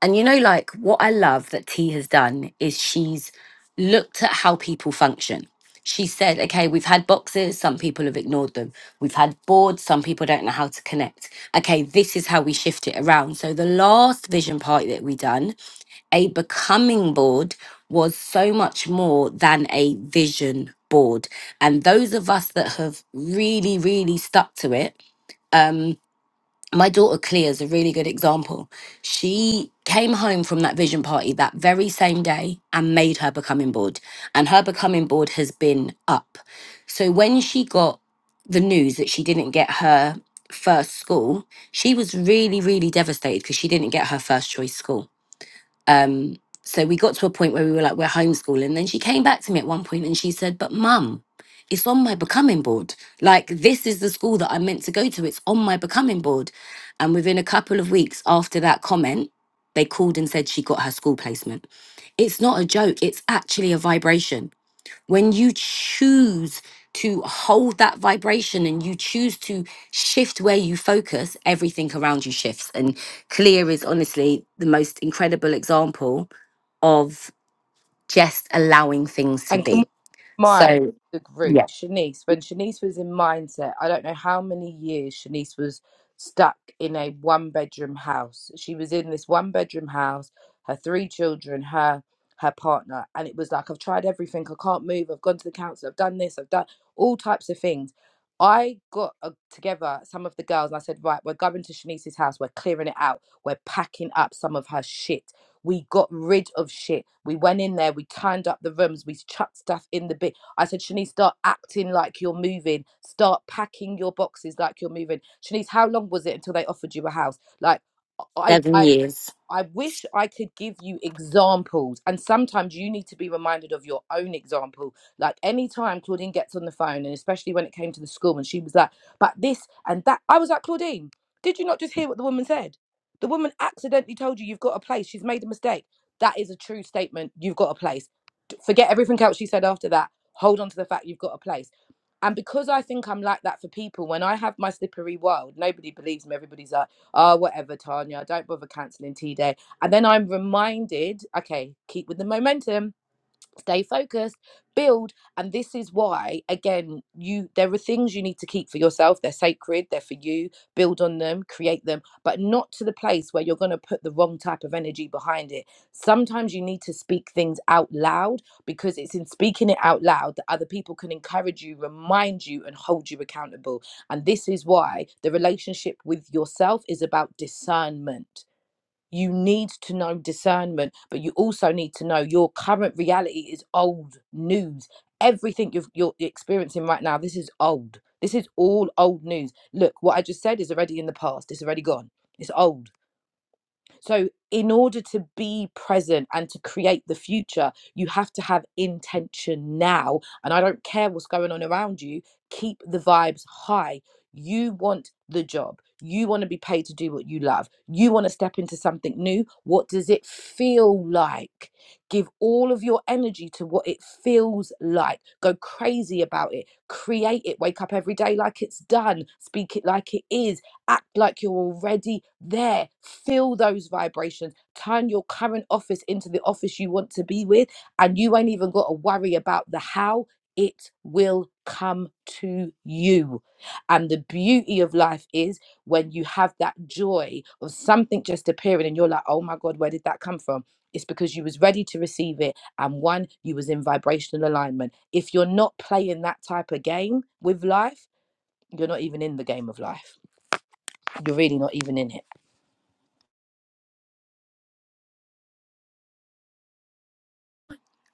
[SPEAKER 1] And you know, like what I love that T has done is she's looked at how people function. She said, okay, we've had boxes, some people have ignored them. We've had boards, some people don't know how to connect. Okay, this is how we shift it around. So the last vision party that we done, a becoming board was so much more than a vision board. And those of us that have really, really stuck to it, um, my daughter Clea is a really good example. She came home from that vision party that very same day and made her becoming board. And her becoming board has been up. So when she got the news that she didn't get her first school, she was really, really devastated because she didn't get her first choice school. Um, so we got to a point where we were like, we're homeschooling. Then she came back to me at one point and she said, But mum, it's on my becoming board. Like, this is the school that I'm meant to go to. It's on my becoming board. And within a couple of weeks after that comment, they called and said she got her school placement. It's not a joke, it's actually a vibration when you choose to hold that vibration and you choose to shift where you focus, everything around you shifts. And Clear is honestly the most incredible example of just allowing things to
[SPEAKER 2] And can
[SPEAKER 1] be.
[SPEAKER 2] mind
[SPEAKER 1] So,
[SPEAKER 2] the group
[SPEAKER 1] yeah,
[SPEAKER 2] shanice when shanice was in mindset i don't know how many years shanice was stuck in a one bedroom house she was in this one bedroom house her three children her her partner and it was like i've tried everything i can't move i've gone to the council i've done this i've done all types of things i got uh, together some of the girls and i said right we're going to shanice's house we're clearing it out we're packing up some of her shit we got rid of shit. We went in there, we turned up the rooms, we chucked stuff in the bin. I said, Shanice, start acting like you're moving. Start packing your boxes like you're moving. Shanice, how long was it until they offered you a house? Like I,
[SPEAKER 1] seven
[SPEAKER 2] I
[SPEAKER 1] years.
[SPEAKER 2] I wish I could give you examples. And sometimes you need to be reminded of your own example. Like anytime Claudine gets on the phone, and especially when it came to the school, and she was like, but this and that. I was like, Claudine, did you not just hear what the woman said? The woman accidentally told you you've got a place. She's made a mistake. That is a true statement. You've got a place. D- Forget everything else she said after that. Hold on to the fact you've got a place. And because I think I'm like that for people, when I have my slippery world, nobody believes me. Everybody's like, oh, whatever, Tanya, don't bother cancelling T Day. And then I'm reminded, okay, keep with the momentum stay focused build and this is why again you there are things you need to keep for yourself they're sacred they're for you build on them create them but not to the place where you're going to put the wrong type of energy behind it sometimes you need to speak things out loud because it's in speaking it out loud that other people can encourage you remind you and hold you accountable and this is why the relationship with yourself is about discernment you need to know discernment, but you also need to know your current reality is old news. Everything you've, you're experiencing right now, this is old. This is all old news. Look, what I just said is already in the past. It's already gone. It's old so, in order to be present and to create the future, you have to have intention now. And I don't care what's going on around you, keep the vibes high. You want the job. You want to be paid to do what you love. You want to step into something new. What does it feel like? Give all of your energy to what it feels like. Go crazy about it. Create it. Wake up every day like it's done. Speak it like it is act like you're already there. Feel those vibrations. Turn your current office into the office you want to be with, and you ain't even got to worry about the how. It will come to you. And the beauty of life is when you have that joy of something just appearing and you're like, oh my God, where did that come from? It's because you was ready to receive it. And one, you was in vibrational alignment. If you're not playing that type of game with life, you're not even in the game of life you're really not even in it.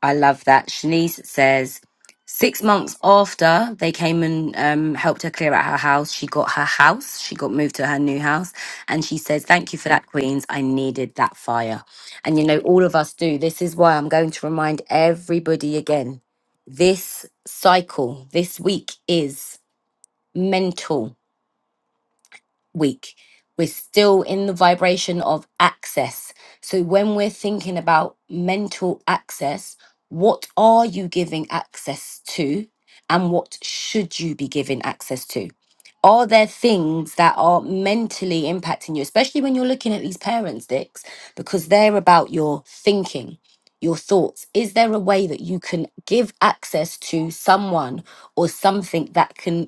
[SPEAKER 1] I love that. Shanice says, six months after they came and um, helped her clear out her house, she got her house. She got moved to her new house. And she says, Thank you for that, Queens. I needed that fire. And you know, all of us do. This is why I'm going to remind everybody again this cycle this week is mental week. We're still in the vibration of access. So when we're thinking about mental access, what are you giving access to and what should you be giving access to? Are there things that are mentally impacting you, especially when you're looking at these parents, Dicks, because they're about your thinking, your thoughts? Is there a way that you can give access to someone or something that can?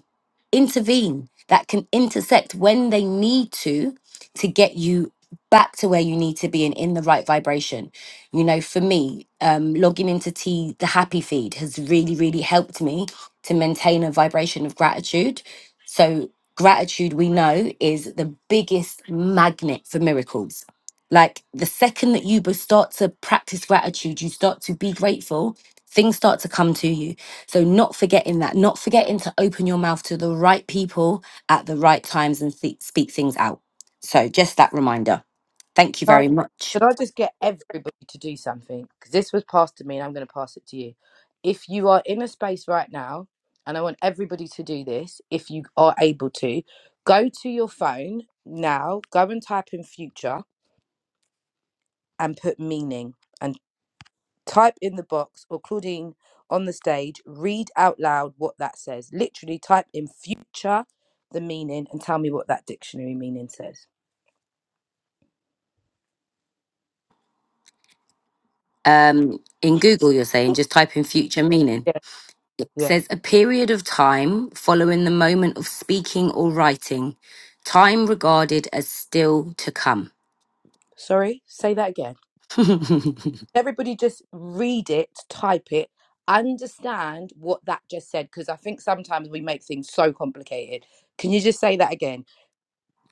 [SPEAKER 1] intervene, that can intersect when they need to to get you back to where you need to be and in the right vibration. You know, for me, um, logging into T the happy feed has really, really helped me to maintain a vibration of gratitude. So gratitude we know is the biggest magnet for miracles. Like the second that you be- start to practice gratitude, you start to be grateful, things start to come to you so, not forgetting that, not forgetting to open your mouth to the right people at the right times and th- speak things out. So, just that reminder. Thank you
[SPEAKER 2] Should I,
[SPEAKER 1] very much.
[SPEAKER 2] should I just get everybody to do something? Because this was passed to me and I'm going to pass it to you. If you are in a space right now, and I want everybody to do this, if you are able to, go to your phone now, go and type in future and put meaning and type in the box or Claudine on the stage, read out loud what that says. Literally type in future, the meaning, and tell me what that dictionary meaning says.
[SPEAKER 1] Um, in Google, you're saying just type in future meaning.
[SPEAKER 2] Yeah.
[SPEAKER 1] says a period of time following the moment of speaking or writing, time regarded as still to come.
[SPEAKER 2] Sorry, say that again.
[SPEAKER 1] [LAUGHS]
[SPEAKER 2] everybody just read it, type it, understand what that just said, because I think sometimes we make things so complicated. Can you just say that again?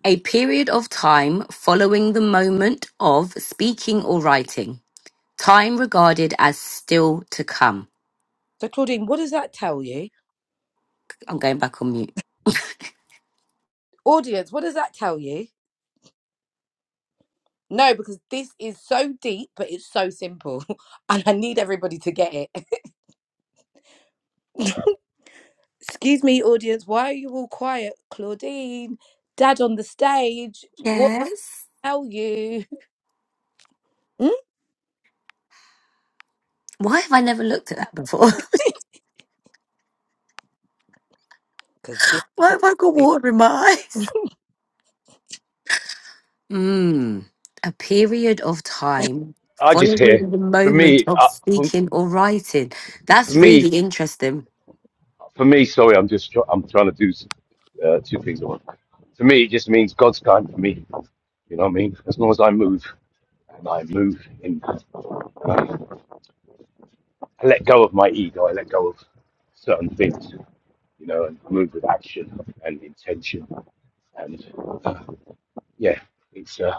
[SPEAKER 1] a period of time following the moment of speaking or writing, time regarded as still to come.
[SPEAKER 2] So, Claudine, what does that tell you?
[SPEAKER 1] I'm going back on mute.
[SPEAKER 2] Audience, what does that tell you? No, because this is so deep, but it's so simple, [LAUGHS] and I need everybody to get it. [LAUGHS] Excuse me, audience, why are you all quiet? Claudine, Dad on the stage, what
[SPEAKER 1] Yes.
[SPEAKER 2] tell you?
[SPEAKER 1] Why have I never looked at that before? [LAUGHS]
[SPEAKER 2] Because this. is
[SPEAKER 1] Why
[SPEAKER 2] what
[SPEAKER 1] have I got
[SPEAKER 2] we do.
[SPEAKER 1] water in my eyes? Mm, a period of time
[SPEAKER 3] I just hear.
[SPEAKER 1] following the
[SPEAKER 3] For
[SPEAKER 1] moment
[SPEAKER 3] me,
[SPEAKER 1] of
[SPEAKER 3] uh, for,
[SPEAKER 1] speaking or writing.
[SPEAKER 3] for
[SPEAKER 1] That's really
[SPEAKER 3] me,
[SPEAKER 1] interesting.
[SPEAKER 3] for me, sorry, I'm just try- I'm trying to do uh, two things at once. For me, it just means God's time for me. You know what I mean? As long as I move and I move in, I let go of my ego, I let go of certain things, you know, and move with action and intention. And uh, yeah, it's uh,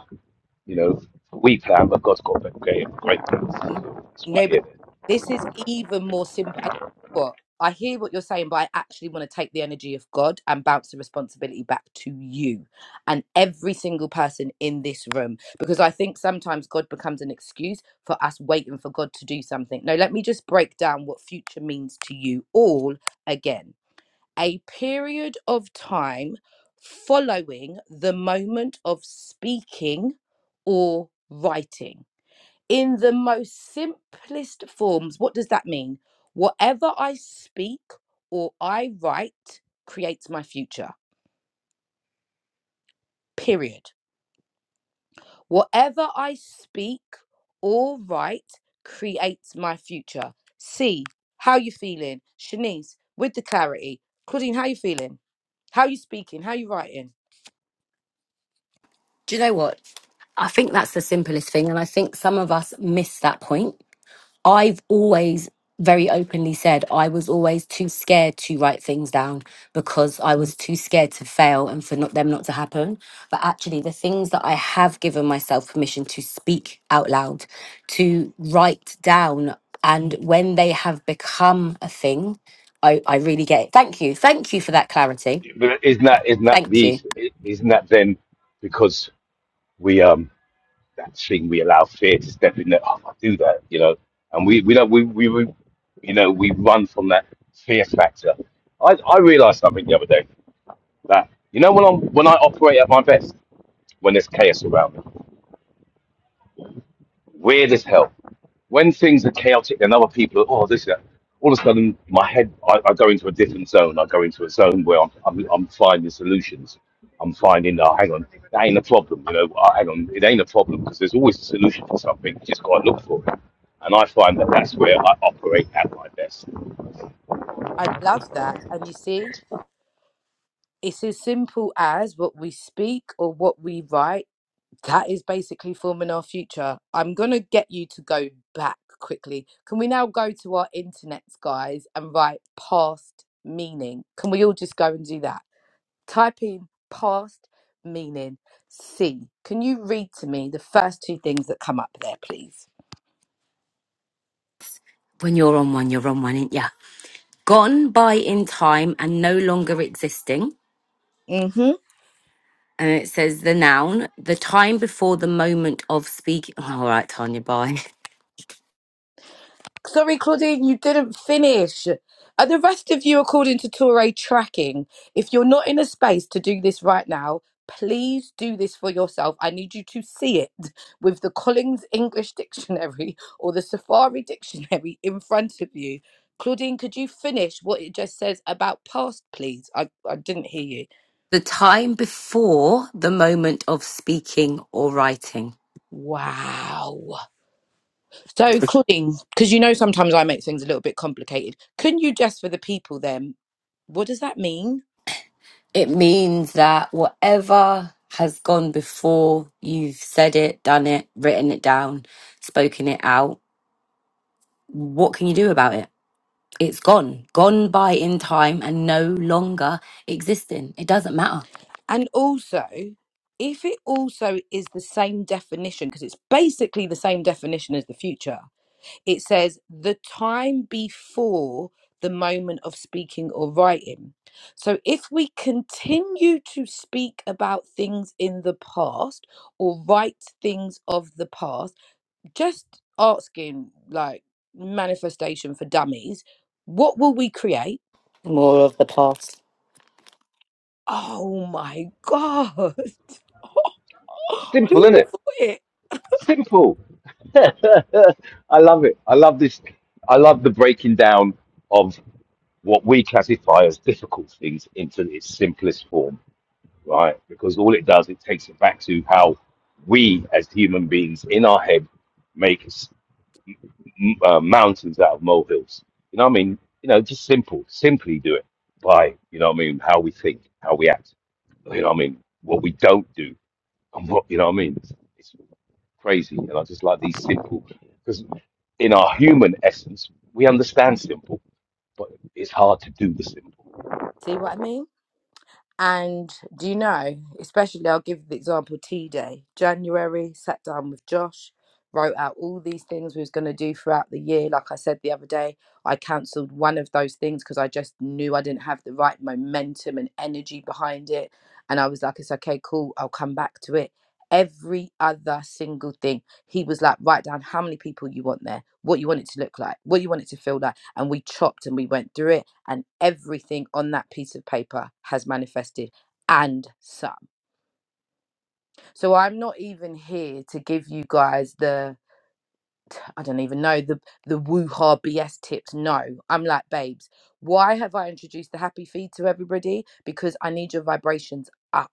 [SPEAKER 3] you know, we plan, but God's got a great, great plans.
[SPEAKER 2] N-
[SPEAKER 3] That's why I
[SPEAKER 2] No, but
[SPEAKER 3] hear that.
[SPEAKER 2] this is even more simple. And what I hear what you're saying, but I actually want to take the energy of God and bounce the responsibility back to you and every single person in this room, because I think sometimes God becomes an excuse for us waiting for God to do something. No, let me just break down what future means to you all again. A period of time following the moment of speaking or writing in the most simplest forms. What does that mean? Whatever I speak or I write creates my future, period. Whatever I speak or write creates my future. C, how you feeling? Shanice, with the clarity. Claudine, how you feeling? How you speaking? How you writing?
[SPEAKER 1] Do you know what? I think that's the simplest thing. And I think some of us miss that point. I've always very openly said I was always too scared to write things down because I was too scared to fail and for not, them not to happen. But actually, the things that I have given myself permission to speak out loud, to write down, and when they have become a thing, I, I really get it. Thank you. Thank you for that clarity.
[SPEAKER 3] But isn't that isn't that
[SPEAKER 1] Thank
[SPEAKER 3] the
[SPEAKER 1] you.
[SPEAKER 3] isn't that then because we um that thing we allow fear to step in there. Oh, I'll do that, you know. And we we don't we we, we you know we run from that fear factor. I I realised something the other day that you know when I'm when I operate at my best when there's chaos around me. Weird as hell. When things are chaotic and other people are, oh, this, is that, all of a sudden my head, I, I go into a different zone. I go into a zone where I'm, I'm, I'm finding solutions. I'm finding, oh, hang on, that ain't a problem. You know, oh, hang on, it ain't a problem because there's always a solution for something. You just got to look for it. And I find that that's where I operate at my best.
[SPEAKER 2] I love that. And you see, it's as simple as what we speak or what we write That is basically forming our future. I'm going to get you to go back quickly. Can we now go to our internets, guys, and write past meaning? Can we all just go and do that? Type in past meaning C. Can you read to me the first two things that come up there, please?
[SPEAKER 1] When you're on one, you're on one, ain't ya? gone by in time and no longer existing.
[SPEAKER 2] Mm hmm.
[SPEAKER 1] And it says the noun, the time before the moment of speaking. [LAUGHS] all right, Tanya, bye. [LAUGHS]
[SPEAKER 2] Sorry, Claudine, you didn't finish. Are the rest of you, according to Toure tracking, if you're not in a space to do this right now, please do this for yourself. I need you to see it [LAUGHS] with the Collins English Dictionary or the Safari Dictionary [LAUGHS] in front of you. Claudine, could you finish what it just says about past, please? I, I didn't hear you.
[SPEAKER 1] The time before the moment of speaking or writing.
[SPEAKER 2] Wow. So, Claudine, because you know sometimes I make things a little bit complicated, couldn't you just for the people then, what does that mean?
[SPEAKER 1] It means that whatever has gone before you've said it, done it, written it down, spoken it out, what can you do about it? It's gone, gone by in time and no longer existing. It doesn't matter.
[SPEAKER 2] And also, if it also is the same definition, because it's basically the same definition as the future, it says the time before the moment of speaking or writing. So if we continue to speak about things in the past or write things of the past, just asking like manifestation for dummies, what will we create?
[SPEAKER 1] More of the past.
[SPEAKER 2] Oh my God. [LAUGHS]
[SPEAKER 3] Simple,
[SPEAKER 2] Who would have
[SPEAKER 3] innit?
[SPEAKER 2] thought it?
[SPEAKER 3] Simple. [LAUGHS] I love it. I love this. I love the breaking down of what we classify as difficult things into its simplest form, right? Because all it does, it takes it back to how we as human beings in our head make s- m- uh, mountains out of molehills. You know what I mean? You know, just simple, simply do it by, you know what I mean, how we think, how we act, you know what I mean, what we don't do, and what, you know what I mean? crazy. And I just like these simple, because in our human essence, we understand simple, but it's hard to do the simple.
[SPEAKER 2] See what I mean? And do you know, especially I'll give the example T Day, January, sat down with Josh, wrote out all these things we was going to do throughout the year. Like I said the other day, I cancelled one of those things because I just knew I didn't have the right momentum and energy behind it. And I was like, it's okay, cool, I'll come back to it. Every other single thing he was like, write down how many people you want there, what you want it to look like, what you want it to feel like. And we chopped and we went through it, and everything on that piece of paper has manifested and some. So I'm not even here to give you guys the I don't even know the the woo-ha BS tips. No, I'm like, babes, why have I introduced the happy feed to everybody? Because I need your vibrations up.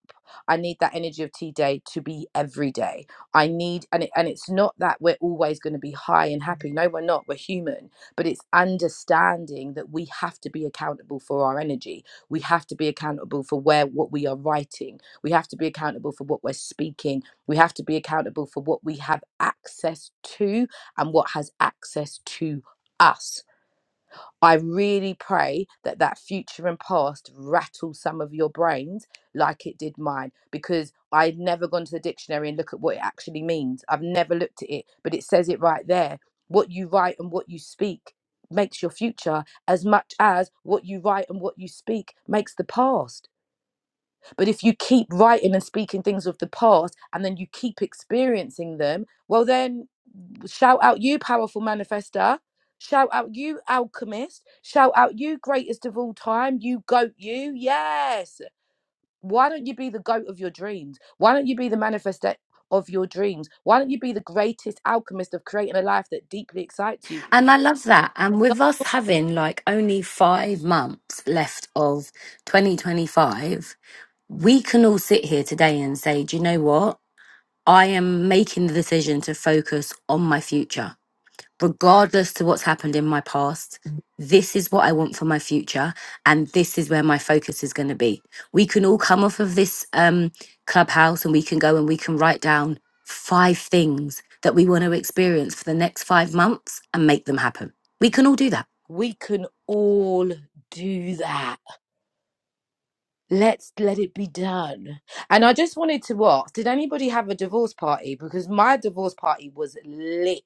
[SPEAKER 2] I need that energy of tea day to be every day. I need, and it, and it's not that we're always going to be high and happy. No, we're not. We're human, but it's understanding that we have to be accountable for our energy. We have to be accountable for where what we are writing. We have to be accountable for what we're speaking. We have to be accountable for what we have access to and what has access to us. I really pray that that future and past rattles some of your brains like it did mine because I'd never gone to the dictionary and look at what it actually means. I've never looked at it, but it says it right there. What you write and what you speak makes your future as much as what you write and what you speak makes the past. But if you keep writing and speaking things of the past and then you keep experiencing them, well, then Shout out you, powerful manifester. Shout out you, alchemist. Shout out you, greatest of all time. You goat, you. Yes. Why don't you be the goat of your dreams? Why don't you be the manifester of your dreams? Why don't you be the greatest alchemist of creating a life that deeply excites you?
[SPEAKER 1] And I love that. And with us having like only five months left of 2025, we can all sit here today and say, do you know what? I am making the decision to focus on my future regardless to what's happened in my past this is what i want for my future and this is where my focus is going to be we can all come off of this um clubhouse and we can go and we can write down five things that we want to experience for the next 5 months and make them happen we can all do that
[SPEAKER 2] We can all do that. Let's let it be done. And I just wanted to ask Did anybody have a divorce party? Because my divorce party was lit.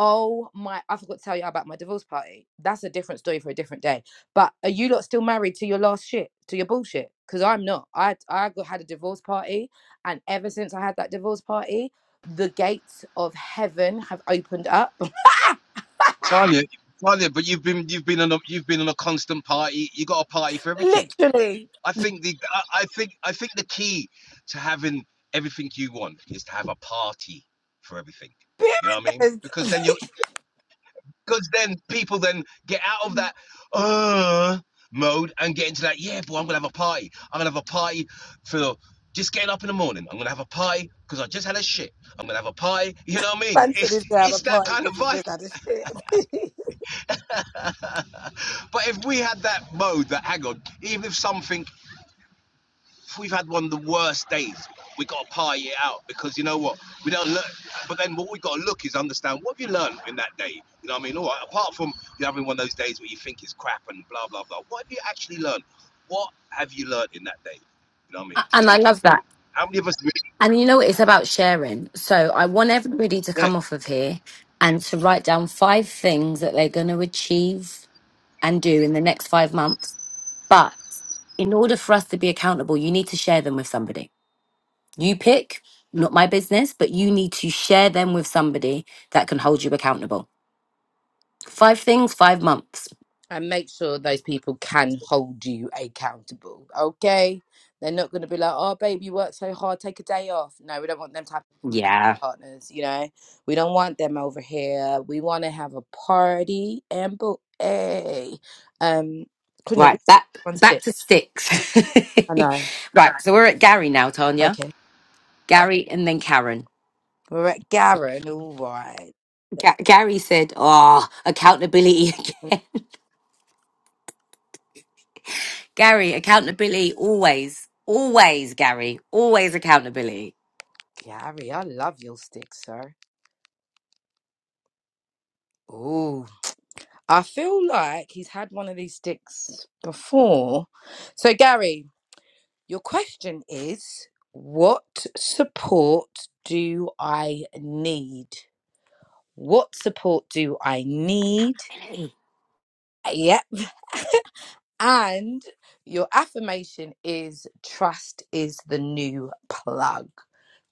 [SPEAKER 2] Oh my, I forgot to tell you about my divorce party. That's a different story for a different day. But are you lot still married to your last shit, to your bullshit? Because I'm not. I, I got, had a divorce party. And ever since I had that divorce party, the gates of heaven have opened up. [LAUGHS]
[SPEAKER 3] Tanya, Tanya, but you've been you've been on a you've been on a constant party. You got a party for everything.
[SPEAKER 2] Literally,
[SPEAKER 3] I think the I, I think I think the key to having everything you want is to have a party for everything. You know what I mean?
[SPEAKER 2] period. [LAUGHS]
[SPEAKER 3] Because then you because then people then get out of that uh mode and get into that yeah boy i'm gonna have a party i'm gonna have a party for just getting up in the morning i'm gonna have a party because i just had a shit i'm gonna have a party [LAUGHS] you know what i mean
[SPEAKER 2] Man said
[SPEAKER 3] it's
[SPEAKER 2] he's gonna have a
[SPEAKER 3] it's that
[SPEAKER 2] party
[SPEAKER 3] kind of
[SPEAKER 2] because he just
[SPEAKER 3] vibe
[SPEAKER 2] had a shit. [LAUGHS]
[SPEAKER 3] [LAUGHS] but if we had that mode that hang on even if something we've had one of the worst days. We got to party it out because you know what? We don't look. But then what we got to look is understand what have you learned in that day. You know what I mean? All right. Apart from you having one of those days where you think is crap and blah blah blah. What have you actually learned? What have you learned in that day? You know what I mean?
[SPEAKER 1] A-
[SPEAKER 3] To
[SPEAKER 1] And I
[SPEAKER 3] take you
[SPEAKER 1] love that.
[SPEAKER 3] forward. How many of us? Really,
[SPEAKER 1] And you know, it's about sharing. So I want everybody to
[SPEAKER 3] yeah.
[SPEAKER 1] come off of here and to write down five things that they're going to achieve and do in the next five months. But in order for us to be accountable, you need to share them with somebody. You pick, not my business, but you need to share them with somebody that can hold you accountable. Five things, five months.
[SPEAKER 2] and make sure those people can hold you accountable. Okay, they're not going to be like, "Oh, babe, you work so hard, take a day off." No, we don't want them type of
[SPEAKER 1] Yeah.
[SPEAKER 2] partners. You know, we don't want them over here. We want to have a party and booty. Um, couldn't if we
[SPEAKER 1] Right. Back
[SPEAKER 2] [LAUGHS] one
[SPEAKER 1] back
[SPEAKER 2] stick.
[SPEAKER 1] to sticks.
[SPEAKER 2] I know.
[SPEAKER 1] [LAUGHS] right. So we're at Gary now, Tanya.
[SPEAKER 2] Okay,
[SPEAKER 1] Gary and then Karen.
[SPEAKER 2] we're at Garen. All right,
[SPEAKER 1] Ga- Gary said, "Oh, accountability. [LAUGHS] Gary, accountability always, always. Gary, always accountability."
[SPEAKER 2] Gary, I love your stick, sir. Ooh, I feel like he's had one of these sticks before. So, Gary. Your question is what support do I need? What support do I need? Yep. And your affirmation is trust is the new plug.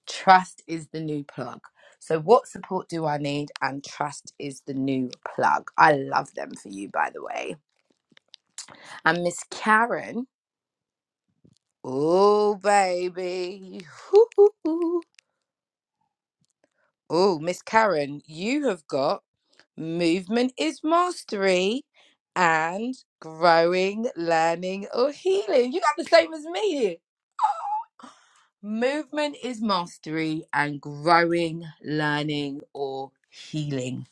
[SPEAKER 2] Trust is the new plug. So, what support do I need? And trust is the new plug. I love them for you, by the way. And Miss Karen, oh, baby. [LAUGHS] Oh, Miss Karen, you have got movement is mastery and growing, learning, or healing. You got the same as me. Movement is mastery and growing, learning, or healing.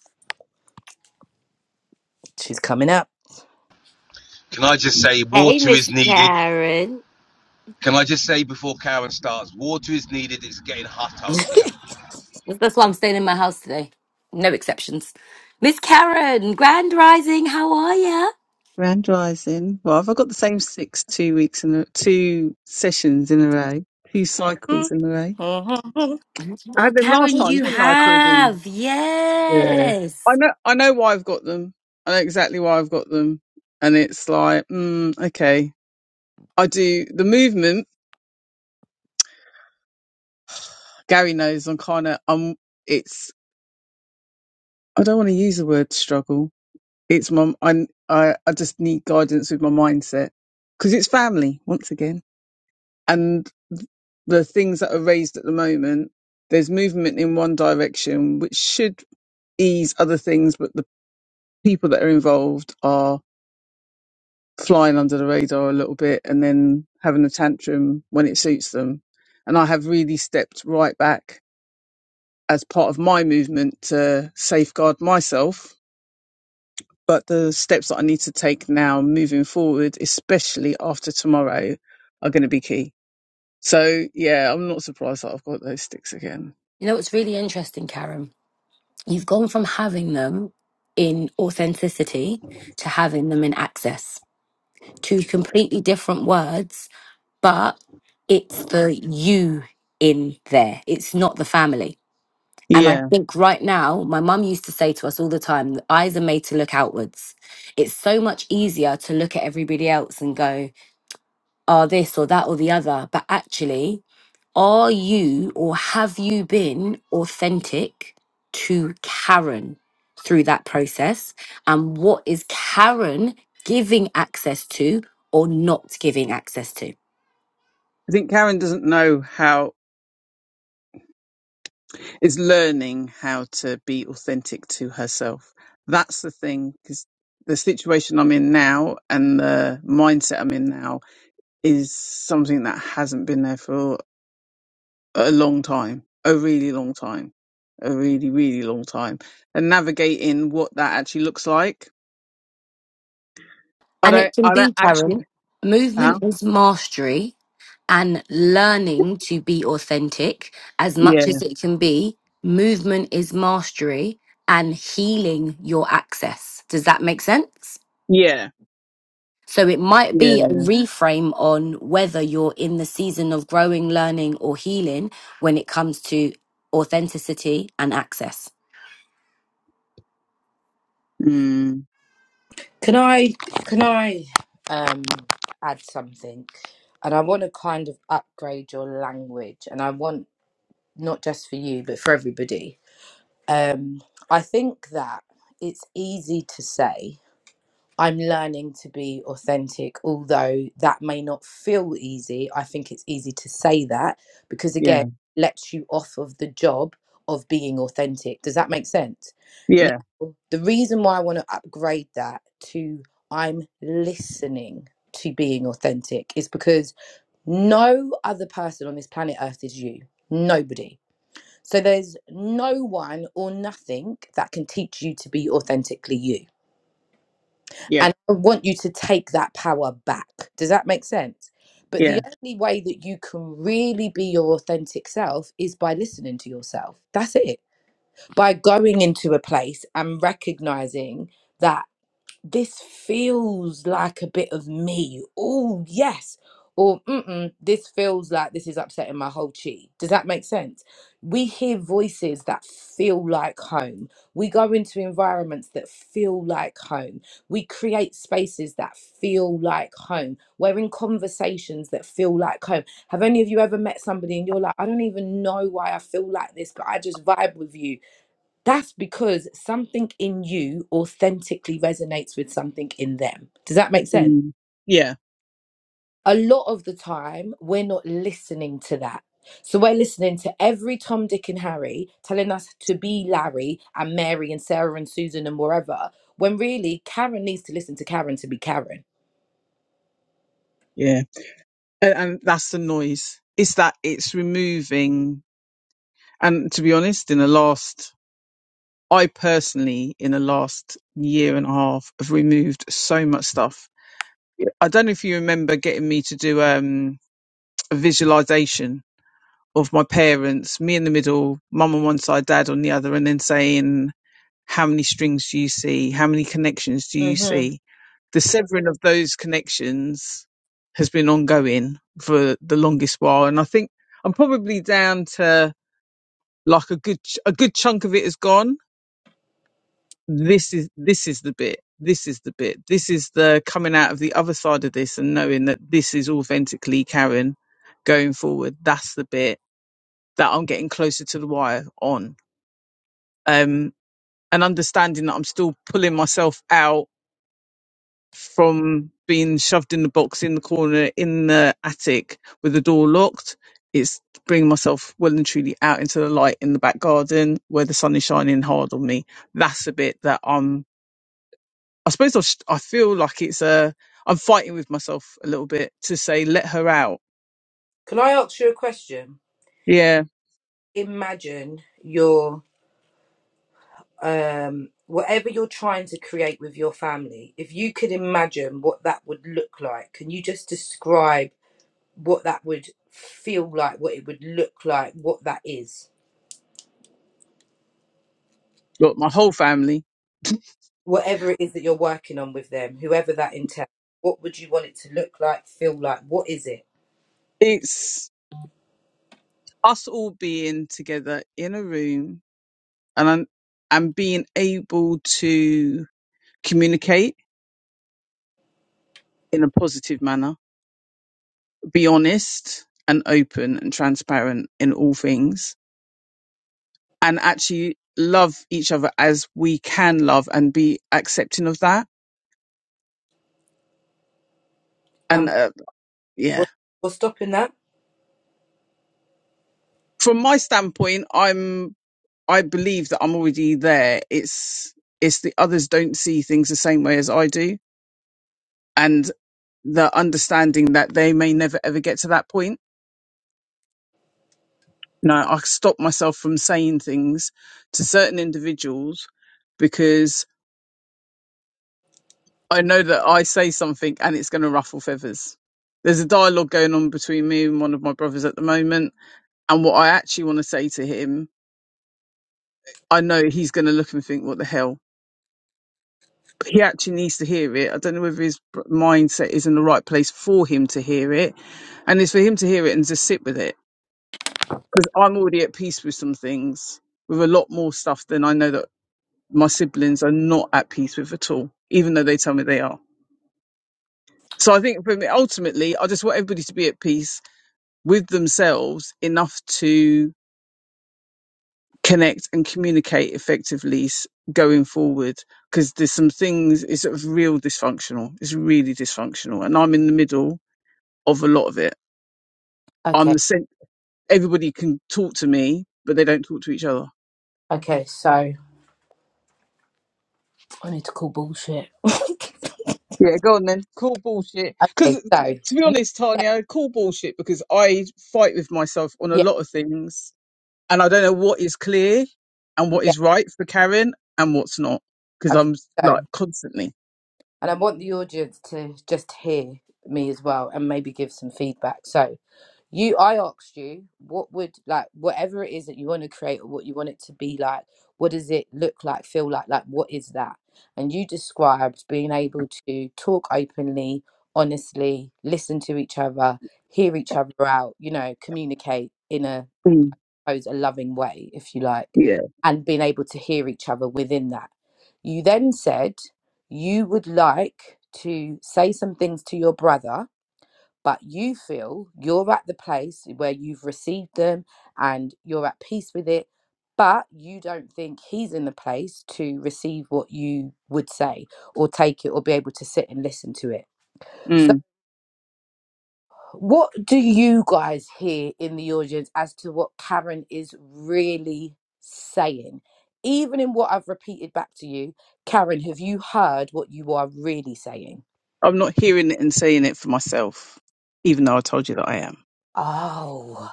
[SPEAKER 2] She's coming up. [LAUGHS]
[SPEAKER 3] Can I just say
[SPEAKER 1] Hey,
[SPEAKER 3] water is
[SPEAKER 1] Miss
[SPEAKER 3] needed?
[SPEAKER 1] Karen.
[SPEAKER 3] Can I just say before Karen starts, water is needed. It's getting hot out here.
[SPEAKER 1] That's that's why I'm staying in my house today. No exceptions. Miss Karen, Grand Rising, how are ya?
[SPEAKER 4] Grand Rising. Well, I've got the same six two weeks in a, two sessions in a row, two cycles in a row.
[SPEAKER 2] Mhm.
[SPEAKER 4] I
[SPEAKER 1] Oh,
[SPEAKER 4] had them last
[SPEAKER 1] Karen,
[SPEAKER 4] time,
[SPEAKER 1] you
[SPEAKER 4] didn't I, Claudine?
[SPEAKER 1] have.
[SPEAKER 4] Yeah. I
[SPEAKER 1] Yes.
[SPEAKER 4] know. I know why I've got them. I know exactly why I've got them, and it's like, mm, okay, I do the movement. Gary knows I'm kind of. I'm. It's. I don't want to use the word struggle. It's my. I. I. I just need guidance with my mindset because it's family once again and the things that are raised at the moment, there's movement in one direction, which should ease other things, but the people that are involved are flying under the radar a little bit and then having a tantrum when it suits them. And I have really stepped right back as part of my movement to safeguard myself. But the steps that I need to take now moving forward, especially after tomorrow, are going to be key. So, yeah, I'm not surprised that I've got those sticks again.
[SPEAKER 1] You know what's really interesting, Karen? You've gone from having them in authenticity to having them in access. Two completely different words, but it's the you in there. It's not the family. And I
[SPEAKER 4] Yeah.
[SPEAKER 1] think right now, my mum used to say to us all the time, "The eyes are made to look outwards. It's so much easier to look at everybody else and go, oh, this or that or the other. But actually, are you or have you been authentic to Karen through that process? And what is Karen giving access to or not giving access to?
[SPEAKER 4] I think Karen doesn't know how is learning how to be authentic to herself. That's the thing because the situation I'm in now and the mindset I'm in now is something that hasn't been there for a long time, a really long time, a really really long time. And navigating what that actually looks like. I
[SPEAKER 1] And it
[SPEAKER 4] don't
[SPEAKER 1] can
[SPEAKER 4] I
[SPEAKER 1] be,
[SPEAKER 4] don't actually
[SPEAKER 1] Karen, movement
[SPEAKER 4] huh?
[SPEAKER 1] is mastery and learning to be authentic as
[SPEAKER 4] Yeah.
[SPEAKER 1] much as it can be. Movement is mastery and healing your access. Does that make sense?
[SPEAKER 4] Yeah.
[SPEAKER 1] So it might
[SPEAKER 4] Yeah.
[SPEAKER 1] be a reframe on whether you're in the season of growing, learning, or healing when it comes to authenticity and access.
[SPEAKER 4] Mm,
[SPEAKER 2] Can I? Can I? Um, add something, and I want to kind of upgrade your language, and I want not just for you, but for everybody Um, I think that it's easy to say, I'm learning to be authentic, although that may not feel easy. I think it's easy to say that because,
[SPEAKER 4] yeah.
[SPEAKER 2] again, it lets you off of the job of being authentic. Does that make sense? Now,
[SPEAKER 4] Yeah.
[SPEAKER 2] the reason why I want to upgrade that to I'm listening to being authentic is because no other person on this planet Earth is you. Nobody so there's no one or nothing that can teach you to be authentically you.
[SPEAKER 4] Yeah.
[SPEAKER 2] And I want you to take that power back. Does that make sense? But the
[SPEAKER 4] Yeah.
[SPEAKER 2] only way that you can really be your authentic self is by listening to yourself. That's it. By going into a place and recognizing that this feels like a bit of me. Oh, yes. Or, mm-mm, this feels like this is upsetting my whole chi. Does that make sense? We hear voices that feel like home. We go into environments that feel like home. We create spaces that feel like home. We're in conversations that feel like home. Have any of you ever met somebody and you're like, I don't even know why I feel like this, but I just vibe with you? That's because something in you authentically resonates with something in them. Does that make sense?
[SPEAKER 4] Mm, yeah.
[SPEAKER 2] A lot of the time, we're not listening to that. So we're listening to every Tom, Dick, and Harry telling us to be Larry and Mary and Sarah and Susan and wherever, when really Karen needs to listen to Karen to be Karen.
[SPEAKER 4] Yeah. and, and that's the noise. It's that it's removing. And to be honest, in the last, I personally, in the last year and a half, have removed so much stuff. Yeah. I don't know if you remember getting me to do um, a visualization of my parents, me in the middle, mum on one side, dad on the other, and then saying, How many strings do you see? How many connections do you
[SPEAKER 2] hmm
[SPEAKER 4] see? The severing of those connections has been ongoing for the longest while, and I think I'm probably down to like a good ch- a good chunk of it is gone. This is this is the bit. This is the bit. This is the coming out of the other side of this and knowing that this is authentically Karen going forward. That's the bit that I'm getting closer to the wire on. Um, and understanding that I'm still pulling myself out from being shoved in the box in the corner in the attic with the door locked. It's bringing myself well and truly out into the light in the back garden where the sun is shining hard on me. That's the bit that I'm, I suppose I've, I feel like it's a, I'm fighting with myself a little bit to say, let her out.
[SPEAKER 2] Can I ask you a question?
[SPEAKER 4] Yeah.
[SPEAKER 2] Imagine you're um, whatever you're trying to create with your family, if you could imagine what that would look like, can you just describe what that would feel like, what it would look like, what that is?
[SPEAKER 4] Look, my whole family.
[SPEAKER 2] Whatever it is that you're working on with them, whoever that entails, what would you want it to look like, feel like? What is it?
[SPEAKER 4] It's us all being together in a room and, I'm- and being able to communicate in a positive manner be honest and open and transparent in all things and actually love each other as we can love and be accepting of that and
[SPEAKER 2] And
[SPEAKER 4] uh, yeah
[SPEAKER 2] what, what's stopping that?
[SPEAKER 4] from my standpoint i'm i believe that i'm already there it's it's the others don't see things the same way as i do and the understanding that they may never ever get to that point No, i stop myself from saying things to certain individuals because I know that I say something and it's going to ruffle feathers. There's a dialogue going on between me and one of my brothers at the moment, and what I actually want to say to him, I know he's going to look and think, "What the hell?" But he actually needs to hear it. I don't know whether his br- mindset is in the right place for him to hear it, and it's for him to hear it and just sit with it. Because I'm already at peace with some things, with a lot more stuff than I know that my siblings are not at peace with at all, even though they tell me they are. So I think for me, ultimately, I just want everybody to be at peace with themselves enough to connect and communicate effectively s- going forward because there's some things it's sort of real dysfunctional it's really dysfunctional and i'm in the middle of a lot of it i'm
[SPEAKER 2] Okay,
[SPEAKER 4] the cent- everybody can talk to me but they don't talk to each other
[SPEAKER 2] okay, so I need to call bullshit. [LAUGHS] okay,
[SPEAKER 4] Yeah, go on then. Call bullshit. because
[SPEAKER 2] so
[SPEAKER 4] to be
[SPEAKER 2] you
[SPEAKER 4] honest
[SPEAKER 2] said,
[SPEAKER 4] tanya call bullshit because i fight with myself on a
[SPEAKER 2] yeah,
[SPEAKER 4] lot of things and i don't know what is clear and what
[SPEAKER 2] yeah,
[SPEAKER 4] is right for karen and what's not because
[SPEAKER 2] okay,
[SPEAKER 4] i'm
[SPEAKER 2] so.
[SPEAKER 4] like constantly
[SPEAKER 2] And I want the audience to just hear me as well and maybe give some feedback. So, you, I asked you, what would like whatever it is that you want to create or what you want it to be like, what does it look like, feel like? Like, what is that? And you described being able to talk openly, honestly, listen to each other, hear each other out, you know, communicate in a
[SPEAKER 4] Mm.
[SPEAKER 2] suppose, a loving way, if you like,
[SPEAKER 4] Yeah.
[SPEAKER 2] and being able to hear each other within that. You then said you would like to say some things to your brother, but you feel you're at the place where you've received them and you're at peace with it, but you don't think he's in the place to receive what you would say or take it or be able to sit and listen to it.
[SPEAKER 4] Mm.
[SPEAKER 2] What do you guys hear in the audience as to what Karen is really saying? Even in what I've repeated back to you, Karen, have you heard what you are really saying?
[SPEAKER 4] I'm not hearing it and saying it for myself, even though I told you that I am.
[SPEAKER 2] Oh,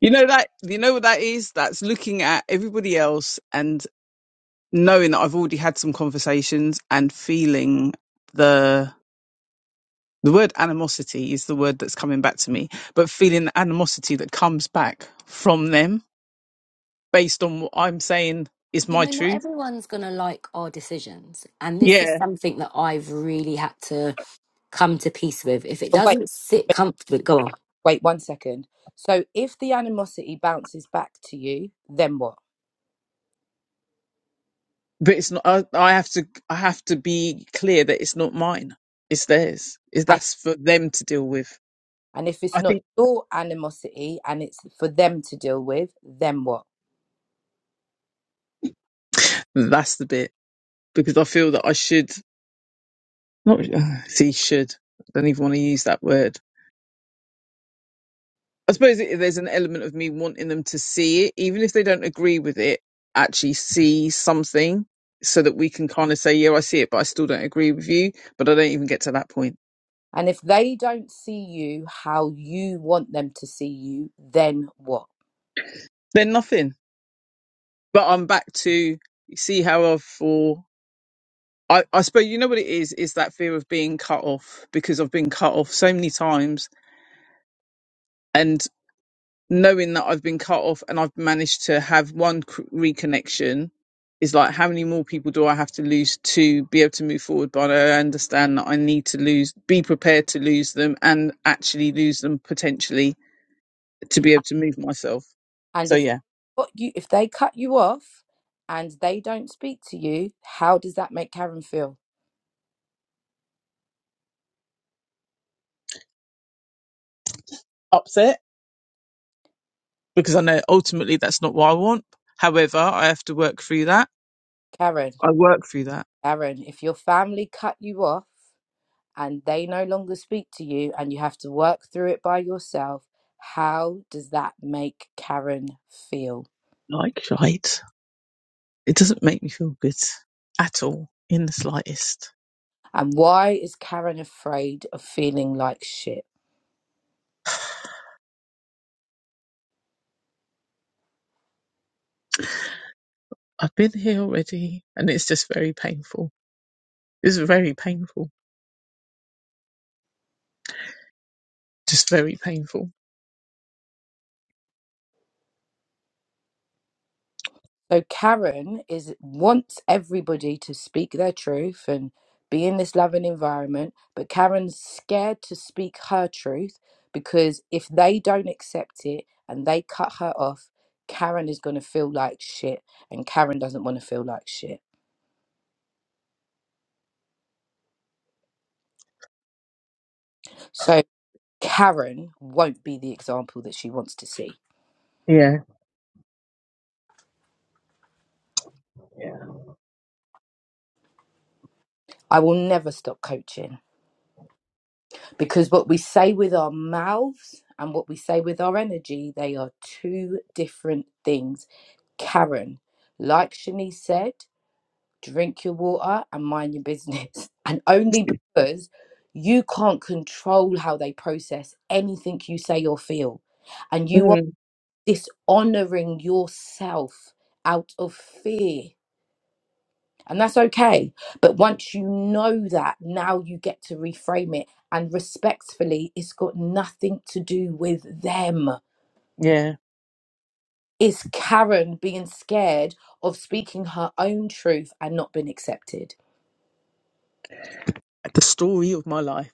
[SPEAKER 4] You know that you know what that is? That's looking at everybody else and knowing that I've already had some conversations and feeling the the word animosity is the word that's coming back to me, but feeling the animosity that comes back from them based on what I'm saying is
[SPEAKER 1] You
[SPEAKER 4] my
[SPEAKER 1] know, not
[SPEAKER 4] truth.
[SPEAKER 1] everyone's going to like our decisions. And this
[SPEAKER 4] Yeah.
[SPEAKER 1] is something that I've really had to come to peace with. If it
[SPEAKER 2] Oh, wait,
[SPEAKER 1] doesn't sit
[SPEAKER 2] wait,
[SPEAKER 1] comfortably, go on.
[SPEAKER 2] wait one second. So if the animosity bounces back to you, then what?
[SPEAKER 4] but it's not. I, I have to. I have to be clear that it's not mine. It's theirs. Is
[SPEAKER 2] And
[SPEAKER 4] that's for them to deal with.
[SPEAKER 2] and if it's
[SPEAKER 4] I
[SPEAKER 2] not
[SPEAKER 4] think
[SPEAKER 2] your animosity and it's for them to deal with, then what?
[SPEAKER 4] that's the bit because I feel that I should not. [SIGHS] See, should. I don't even want to use that word. I suppose it, there's an element of me wanting them to see it, even if they don't agree with it. Actually, see something so that we can kind of say, "Yeah, I see it, but I still don't agree with you." But I don't even get to that point.
[SPEAKER 2] And if they don't see you how you want them to see you, then what?
[SPEAKER 4] Then nothing. But I'm back to see how I've for. I, I suppose you know what it is is that fear of being cut off because I've been cut off so many times and knowing that I've been cut off and I've managed to have one c- reconnection is like how many more people do I have to lose to be able to move forward but I understand that I need to lose be prepared to lose them and actually lose them potentially to be able to move myself
[SPEAKER 2] And
[SPEAKER 4] so
[SPEAKER 2] if
[SPEAKER 4] yeah
[SPEAKER 2] but you if they cut you off and they don't speak to you, how does that make Karen feel?
[SPEAKER 4] upset because I know ultimately that's not what I want however I have to work through that
[SPEAKER 2] Karen,
[SPEAKER 4] I work through that
[SPEAKER 2] Karen, if your family cut you off and they no longer speak to you and you have to work through it by yourself, how does that make Karen feel?
[SPEAKER 4] like shite It doesn't make me feel good at all in the slightest.
[SPEAKER 2] And why is Karen afraid of feeling like shit?
[SPEAKER 4] [SIGHS] I've been here already and it's just very painful. It's very painful. Just very painful.
[SPEAKER 2] So Karen is wants everybody to speak their truth and be in this loving environment, but Karen's scared to speak her truth because if they don't accept it and they cut her off, Karen is going to feel like shit and Karen doesn't want to feel like shit. So Karen won't be the example that she wants to see.
[SPEAKER 4] Yeah. Yeah.
[SPEAKER 2] I will never stop coaching. because what we say with our mouths and what we say with our energy, they are two different things. Karen, like Shanice said, drink your water and mind your business. [LAUGHS] And only because you can't control how they process anything you say or feel. And you are
[SPEAKER 4] Mm,
[SPEAKER 2] dishonoring yourself out of fear and that's okay. But once you know that, now you get to reframe it. And respectfully, it's got nothing to do with them.
[SPEAKER 4] yeah.
[SPEAKER 2] Is Karen being scared of speaking her own truth and not being accepted?
[SPEAKER 4] The story of my life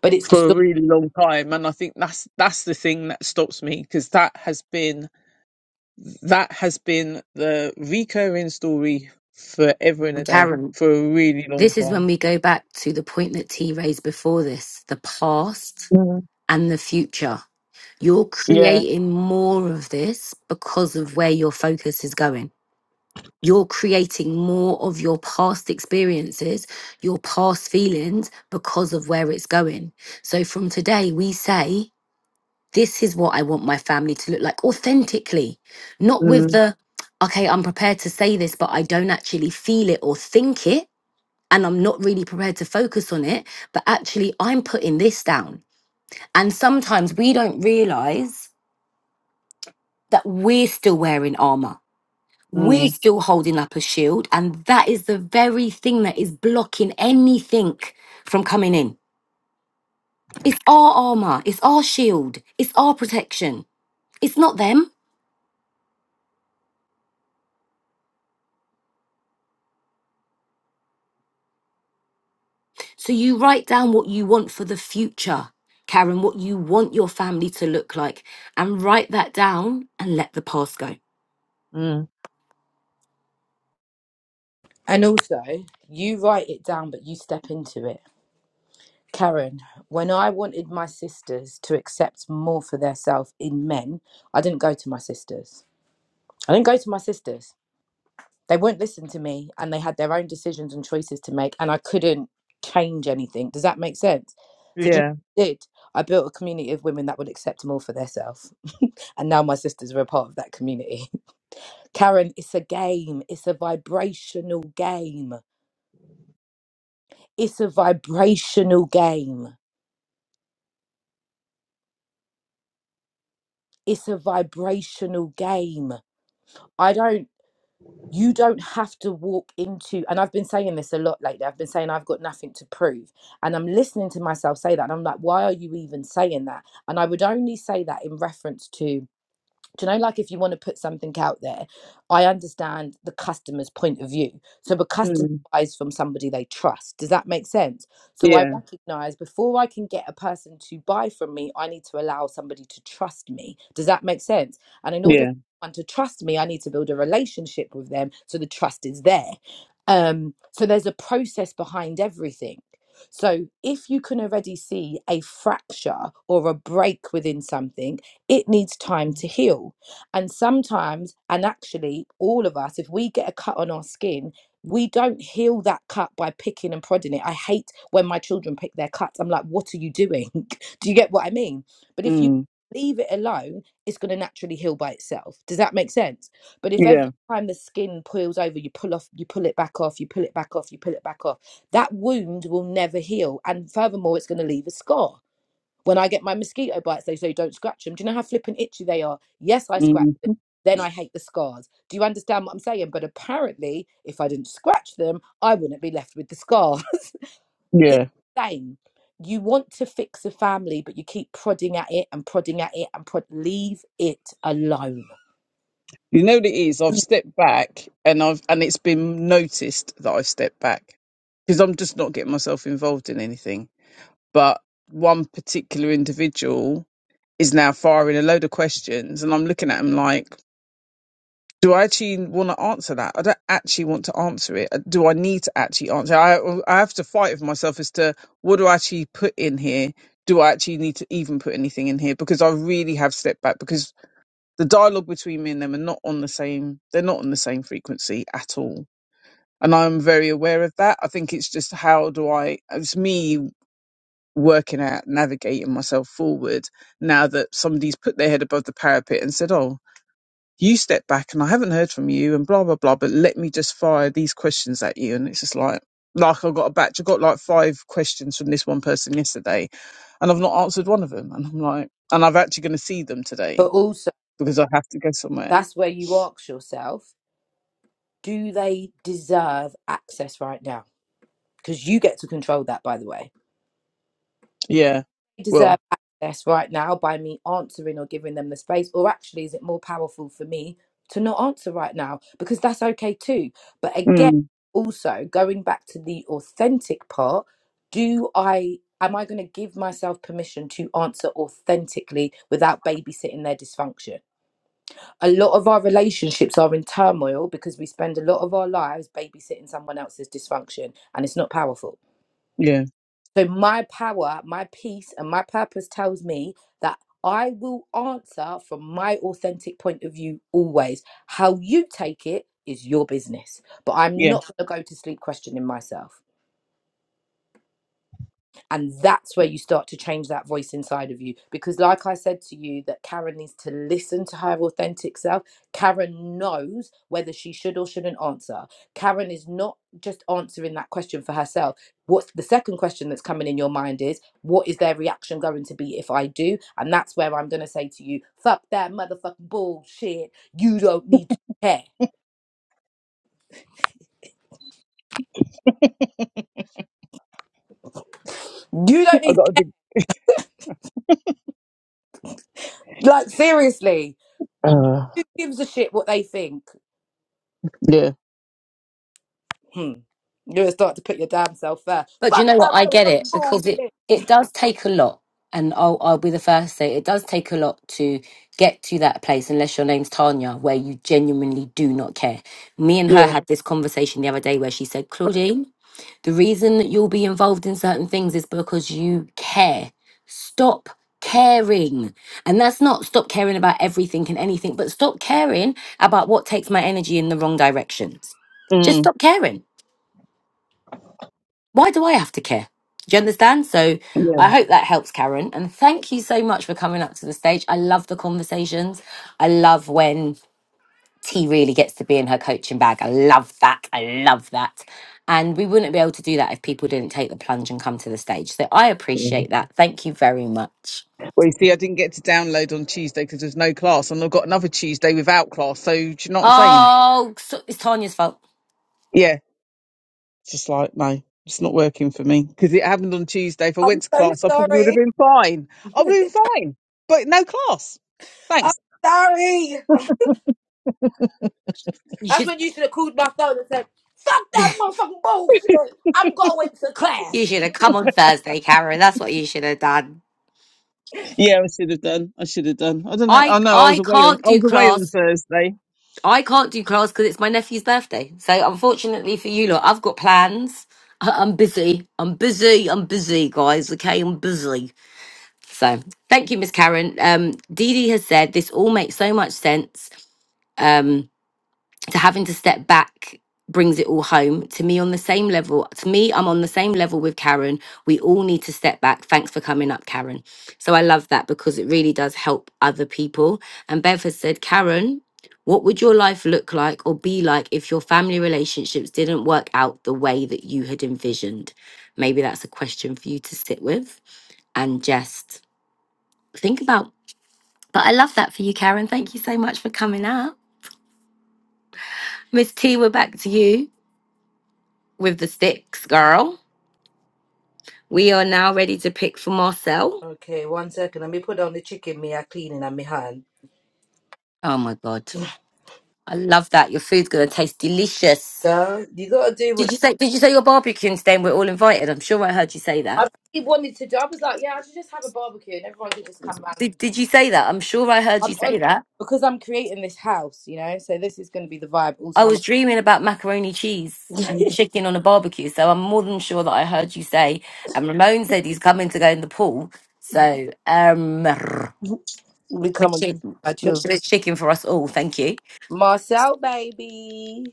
[SPEAKER 2] But it's the
[SPEAKER 4] for a
[SPEAKER 2] story.
[SPEAKER 4] really long time. And I think that's, that's the thing that stops me because that has been, that has been the recurring story forever and a
[SPEAKER 1] Carry. on.
[SPEAKER 4] day for a really long
[SPEAKER 1] This is when
[SPEAKER 4] time.
[SPEAKER 1] we go back to the point that T raised before this the past
[SPEAKER 4] Mm,
[SPEAKER 1] and the future. You're
[SPEAKER 4] yeah.
[SPEAKER 1] creating more of this because of where your focus is going. You're creating more of your past experiences, your past feelings because of where it's going. So from today, we say, this is what I want my family to look like authentically, not with
[SPEAKER 4] Mm,
[SPEAKER 1] the, okay, I'm prepared to say this, but I don't actually feel it or think it. And I'm not really prepared to focus on it, but actually, I'm putting this down. And sometimes we don't realize that we're still wearing armor. We're
[SPEAKER 4] mm,
[SPEAKER 1] still holding up a shield. And that is the very thing that is blocking anything from coming in. It's our armor, it's our shield, it's our protection. It's not them. So you write down what you want for the future, Karen, what you want your family to look like, and write that down and let the past go.
[SPEAKER 4] mm,
[SPEAKER 2] And also, you write it down, but you step into it. Karen, when I wanted my sisters to accept more for their self in men, I didn't go to my sisters. I didn't go to my sisters. they wouldn't listen to me and they had their own decisions and choices to make and i couldn't change anything does that make sense so do you know
[SPEAKER 4] yeah.
[SPEAKER 2] what i did i built a community of women that would accept them all for themselves [LAUGHS] and now my sisters are a part of that community [LAUGHS] karen it's a game it's a vibrational game it's a vibrational game it's a vibrational game i don't you don't have to walk into and i've been saying this a lot lately i've been saying i've got nothing to prove and i'm listening to myself say that and i'm like why are you even saying that and i would only say that in reference to do you know like if you want to put something out there i understand the customer's point of view so the customer
[SPEAKER 4] Mm,
[SPEAKER 2] buys from somebody they trust does that make sense so i
[SPEAKER 4] yeah.
[SPEAKER 2] recognize before i can get a person to buy from me i need to allow somebody to trust me does that make sense and in order for
[SPEAKER 4] Yeah.
[SPEAKER 2] someone to trust me i need to build a relationship with them so the trust is there um so there's a process behind everything so if you can already see a fracture or a break within something it needs time to heal. And sometimes, and actually, all of us, if we get a cut on our skin, we don't heal that cut by picking and prodding it. I hate when my children pick their cuts. I'm like, what are you doing? [LAUGHS] Do you get what I mean? But if you
[SPEAKER 4] Mm.
[SPEAKER 2] leave it alone, it's going to naturally heal by itself. Does that make sense? But if every
[SPEAKER 4] Yeah.
[SPEAKER 2] time the skin peels over, you pull off, you pull it back off, you pull it back off, you pull it back off, that wound will never heal. And furthermore, it's going to leave a scar. When I get my mosquito bites, they say don't scratch them. Do you know how flippin' itchy they are? Yes, I scratch
[SPEAKER 4] Mm.
[SPEAKER 2] them. Then I hate the scars. Do you understand what I'm saying? But apparently, if I didn't scratch them, I wouldn't be left with the scar. [LAUGHS] it's
[SPEAKER 4] Yeah.
[SPEAKER 2] the same. You want to fix a family, but you keep prodding at it and prodding at it and prod. Leave it alone.
[SPEAKER 4] You know what it is? I've stepped back and I've and it's been noticed that I've stepped back because I'm just not getting myself involved in anything. But one particular individual is now firing a load of questions and I'm looking at him like, do I actually want to answer that? I don't actually want to answer it. Do I need to actually answer? it? I I have to fight with myself as to what do I actually put in here? Do I actually need to even put anything in here? Because I really have stepped back because the dialogue between me and them are not on the same they're not on the same frequency at all and i'm very aware of that i think it's just how do i it's me working out navigating myself forward now that somebody's put their head above the parapet and said oh you step back and i haven't heard from you and blah blah blah but let me just fire these questions at you and it's just like like i got a batch i got like five questions from this one person yesterday and i've not answered one of them and i'm like and i've actually going to see them today
[SPEAKER 2] But also,
[SPEAKER 4] because i have to go somewhere
[SPEAKER 2] that's where you ask yourself, do they deserve access right now? Because you get to control that, by the way
[SPEAKER 4] Yeah. Well.
[SPEAKER 2] deserve access right now by me answering or giving them the space? Or actually, is it more powerful for me to not answer right now? Because that's okay too. But again,
[SPEAKER 4] Mm,
[SPEAKER 2] also going back to the authentic part, do I. Am I going to give myself permission to answer authentically without babysitting their dysfunction? A lot of our relationships are in turmoil because we spend a lot of our lives babysitting someone else's dysfunction and it's not powerful.
[SPEAKER 4] yeah.
[SPEAKER 2] So my power, my peace, and my purpose tells me that I will answer from my authentic point of view always. How you take it is your business. But I'm
[SPEAKER 4] Yeah.
[SPEAKER 2] not going to go to sleep questioning myself and that's where you start to change that voice inside of you because like i said to you that karen needs to listen to her authentic self karen knows whether she should or shouldn't answer karen is not just answering that question for herself what's the second question that's coming in your mind is what is their reaction going to be if i do and that's where i'm going to say to you fuck that motherfucking bullshit you don't need to care you don't
[SPEAKER 4] I
[SPEAKER 2] need
[SPEAKER 4] got a big.
[SPEAKER 2] like seriously
[SPEAKER 4] Uh,
[SPEAKER 2] who gives a shit what they think
[SPEAKER 4] yeah.
[SPEAKER 2] Hmm. You're gonna start to put your damn self there.
[SPEAKER 1] But do you
[SPEAKER 2] Fuck
[SPEAKER 1] know what?
[SPEAKER 2] that
[SPEAKER 1] I get it
[SPEAKER 2] motherfucking
[SPEAKER 1] because it
[SPEAKER 2] bullshit.
[SPEAKER 1] it does take a lot, and I'll I'll be the first to say it does take a lot to get to that place. Unless your name's Tanya, where you genuinely do not care. Me and her
[SPEAKER 4] Yeah.
[SPEAKER 1] had this conversation the other day where she said, "Claudine." The reason that you'll be involved in certain things is because you care. Stop caring. And that's not stop caring about everything and anything, but stop caring about what takes my energy in the wrong directions. Just
[SPEAKER 4] Mm,
[SPEAKER 1] stop caring. Why do I have to care? Do you understand? So
[SPEAKER 4] yeah.
[SPEAKER 1] I hope that helps, Karen. And thank you so much for coming up to the stage. I love the conversations. I love when tea really gets to be in her coaching bag. I love that. I love that. And we wouldn't be able to do that if people didn't take the plunge and come to the stage. So I
[SPEAKER 4] yeah.
[SPEAKER 1] appreciate that. Thank you very much.
[SPEAKER 4] Well, you see, I didn't get to download on Tuesday because there's no class, and I've got another Tuesday without class. So do you know what I'm saying?
[SPEAKER 1] Oh, so it's Tanya's fault.
[SPEAKER 4] Yeah. It's just like no, it's not working for me because it happened on Tuesday. If I
[SPEAKER 2] I'm
[SPEAKER 4] went to
[SPEAKER 2] so
[SPEAKER 4] class, I probably would have
[SPEAKER 2] sorry.
[SPEAKER 4] been fine. I would
[SPEAKER 2] [LAUGHS]
[SPEAKER 4] have been fine, but no class.
[SPEAKER 2] I'm
[SPEAKER 4] Thanks.
[SPEAKER 2] sorry.
[SPEAKER 1] You
[SPEAKER 2] That's
[SPEAKER 1] should
[SPEAKER 2] when you should have called my phone and said, Fuck that motherfucking bullshit. I'm going to
[SPEAKER 1] you
[SPEAKER 2] class.
[SPEAKER 1] should have come on Thursday, Karen. That's what you should have done.
[SPEAKER 4] Yeah, I should have done. I should have done. I don't know.
[SPEAKER 1] I
[SPEAKER 4] I know I was
[SPEAKER 1] I
[SPEAKER 4] away on.
[SPEAKER 1] can't
[SPEAKER 4] I
[SPEAKER 1] do
[SPEAKER 4] was away on
[SPEAKER 1] class.
[SPEAKER 4] Thursday.
[SPEAKER 1] I can't do class because it's my nephew's birthday. So unfortunately for you lot, I've got plans. [LAUGHS] I- I'm busy. I'm busy. I'm busy, guys. Okay, I'm busy. So thank you, Miss Karen. Um, Dee Dee has said this all makes so much sense. Um, to having to step back brings it all home to me on the same level. To me, I'm on the same level with Karen. We all need to step back. Thanks for coming up, Karen. So I love that because it really does help other people. And Bev has said, Karen. What would your life look like or be like if your family relationships didn't work out the way that you had envisioned? Maybe that's a question for you to sit with and just think about but I love that for you, Karen. Thank you so much for coming up. Miss T, we're back to you with the sticks, girl. We are now ready to pick for Marcel.
[SPEAKER 2] Okay, one second. Let me put on the chicken me I cleaning and my hand.
[SPEAKER 1] Oh my god. I love that. Your food's gonna taste delicious.
[SPEAKER 2] Girl, you gotta do what
[SPEAKER 1] Did you say did you say you're barbecuing today and we're all invited? I'm sure I heard you say that.
[SPEAKER 2] I really wanted to do. I was like, yeah, I should just have a barbecue and everyone could just come round. And...
[SPEAKER 1] Did did you say that? I'm sure I heard
[SPEAKER 2] I'm
[SPEAKER 1] you say
[SPEAKER 2] on
[SPEAKER 1] that.
[SPEAKER 2] because I'm creating this house, you know. So this is gonna be the vibe. all
[SPEAKER 1] I
[SPEAKER 2] summer.
[SPEAKER 1] was dreaming about macaroni cheese
[SPEAKER 2] [LAUGHS]
[SPEAKER 1] and chicken on a barbecue, so I'm more than sure that I heard you say and Ramon said he's coming to go in the pool. So um
[SPEAKER 2] we
[SPEAKER 1] Make
[SPEAKER 2] come and
[SPEAKER 1] sure,
[SPEAKER 2] my
[SPEAKER 1] make
[SPEAKER 2] children.
[SPEAKER 1] sure there's chicken for us all. Thank you.
[SPEAKER 2] Marcel, baby.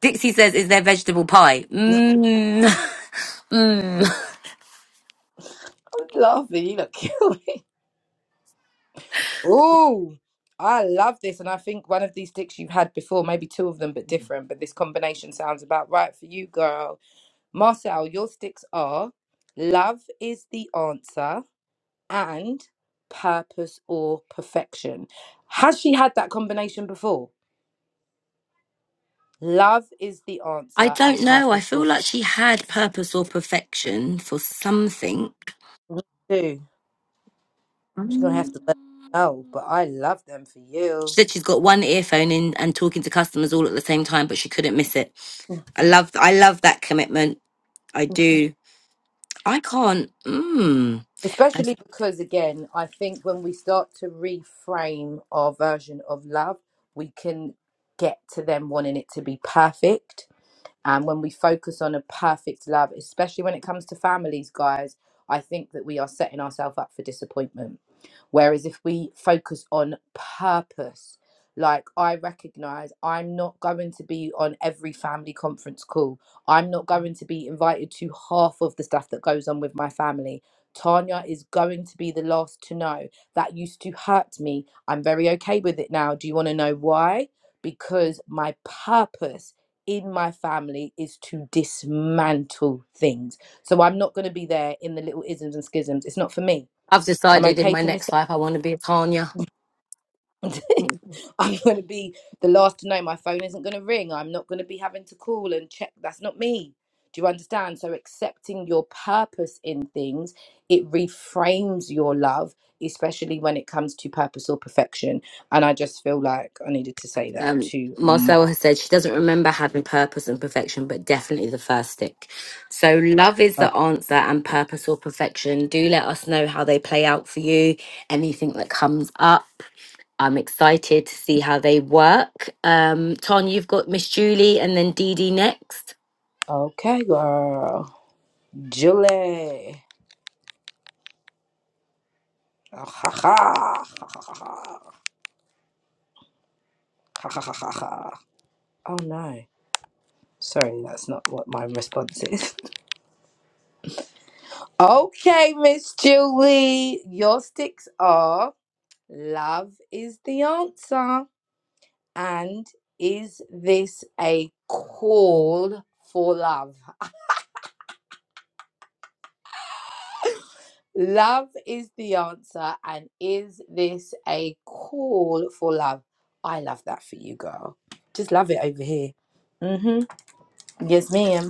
[SPEAKER 1] Dixie says, "Is there vegetable pie?" Mmm. [LAUGHS] Mmm.
[SPEAKER 2] I love it. You look [LAUGHS] cute. Ooh, I love this. And I think one of these sticks you've had before, maybe two of them, but different. But this combination sounds about right for you, girl. Marcel, your sticks are love is the answer and purpose or perfection. Has she had that combination before? Love is the
[SPEAKER 1] I
[SPEAKER 2] answer and
[SPEAKER 1] don't know. I
[SPEAKER 2] purpose
[SPEAKER 1] feel
[SPEAKER 2] or.
[SPEAKER 1] like she had purpose or perfection for something.
[SPEAKER 2] Me too. She's going to have
[SPEAKER 1] Mm.
[SPEAKER 2] to let me know, but I love them for
[SPEAKER 1] She
[SPEAKER 2] you.
[SPEAKER 1] said she's got one earphone in and talking to customers all at the same time, but she couldn't miss it. I love, I love that commitment. I do. I can't. Mmm. I've
[SPEAKER 2] Especially because, again, I think when we start to reframe our version of love, we can get to them wanting it to be perfect. And when we focus on a perfect love, especially when it comes to families, guys, I think that we are setting ourselves up for disappointment. Whereas if we focus on purpose, like I recognize I'm not going to be on every family conference call, I'm not going to be invited to half of the stuff that goes on with my family. Tanya is going to be the last to know. That used to hurt me. I'm very okay with it now. Do you want to know why? Because my purpose in my family is to dismantle things. So I'm not going to be there in the little isms and schisms. It's not for me.
[SPEAKER 1] I've
[SPEAKER 2] I'm
[SPEAKER 1] decided in
[SPEAKER 2] okay
[SPEAKER 1] my
[SPEAKER 2] to miss
[SPEAKER 1] next life I want to be a Tanya.
[SPEAKER 2] out.
[SPEAKER 1] Mhm.
[SPEAKER 2] [LAUGHS] I'm going to be the last to know. My phone isn't going to ring. I'm not going to be having to call and check. That's not me. Do you understand? So accepting your purpose in things, it reframes your love, especially when it comes to purpose or perfection. And I just feel like I needed to say that
[SPEAKER 1] Um,
[SPEAKER 2] to
[SPEAKER 1] Marcel
[SPEAKER 2] Ma.
[SPEAKER 1] has said she doesn't remember having purpose and perfection, but definitely the first stick. So, love is the answer, and purpose or perfection. Do let us know how they play out for you. Anything that comes up, I'm excited to see how they work. Um, Ton, you've got Miss Julie, and then Dee Dee next.
[SPEAKER 2] Okay, girl. Julie. [LAUGHS] Ha ha ha ha ha ha ha ha ha ha. Oh no. Sorry, that's not what my response is. [LAUGHS] okay, Miss Julie, your sticks are love is the answer. And is this a call for love? Love is the answer. And is this a call for love? I love that for you, girl. Just love it over here. Mm hmm. Yes, ma'am.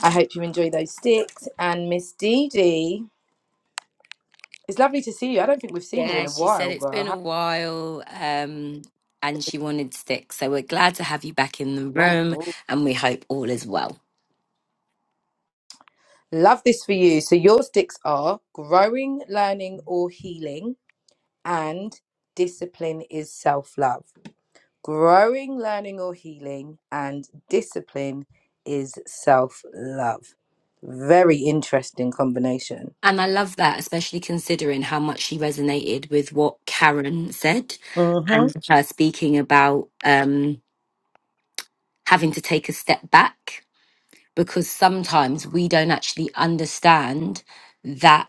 [SPEAKER 2] I hope you enjoy those sticks. And Miss Dee Dee, it's lovely to see you. I don't think we've seen you
[SPEAKER 1] Yeah,
[SPEAKER 2] in a
[SPEAKER 1] she said
[SPEAKER 2] while,
[SPEAKER 1] it's
[SPEAKER 2] girl.
[SPEAKER 1] been
[SPEAKER 2] How-
[SPEAKER 1] a while, um, and she wanted sticks. So we're glad to have you back in the room,
[SPEAKER 2] Ooh.
[SPEAKER 1] and we hope all is well.
[SPEAKER 2] Love this for you. So your sticks are growing, learning, or healing, and discipline is self love. Growing, learning, or healing, and discipline is self love. Very interesting combination.
[SPEAKER 1] And I love that, especially considering how much she resonated with what Karen said
[SPEAKER 2] Mm-hmm.
[SPEAKER 1] and her speaking about um, having to take a step back because sometimes we don't actually understand that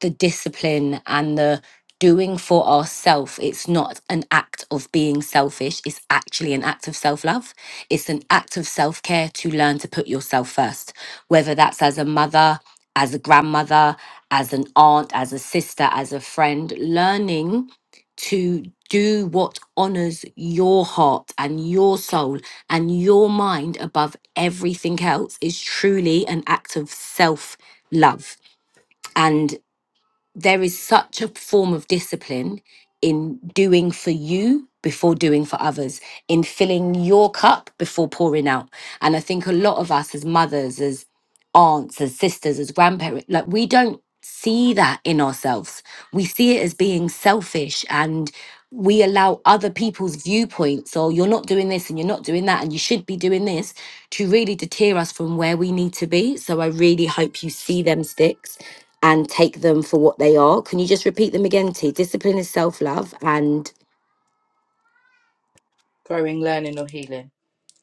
[SPEAKER 1] the discipline and the doing for ourselves it's not an act of being selfish it's actually an act of self-love it's an act of self-care to learn to put yourself first whether that's as a mother as a grandmother as an aunt as a sister as a friend learning to do what honors your heart and your soul and your mind above everything else is truly an act of self love. And there is such a form of discipline in doing for you before doing for others, in filling your cup before pouring out. And I think a lot of us as mothers, as aunts, as sisters, as grandparents, like we don't see that in ourselves. We see it as being selfish and we allow other people's viewpoints or you're not doing this and you're not doing that and you should be doing this to really deter us from where we need to be. So I really hope you see them sticks and take them for what they are. Can you just repeat them again, T? Discipline is self love and
[SPEAKER 2] Growing, learning, or healing.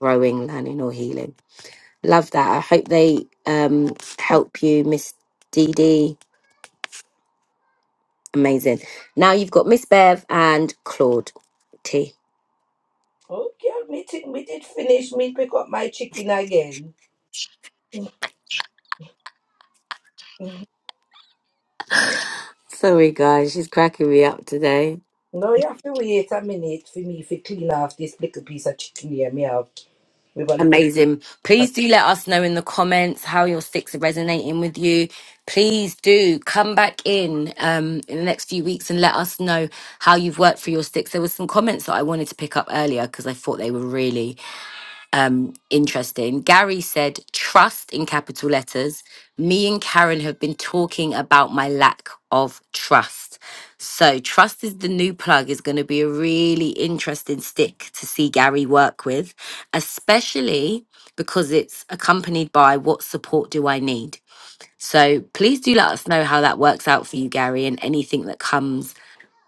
[SPEAKER 1] growing, learning, or healing. Love that. I hope they um, help you, Miss DD. Amazing. Now you've got Miss Bev and Claude T.
[SPEAKER 2] Okay, me, t- me did finish me pick up my chicken again. [LAUGHS]
[SPEAKER 1] Sorry, guys, she's cracking me up today.
[SPEAKER 2] No, you have to wait a minute for me to clean off this little piece of chicken here me have with a little
[SPEAKER 1] Amazing. Please do let us know in the comments how your sticks are resonating with you. Please do come back in um, in the next few weeks and let us know how you've worked for your sticks. There were some comments that I wanted to pick up earlier because I thought they were really um, interesting. Gary said, trust in capital letters. Me and Karen have been talking about my lack of trust. So, trust is the new plug, is going to be a really interesting stick to see Gary work with, especially because it's accompanied by what support do I need? So, please do let us know how that works out for you, Gary, and anything that comes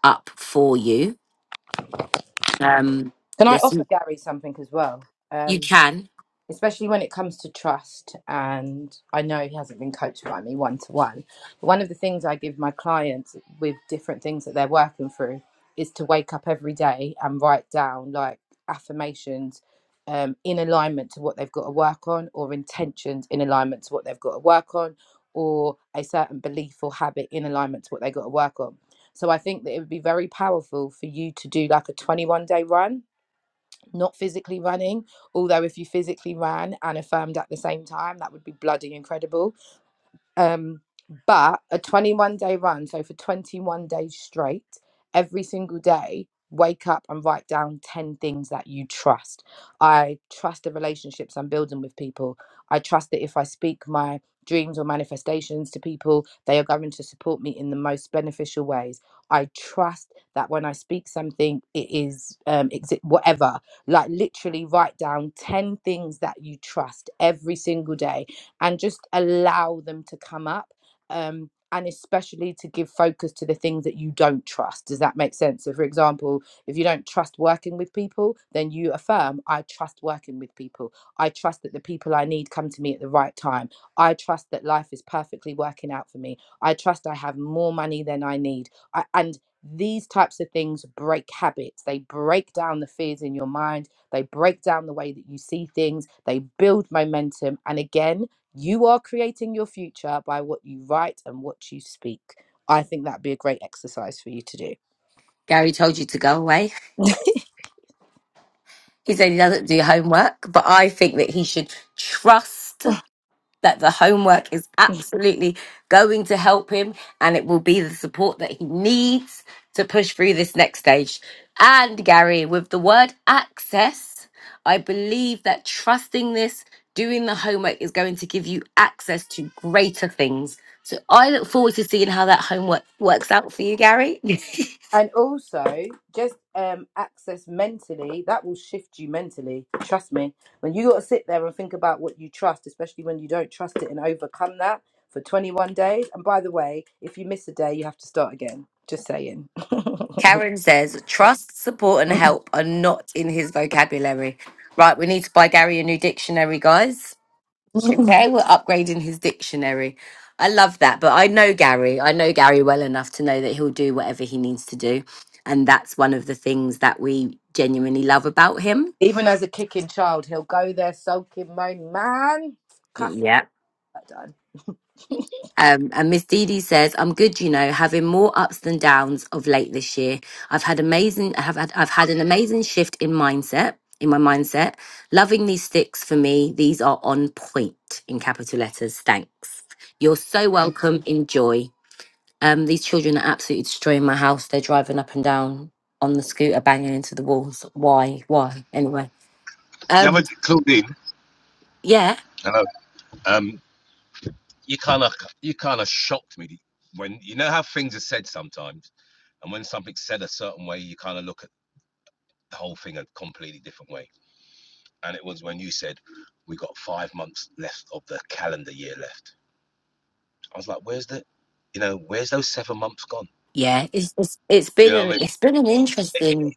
[SPEAKER 1] up for you. Um,
[SPEAKER 2] Can I offer
[SPEAKER 1] listen,
[SPEAKER 2] Gary something as well?
[SPEAKER 1] you
[SPEAKER 2] Um,
[SPEAKER 1] can.
[SPEAKER 2] especially when it comes to trust. And I know he hasn't been coached by me one to one. But one of the things I give my clients with different things that they're working through is to wake up every day and write down like affirmations um, in alignment to what they've got to work on, or intentions in alignment to what they've got to work on, or a certain belief or habit in alignment to what they've got to work on. So I think that it would be very powerful for you to do like a 21 day run not physically running. Although, if you physically ran and affirmed at the same time, that would be bloody incredible um, but a 21 day run, so for 21 days straight, every single day, wake up and write down 10 things that you trust. I trust the relationships I'm building with people. I trust that if I speak my dreams or manifestations to people, they are going to support me in the most beneficial ways. I trust that when I speak something, it is um, exi- whatever. Like literally write down 10 things that you trust every single day and just allow them to come up um, and especially to give focus to the things that you don't trust does that make sense so for example if you don't trust working with people then you affirm i trust working with people i trust that the people i need come to me at the right time i trust that life is perfectly working out for me i trust i have more money than i need I, and these types of things break habits they break down the fears in your mind they break down the way that you see things they build momentum and again you are creating your future by what you write and what you speak. I think that'd be a great exercise for you to do.
[SPEAKER 1] Gary told you to go away. [LAUGHS] He said he doesn't do homework, but I think that he should trust that the homework is absolutely going to help him and it will be the support that he needs to push through this next stage. And Gary, with the word access, I believe that trusting this, doing the homework is going to give you access to greater things. So I look forward to seeing how that homework works out for you, Gary. [LAUGHS]
[SPEAKER 2] And also, just um, access mentally, that will shift you mentally. Trust me. When you got to sit there and think about what you trust, especially when you don't trust it and overcome that for 21 days. And by the way, if you miss a day, you have to start again. Just saying. [LAUGHS]
[SPEAKER 1] Karen says, trust, support, and help are not in his vocabulary. Right, we need to buy Gary a new dictionary, guys. Okay, we're upgrading his dictionary. I love that, but I know Gary. I know Gary well enough to know that he'll do whatever he needs to do. And that's one of the things that we genuinely love about him.
[SPEAKER 2] Even as a kicking child, he'll go there sulking, moaning, man, cussing,
[SPEAKER 1] Yeah.
[SPEAKER 2] that done. [LAUGHS]
[SPEAKER 1] Um, and Miss Dee Dee says, "I'm good, you know, having more ups than downs of late this year. I've had amazing. I have had. I've had an amazing shift in mindset. In my mindset, loving these sticks for me. These are on point in capital letters. Thanks. You're so welcome. Enjoy. Um, these children are absolutely destroying my house. They're driving up and down on the scooter, banging into the walls. Why? Why? Anyway.
[SPEAKER 3] The
[SPEAKER 1] Um,
[SPEAKER 3] other Claudine,
[SPEAKER 1] yeah,
[SPEAKER 3] hello. Um, you kind of you kind of shocked me when you know how things are said sometimes, and when something's said a certain way, you kind of look at the whole thing a completely different way. And it was when you said we got five months left of the calendar year left. I was like, where's the, you know, where's those seven months gone?
[SPEAKER 1] yeah. It's it's, it's
[SPEAKER 3] You
[SPEAKER 1] been
[SPEAKER 3] know what
[SPEAKER 1] an,
[SPEAKER 3] I mean? It-
[SPEAKER 1] it's been an interesting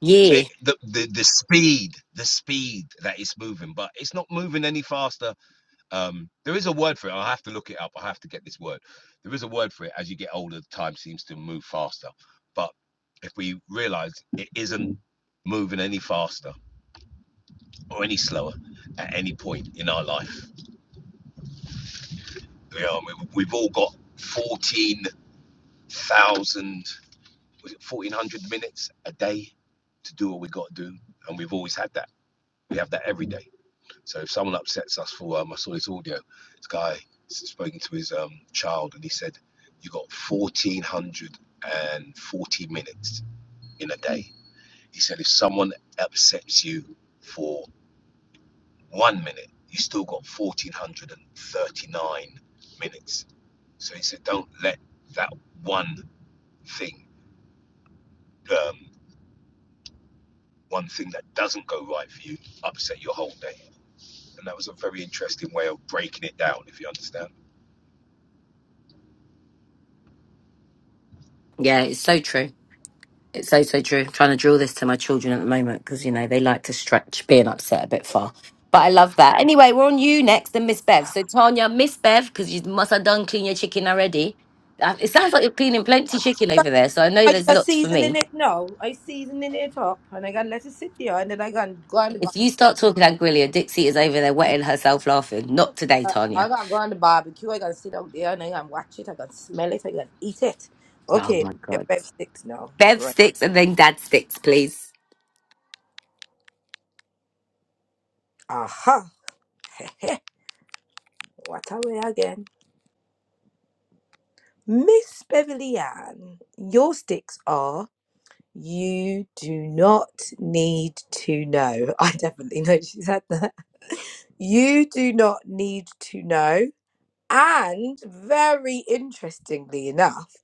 [SPEAKER 1] year.
[SPEAKER 3] it, the, the the speed, the speed that it's moving, but it's not moving any faster Um, there is a word for it. i have to look it up. I have to get this word. There is a word for it. As you get older, time seems to move faster. But if we realize it isn't moving any faster or any slower at any point in our life, you know, we've all got 14,000, was it 1,400 minutes a day to do what we got to do. And we've always had that. We have that every day. So if someone upsets us for, um, I saw this audio, this guy spoke to his um, child and he said, you got 1,440 minutes in a day. He said, if someone upsets you for one minute, you still got 1,439 minutes. So he said, don't let that one thing, um, one thing that doesn't go right for you, upset your whole day. And that was a very interesting way of breaking it down, if you understand.
[SPEAKER 1] Yeah, it's so true." It's so so true. I'm trying to drill this to my children at the moment because you know they like to stretch being upset a bit far. But I love that. Anyway, we're on you next, and Miss Bev. So Tanya, Miss Bev, because you must have done clean your chicken already. Uh, It sounds like you're cleaning plenty chicken over there, so I know
[SPEAKER 2] I
[SPEAKER 1] there's
[SPEAKER 2] just
[SPEAKER 1] lots for
[SPEAKER 2] seasoning
[SPEAKER 1] me.
[SPEAKER 2] it now. I seasoning it up and I gotta let it sit there and then I gotta go on the bar-
[SPEAKER 1] If you start talking angrily, Dixie is over there wetting herself laughing. Not today,
[SPEAKER 2] I
[SPEAKER 1] Tanya.
[SPEAKER 2] gotta go on the barbecue, I gotta sit out there and I gotta watch it, I gotta smell it, I gotta eat it.
[SPEAKER 1] Oh
[SPEAKER 2] Okay,
[SPEAKER 1] my god.
[SPEAKER 2] get Bev sticks now.
[SPEAKER 1] Bev
[SPEAKER 2] Right.
[SPEAKER 1] sticks and then dad sticks, please.
[SPEAKER 2] Aha. [LAUGHS] Heh heh. what are we again? Miss Beverly Ann, your sticks are you do not need to know. [LAUGHS] I definitely know she's had that. You do not need to know. And very interestingly enough,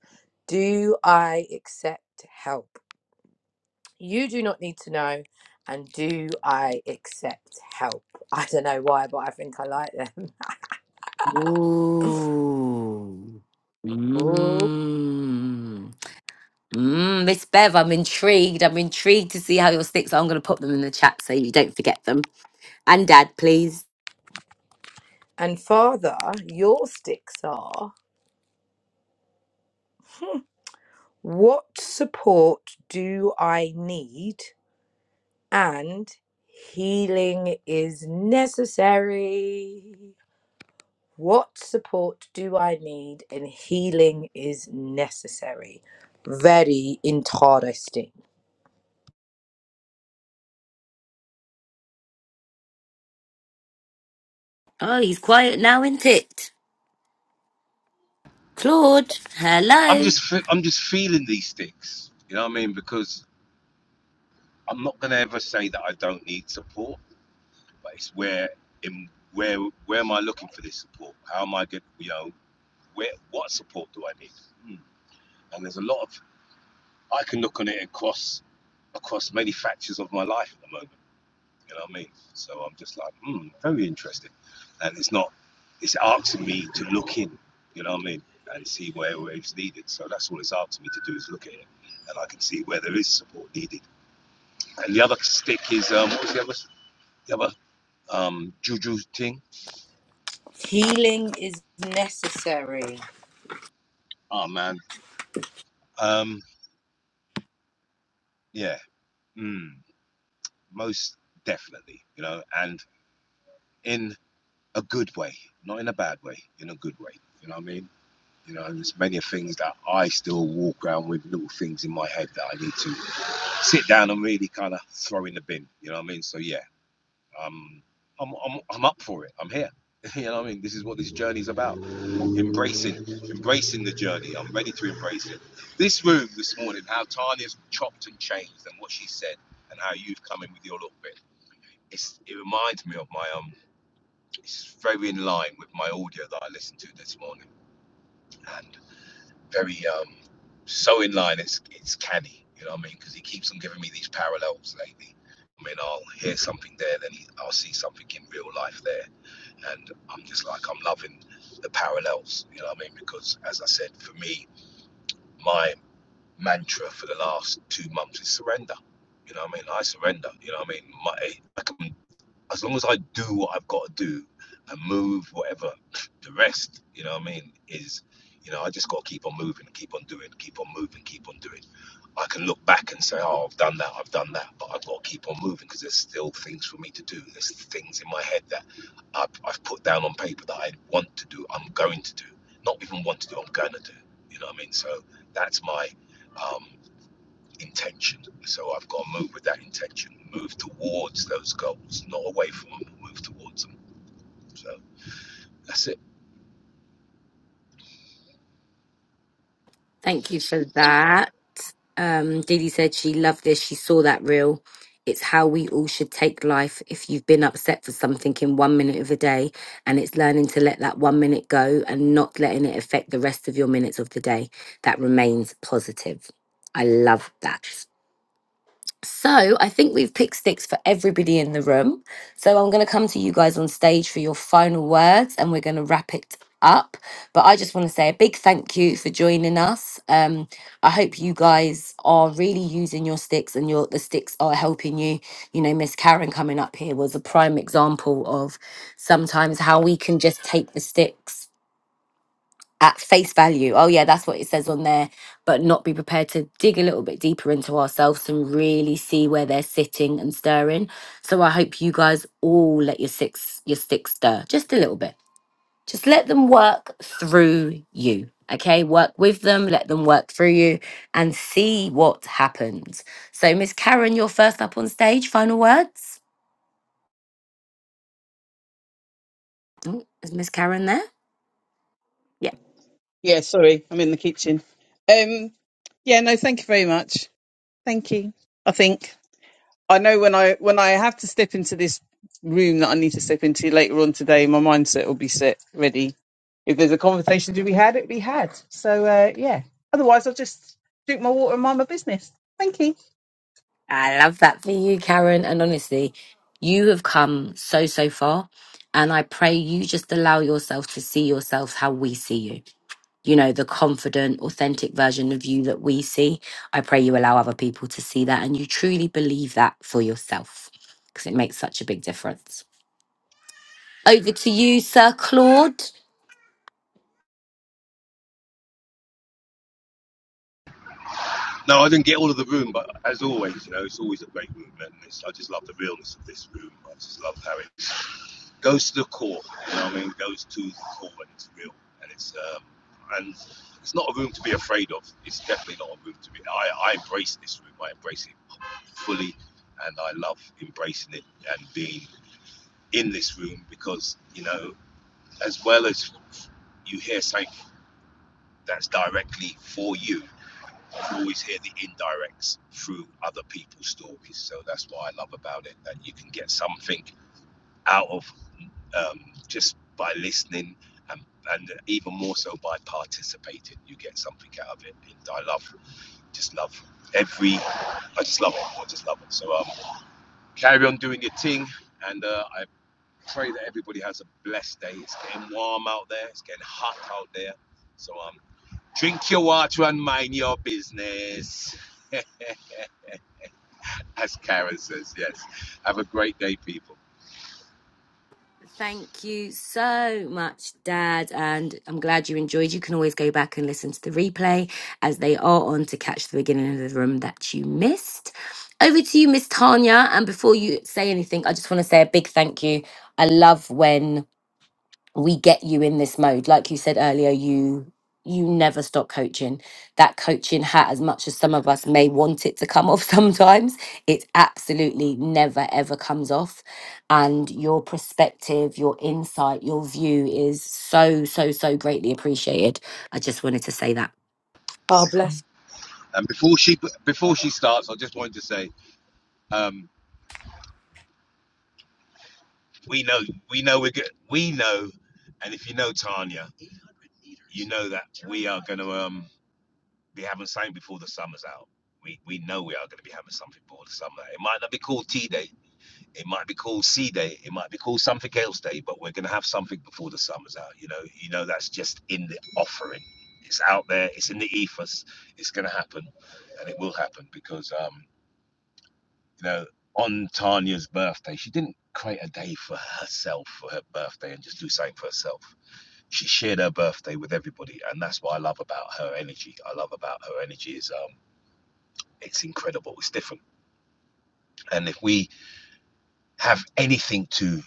[SPEAKER 2] do I accept help? You do not need to know. And do I accept help? [LAUGHS] I don't know why, but I think I like them.
[SPEAKER 1] Ooh.
[SPEAKER 2] [LAUGHS] Ooh.
[SPEAKER 1] Mmm. Mmm. Miss Bev, I'm intrigued. I'm intrigued to see how your sticks are. I'm going to pop them in the chat so you don't forget them. And dad, please.
[SPEAKER 2] And Father, your sticks are hmm, what support do I need? And healing is necessary. What support do I need and healing is necessary? Very interesting.
[SPEAKER 1] Oh, he's quiet now, isn't it? Claude,
[SPEAKER 3] I'm
[SPEAKER 1] hello.
[SPEAKER 3] just fe- I'm just feeling these sticks. You know what I mean? Because I'm not gonna ever say that I don't need support, but it's where in where where am I looking for this support? How am I get you know where what support do I need? Hmm. And there's a lot of I can look on it across across many factors of my life at the moment. You know what I mean? So I'm just like, hmm, very interesting. And it's not, it's asking me to look in, you know what I mean? And see where, where it's needed. So that's all it's asking me to do is look at it. And I can see where there is support needed. And the other stick is, um, what was the other, the other, um, juju thing?
[SPEAKER 2] Healing is necessary.
[SPEAKER 3] Oh man. Um, yeah. Mm, most definitely, you know, and in a good way, not in a bad way, in a good way. You know what I mean? You know, there's many things that I still walk around with little things in my head that I need to sit down and really kind of throw in the bin. You know what I mean? So yeah, um, I'm I'm I'm up for it. I'm here. [LAUGHS] you know what I mean? This is what this journey is about. Embracing, embracing the journey. I'm ready to embrace it. This room this morning, how Tanya's chopped and changed, and what she said, and how you've come in with your little bit. It's, it reminds me of my um. It's very in line with my audio that I listened to this morning, And. very um, so in line. It's it's canny, you know what I mean? Because he keeps on giving me these parallels lately. I mean, I'll hear something there, then he, I'll see something in real life there, and I'm just like I'm loving the parallels, you know what I mean? Because as I said, for me, my mantra for the last two months is surrender. You know what I mean? I surrender. You know what I mean? My, I can as long as I do what I've got to do and move whatever, the rest, you know what I mean, is, you know, I just got to keep on moving, keep on doing, keep on moving, keep on doing. I can look back and say, oh, I've done that, I've done that, but I've got to keep on moving because there's still things for me to do. There's things in my head that I've, I've put down on paper that I want to do, I'm going to do, not even want to do, I'm going to do. You know what I mean? So that's my um, intention. So I've got to move with that intention, move towards those goals, not away from them, move towards them. So that's it.
[SPEAKER 1] Thank you for that. Um, Didi said she loved this. She saw that reel. It's how we all should take life. If you've been upset for something in one minute of the day, and it's learning to let that one minute go and not letting it affect the rest of your minutes of the day, that remains positive. I love that. So I think we've picked sticks for everybody in the room. So I'm going to come to you guys on stage for your final words, and we're going to wrap it up. But I just want to say a big thank you for joining us. Um, I hope you guys are really using your sticks, and your the sticks are helping you. You know, Miss Karen coming up here was a prime example of sometimes how we can just take the sticks at face value. Oh, yeah, that's what it says on there, but not be prepared to dig a little bit deeper into ourselves and really see where they're sitting and stirring. So I hope you guys all let your six your sticks stir just a little bit. Just let them work through you. Okay, work with them, let them work through you and see what happens. So, Miss Karen, you're first up on stage. Final words? Oh, Is Miss Karen there? Yeah.
[SPEAKER 4] Yeah, sorry, I'm in the kitchen. Um, yeah, no, thank you very much. Thank you. I think I know when I when I have to step into this room that I need to step into later on today, my mindset will be set ready. If there's a conversation to be had, it'll be had. So uh, yeah. Otherwise, I'll just drink my water and mind my business. Thank you.
[SPEAKER 1] I love that for you, Karen. And honestly, you have come so, so far. And I pray you just allow yourself to see yourself how we see you. You know, the confident, authentic version of you that we see. I pray you allow other people to see that and you truly believe that for yourself because it makes such a big difference. Over to you, Sir Claude.
[SPEAKER 3] No, I didn't get all of the room, but as always, you know, it's always a great room, and it's, I just love the realness of this room. I just love how it goes to the core. You know, what I mean, It goes to the core, and it's real, and it's um, and it's not a room to be afraid of. It's definitely not a room to be. I, I embrace this room. I embrace it fully, and I love embracing it and being in this room because you know. as well as you hear something that's directly for you, you always hear the indirects through other people's stories. So that's what I love about it that you can get something out of um, just by listening. And, and even more so by participating, you get something out of it. And I love, just love every, I just love it. I just love it. So um, carry on doing your thing, and uh, I pray that everybody has a blessed day. It's getting warm out there. It's getting hot out there. So um, Drink your water and mind your business. [LAUGHS] As Karen says, yes. Have a great day, people.
[SPEAKER 1] Thank you so much, Dad. And I'm glad you enjoyed. You can always go back and listen to the replay as they are on to catch the beginning of the room that you missed. Over to you, Miss Tanya. And before you say anything, I just want to say a big thank you. I love when we get you in this mode like you said earlier you you never stop coaching that coaching hat as much as some of us may want it to come off [LAUGHS] sometimes it absolutely never ever comes off and your perspective your insight your view is so so so greatly appreciated i just wanted to say that
[SPEAKER 2] Oh, bless.
[SPEAKER 3] And before she before she starts, I just wanted to say, um, we know we know we're good. We know, and if you know Tanya, you know that we are going to um, be having something before the summer's out. We we know we are going to be having something before the summer. It might not be called Tea Day, It might be called Sea Day. It might be called something else day. But we're gonna have something before the summer's out. You know, you know that's just in the offering. It's out there. It's in the ethos. It's gonna happen, and it will happen because um, you know, on Tanya's birthday, she didn't create a day for herself for her birthday and just do something for herself. She shared her birthday with everybody, and that's what I love about her energy. I love about her energy is um, it's incredible. It's different, and if we have anything to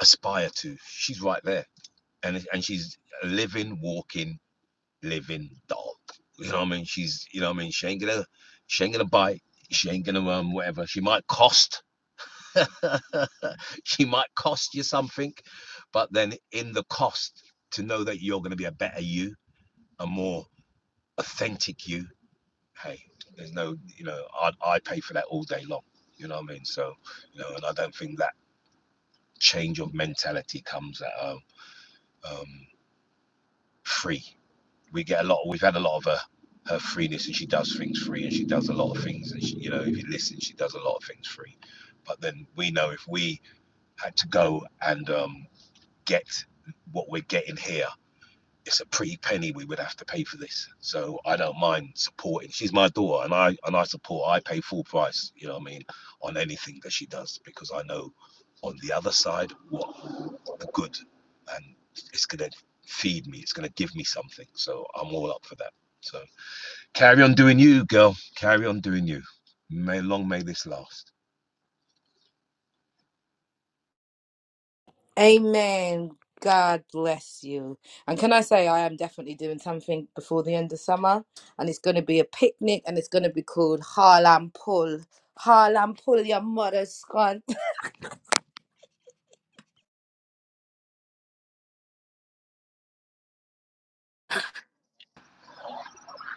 [SPEAKER 3] aspire to, she's right there and and she's a living, walking, living dog. You know what I mean? She's you know what I mean. She ain't gonna she ain't gonna bite. She ain't gonna um whatever. She might cost. [LAUGHS] she might cost you something, but then in the cost, to know that you're gonna be a better you, a more authentic you. Hey, there's no you know I I pay for that all day long. You know what I mean? So you know, and I don't think that change of mentality comes at um, um free. we get a lot. We've had a lot of her her freeness, and she does things free, and she does a lot of things. And she, you know, if you listen, she does a lot of things free. But then we know if we had to go and um, get what we're getting here, it's a pretty penny we would have to pay for this. So I don't mind supporting. She's my daughter, and I and I support. I pay full price. You know what I mean on anything that she does because I know on the other side what the good, and it's gonna feed me. It's gonna give me something. So I'm all up for that. So carry on doing you, girl. Carry on doing you. May long may this last.
[SPEAKER 2] Amen. God bless you. And can I say, I am definitely doing something before the end of summer, and it's going to be a picnic, and it's going to be called Harlem Pull. Harlem Pull, your mother's gone.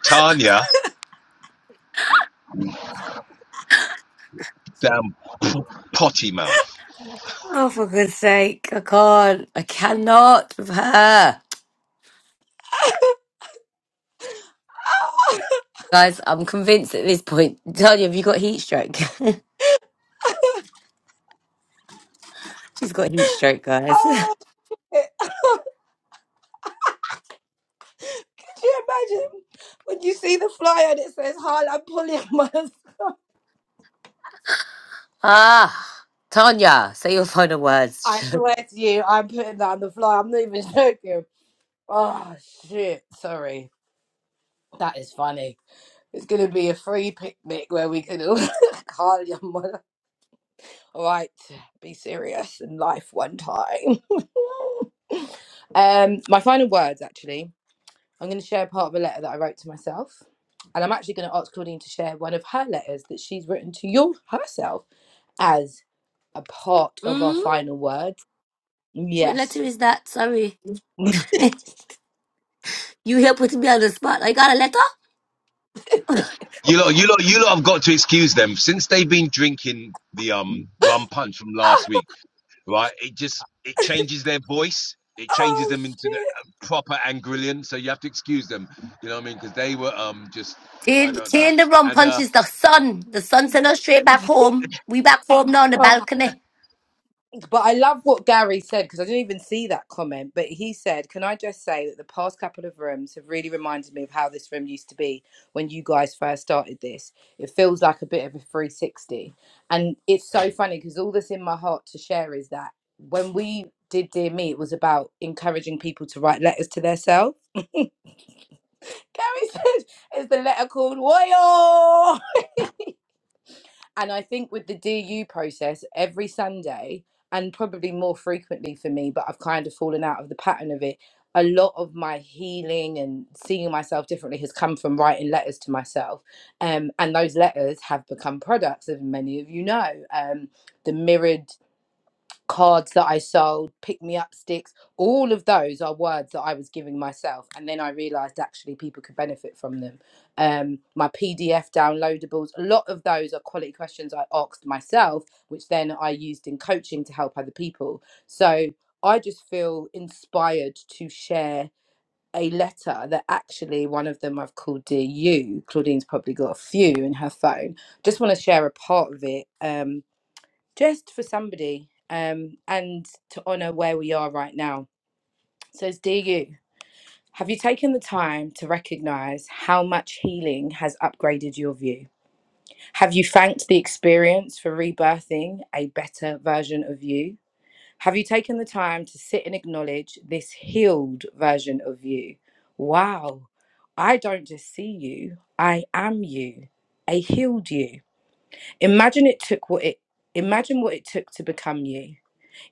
[SPEAKER 3] Tanya, damn potty mouth.
[SPEAKER 1] Oh, for goodness sake, I can't. I cannot with her. Guys, I'm convinced at this point. Tanya, have you got heat stroke? [LAUGHS] She's got heat stroke, guys. [LAUGHS]
[SPEAKER 2] [LAUGHS] Do you imagine when you see the flyer that says Harlem Polymers?
[SPEAKER 1] Ah, Tanya, say your final
[SPEAKER 2] I
[SPEAKER 1] words.
[SPEAKER 2] swear to you, I'm putting that on the flyer. I'm not even [LAUGHS] joking. Oh shit! Sorry, that is funny. It's gonna be a free picnic where we can all [LAUGHS] Harlem. All right, be serious in life one time. [LAUGHS] um, my final words actually. I'm gonna share part of a letter that I wrote to myself. And I'm actually going to ask Claudine to share one of her letters that she's written to you herself as. a part
[SPEAKER 1] [LAUGHS]
[SPEAKER 2] of our
[SPEAKER 1] Mm.
[SPEAKER 2] final words.
[SPEAKER 1] What
[SPEAKER 2] Yes.
[SPEAKER 1] letter is that? Sorry.
[SPEAKER 2] [LAUGHS]
[SPEAKER 1] [LAUGHS] you here putting me on the spot. I got a letter?
[SPEAKER 3] You lot, you lot, you lot have got to excuse them since they've been drinking the um rum punch from last week, right? It just it changes their voice. It changes
[SPEAKER 2] oh
[SPEAKER 3] them into the
[SPEAKER 2] shit.
[SPEAKER 3] uh, proper Angrillian. So you have to excuse them. You know what I mean? Because they were um just
[SPEAKER 1] Tin
[SPEAKER 3] I don't know.
[SPEAKER 1] tin the rum
[SPEAKER 3] And uh
[SPEAKER 1] punches the sun. The sun sent us straight back home. We back home now on the
[SPEAKER 2] Oh.
[SPEAKER 1] balcony.
[SPEAKER 2] But I love what Gary said because I didn't even see that comment. But he said, Can I just say that the past couple of rooms have really reminded me of how this room used to be when you guys first started this? It feels like a bit of a 360. And it's so funny because all that's in my heart to share is that when we did Dear Me, it was about encouraging people to write letters to themselves. Gary [LAUGHS] says, Is the letter called Royal? And I think with the DU process, every Sunday, and probably more frequently for me, but I've kind of fallen out of the pattern of it. A lot of my healing and seeing myself differently has come from writing letters to myself. Um, and those letters have become products, as many of you know. Um, the mirrored cards that I sold, pick me up sticks, all of those are words that I was giving myself. And then I realized actually people could benefit from them. Um, my PDF downloadables, a lot of those are quality questions I asked myself, which then I used in coaching to help other people. So I just feel inspired to share a letter that actually one of them I've called Dear You. Claudine's probably got a few in her phone. Just want to share a part of it. Um, just for somebody um, and to honor where we are right now. So, it's DU, have you taken the time to recognize how much healing has upgraded your view? Have you thanked the experience for rebirthing a better version of you? Have you taken the time to sit and acknowledge this healed version of you? Wow, I don't just see you, I am you, a healed you. Imagine it took what it imagine what it took to become you.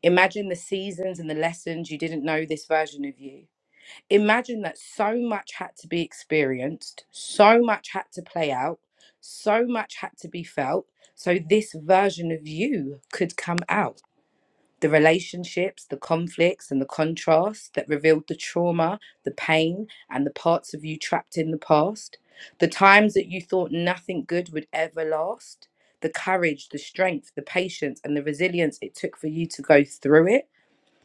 [SPEAKER 2] Imagine the seasons and the lessons you didn't know this version of you. Imagine that so much had to be experienced, so much had to play out, so much had to be felt, so this version of you could come out. The relationships, the conflicts, and the contrasts that revealed the trauma, the pain, and the parts of you trapped in the past. The times that you thought nothing good would ever last. The courage, the strength, the patience, and the resilience it took for you to go through it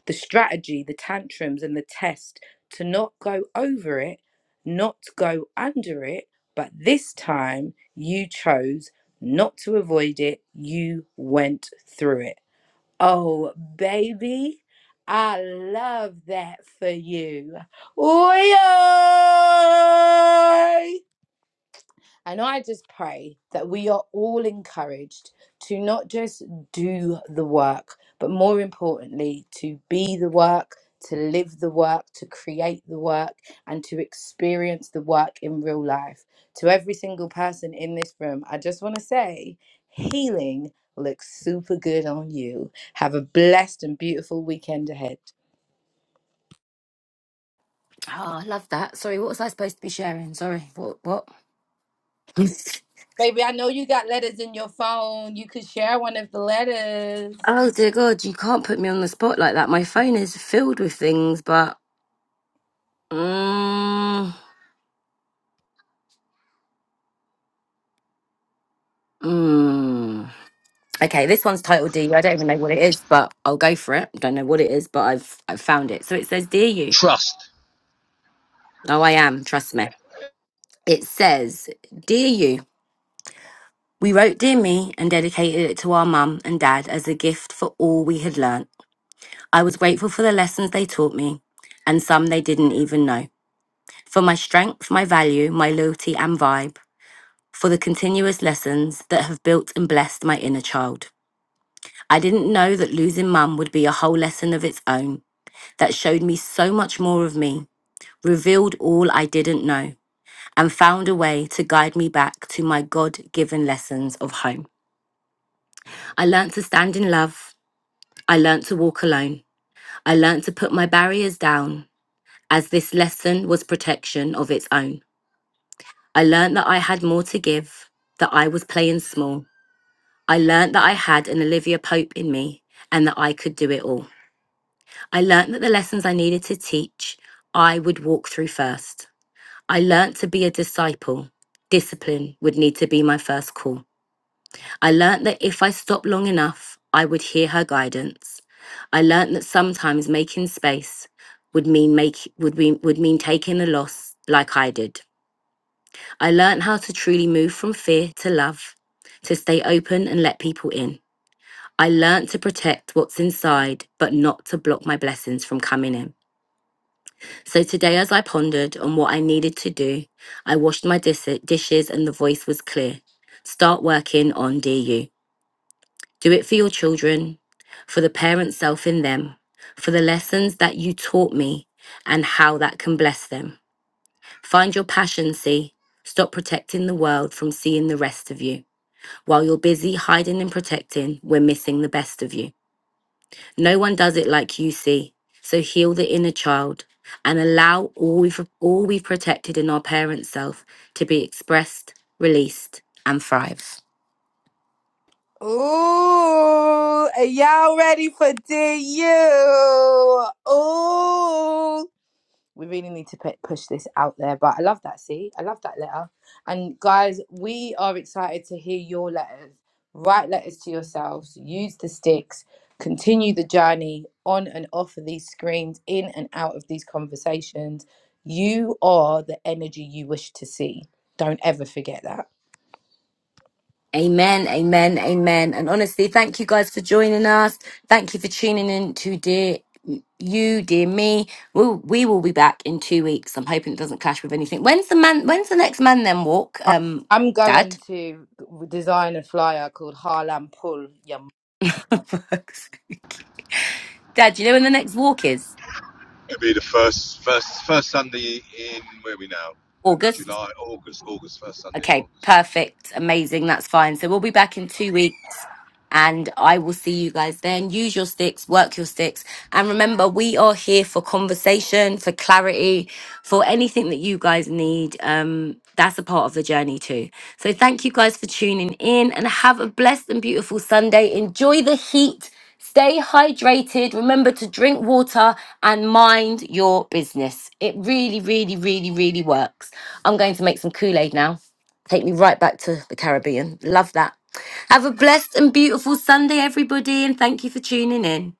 [SPEAKER 2] the strategy, the tantrums, and the test to not go over it, not go under it. But this time you chose not to avoid it, you went through it. Oh, baby, I love that for you. Oi! And I just pray that we are all encouraged to not just do the work, but more importantly, to be the work, to live the work, to create the work, and to experience the work in real life. To every single person in this room, I just want to say healing looks super good on you. Have a blessed and beautiful weekend ahead.
[SPEAKER 1] Oh, I love that. Sorry, what was I supposed to be sharing? Sorry. What what? [LAUGHS]
[SPEAKER 2] Baby, I know you got letters in your phone. You could share one of the letters.
[SPEAKER 1] oh dear god, you can't put me on the spot like that. My phone is filled with things, but mm, mm. Okay, this one's titled Dear You. I don't even know what it is, but I'll go for it. Don't know what it is, but I've I've found it. So it says Dear You.
[SPEAKER 3] trust.
[SPEAKER 1] No, I am, trust me. It says, Dear you, we wrote, 'Dear Me and dedicated it to our mum and dad as a gift for all we had learnt. I was grateful for the lessons they taught me and some they didn't even know. For my strength, my value, my loyalty and vibe. For the continuous lessons that have built and blessed my inner child. I didn't know that losing mum would be a whole lesson of its own that showed me so much more of me, revealed all I didn't know, and found a way to guide me back to my God given lessons of home. I learned to stand in love. I learned to walk alone. I learned to put my barriers down, as this lesson was protection of its own. I learned that I had more to give, that I was playing small. I learned that I had an Olivia Pope in me and that I could do it all. I learned that the lessons I needed to teach, I would walk through first. I learned to be a disciple. Discipline would need to be my first call. I learnt that if I stopped long enough, I would hear her guidance. I learnt that sometimes making space would mean make would mean, would mean taking a loss like I did. I learnt how to truly move from fear to love, to stay open and let people in. I learnt to protect what's inside, but not to block my blessings from coming in. So today, as I pondered on what I needed to do, I washed my dis- dishes and the voice was clear. Start working on DU. Do it for your children, for the parent self in them, for the lessons that you taught me and how that can bless them. Find your passion, see. Stop protecting the world from seeing the rest of you. While you're busy hiding and protecting, we're missing the best of you. No one does it like you see. So heal the inner child and allow all we've all we've protected in our parent self to be expressed, released, and thrive.
[SPEAKER 2] Ooh, are y'all ready for DU? Ooh, we really need to pu- push this out there. But I love that. See, I love that letter. And guys, we are excited to hear your letters. Write letters to yourselves. Use the sticks. Continue the journey on and off of these screens, in and out of these conversations. You are the energy you wish to see. Don't ever forget that.
[SPEAKER 1] Amen, amen, amen. And honestly, thank you guys for joining us. Thank you for tuning in to dear you, dear me. We'll, we will be back in two weeks. I'm hoping it doesn't clash with anything. When's the man? When's the next man then walk?
[SPEAKER 2] I-
[SPEAKER 1] Um,
[SPEAKER 2] I'm going
[SPEAKER 1] Dad.
[SPEAKER 2] to design a flyer called Harlem Pull. Yum.
[SPEAKER 1] [LAUGHS] Fuck's sake. Dad, do you know when the next walk is?
[SPEAKER 3] It'll be the first first first Sunday in where are we now?
[SPEAKER 1] August.
[SPEAKER 3] July, August, August, first Sunday in
[SPEAKER 1] Okay,
[SPEAKER 3] August.
[SPEAKER 1] perfect, amazing. That's fine. So we'll be back in two weeks. And I will see you guys then. Use your sticks, work your sticks. And remember, we are here for conversation, for clarity, for anything that you guys need. Um, that's a part of the journey too. So thank you guys for tuning in and have a blessed and beautiful Sunday. Enjoy the heat. Stay hydrated. Remember to drink water and mind your business. It really, really, really, really works. I'm going to make some Kool Aid now. Take me right back to the Caribbean. Love that. Have a blessed and beautiful Sunday, everybody, and thank you for tuning in.